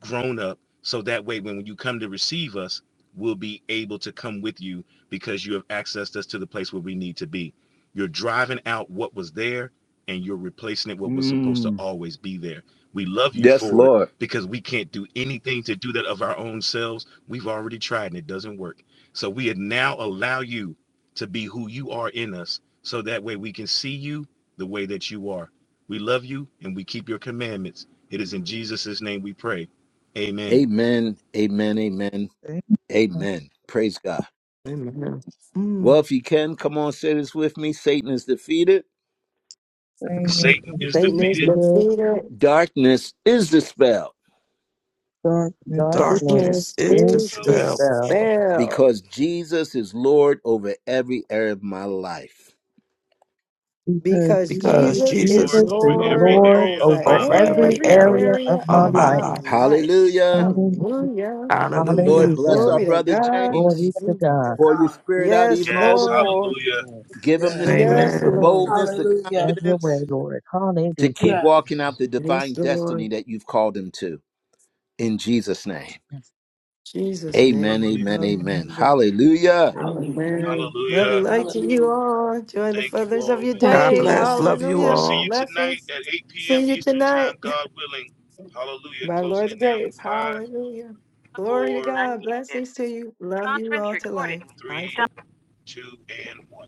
grown up. So that way, when you come to receive us, we'll be able to come with you because you have accessed us to the place where we need to be. You're driving out what was there and you're replacing it with what was supposed to
Mm.
always be there. We love you
Yes,
for it
Lord.
because we can't do anything to do that of our own selves. We've already tried and it doesn't work. So we now allow you to be who you are in us, so that way we can see you the way that you are. We love you and we keep your commandments. It is in Jesus' name we pray. Amen.
Amen. Amen. Amen.
Amen.
Amen. Praise God.
Amen. Mm.
Well, if you can, come on, say this with me. Satan is defeated.
Saying
Satan
Satan is
is
this
Satan is
defeated,
defeated.
defeated.
Darkness is dispelled
darkness,
Darkness
Darkness
Darkness
is
is
is
dispelled
dispelled
dispelled
because Jesus is Lord over every area of my life.
because
because
because
because
Jesus,
Jesus is
Jesus
Lord,
is
Jesus
over
is
every
Lord
Lord
Lord
area of
over
over
over
my life.
every
every
every
area
area of
area
of
my
of
my
life.
my
life.
life.
Hallelujah.
Father,
Hallelujah.
Lord,
Hallelujah.
bless
Hallelujah.
our
Glory to
brother
God.
James.
Glory to
Hallelujah.
To
God.
Pour your
God.
spirit out
Yes,
even all
Yes,
the
Lord.
more.
hallelujah.
Lord.
Give him the
Yes.
strength,
Yes,
the
Amen.
Lord.
boldness, the
Hallelujah.
Have your way,
confidence
Lord.
to
Hallelujah.
keep walking out
Yes.
the divine
Yes,
destiny
Lord.
that you've called them to. In Jesus' name.
Yes.
Jesus'
Amen,
name.
amen, amen.
Hallelujah.
Hallelujah.
Hallelujah.
Amen. Love and
Hallelujah.
light to you
Hallelujah.
all. Enjoy the
Thank you
feathers of
all.
your
We love
Thank
God
you
you,
day.
all.
Lord.
bless. Love you
We'll
Hallelujah.
see
all.
you tonight
Blessings.
at 8 p.m.
See you
Eastern Time,
tonight.
God willing. Hallelujah.
By the
Closing
Lord's
it now
grace.
in five,
Hallelujah. Glory to
four,
God.
Unmuted.
Blessings to you. Love you
Conference
all to life.
recording.
Bye for
three, two, and one.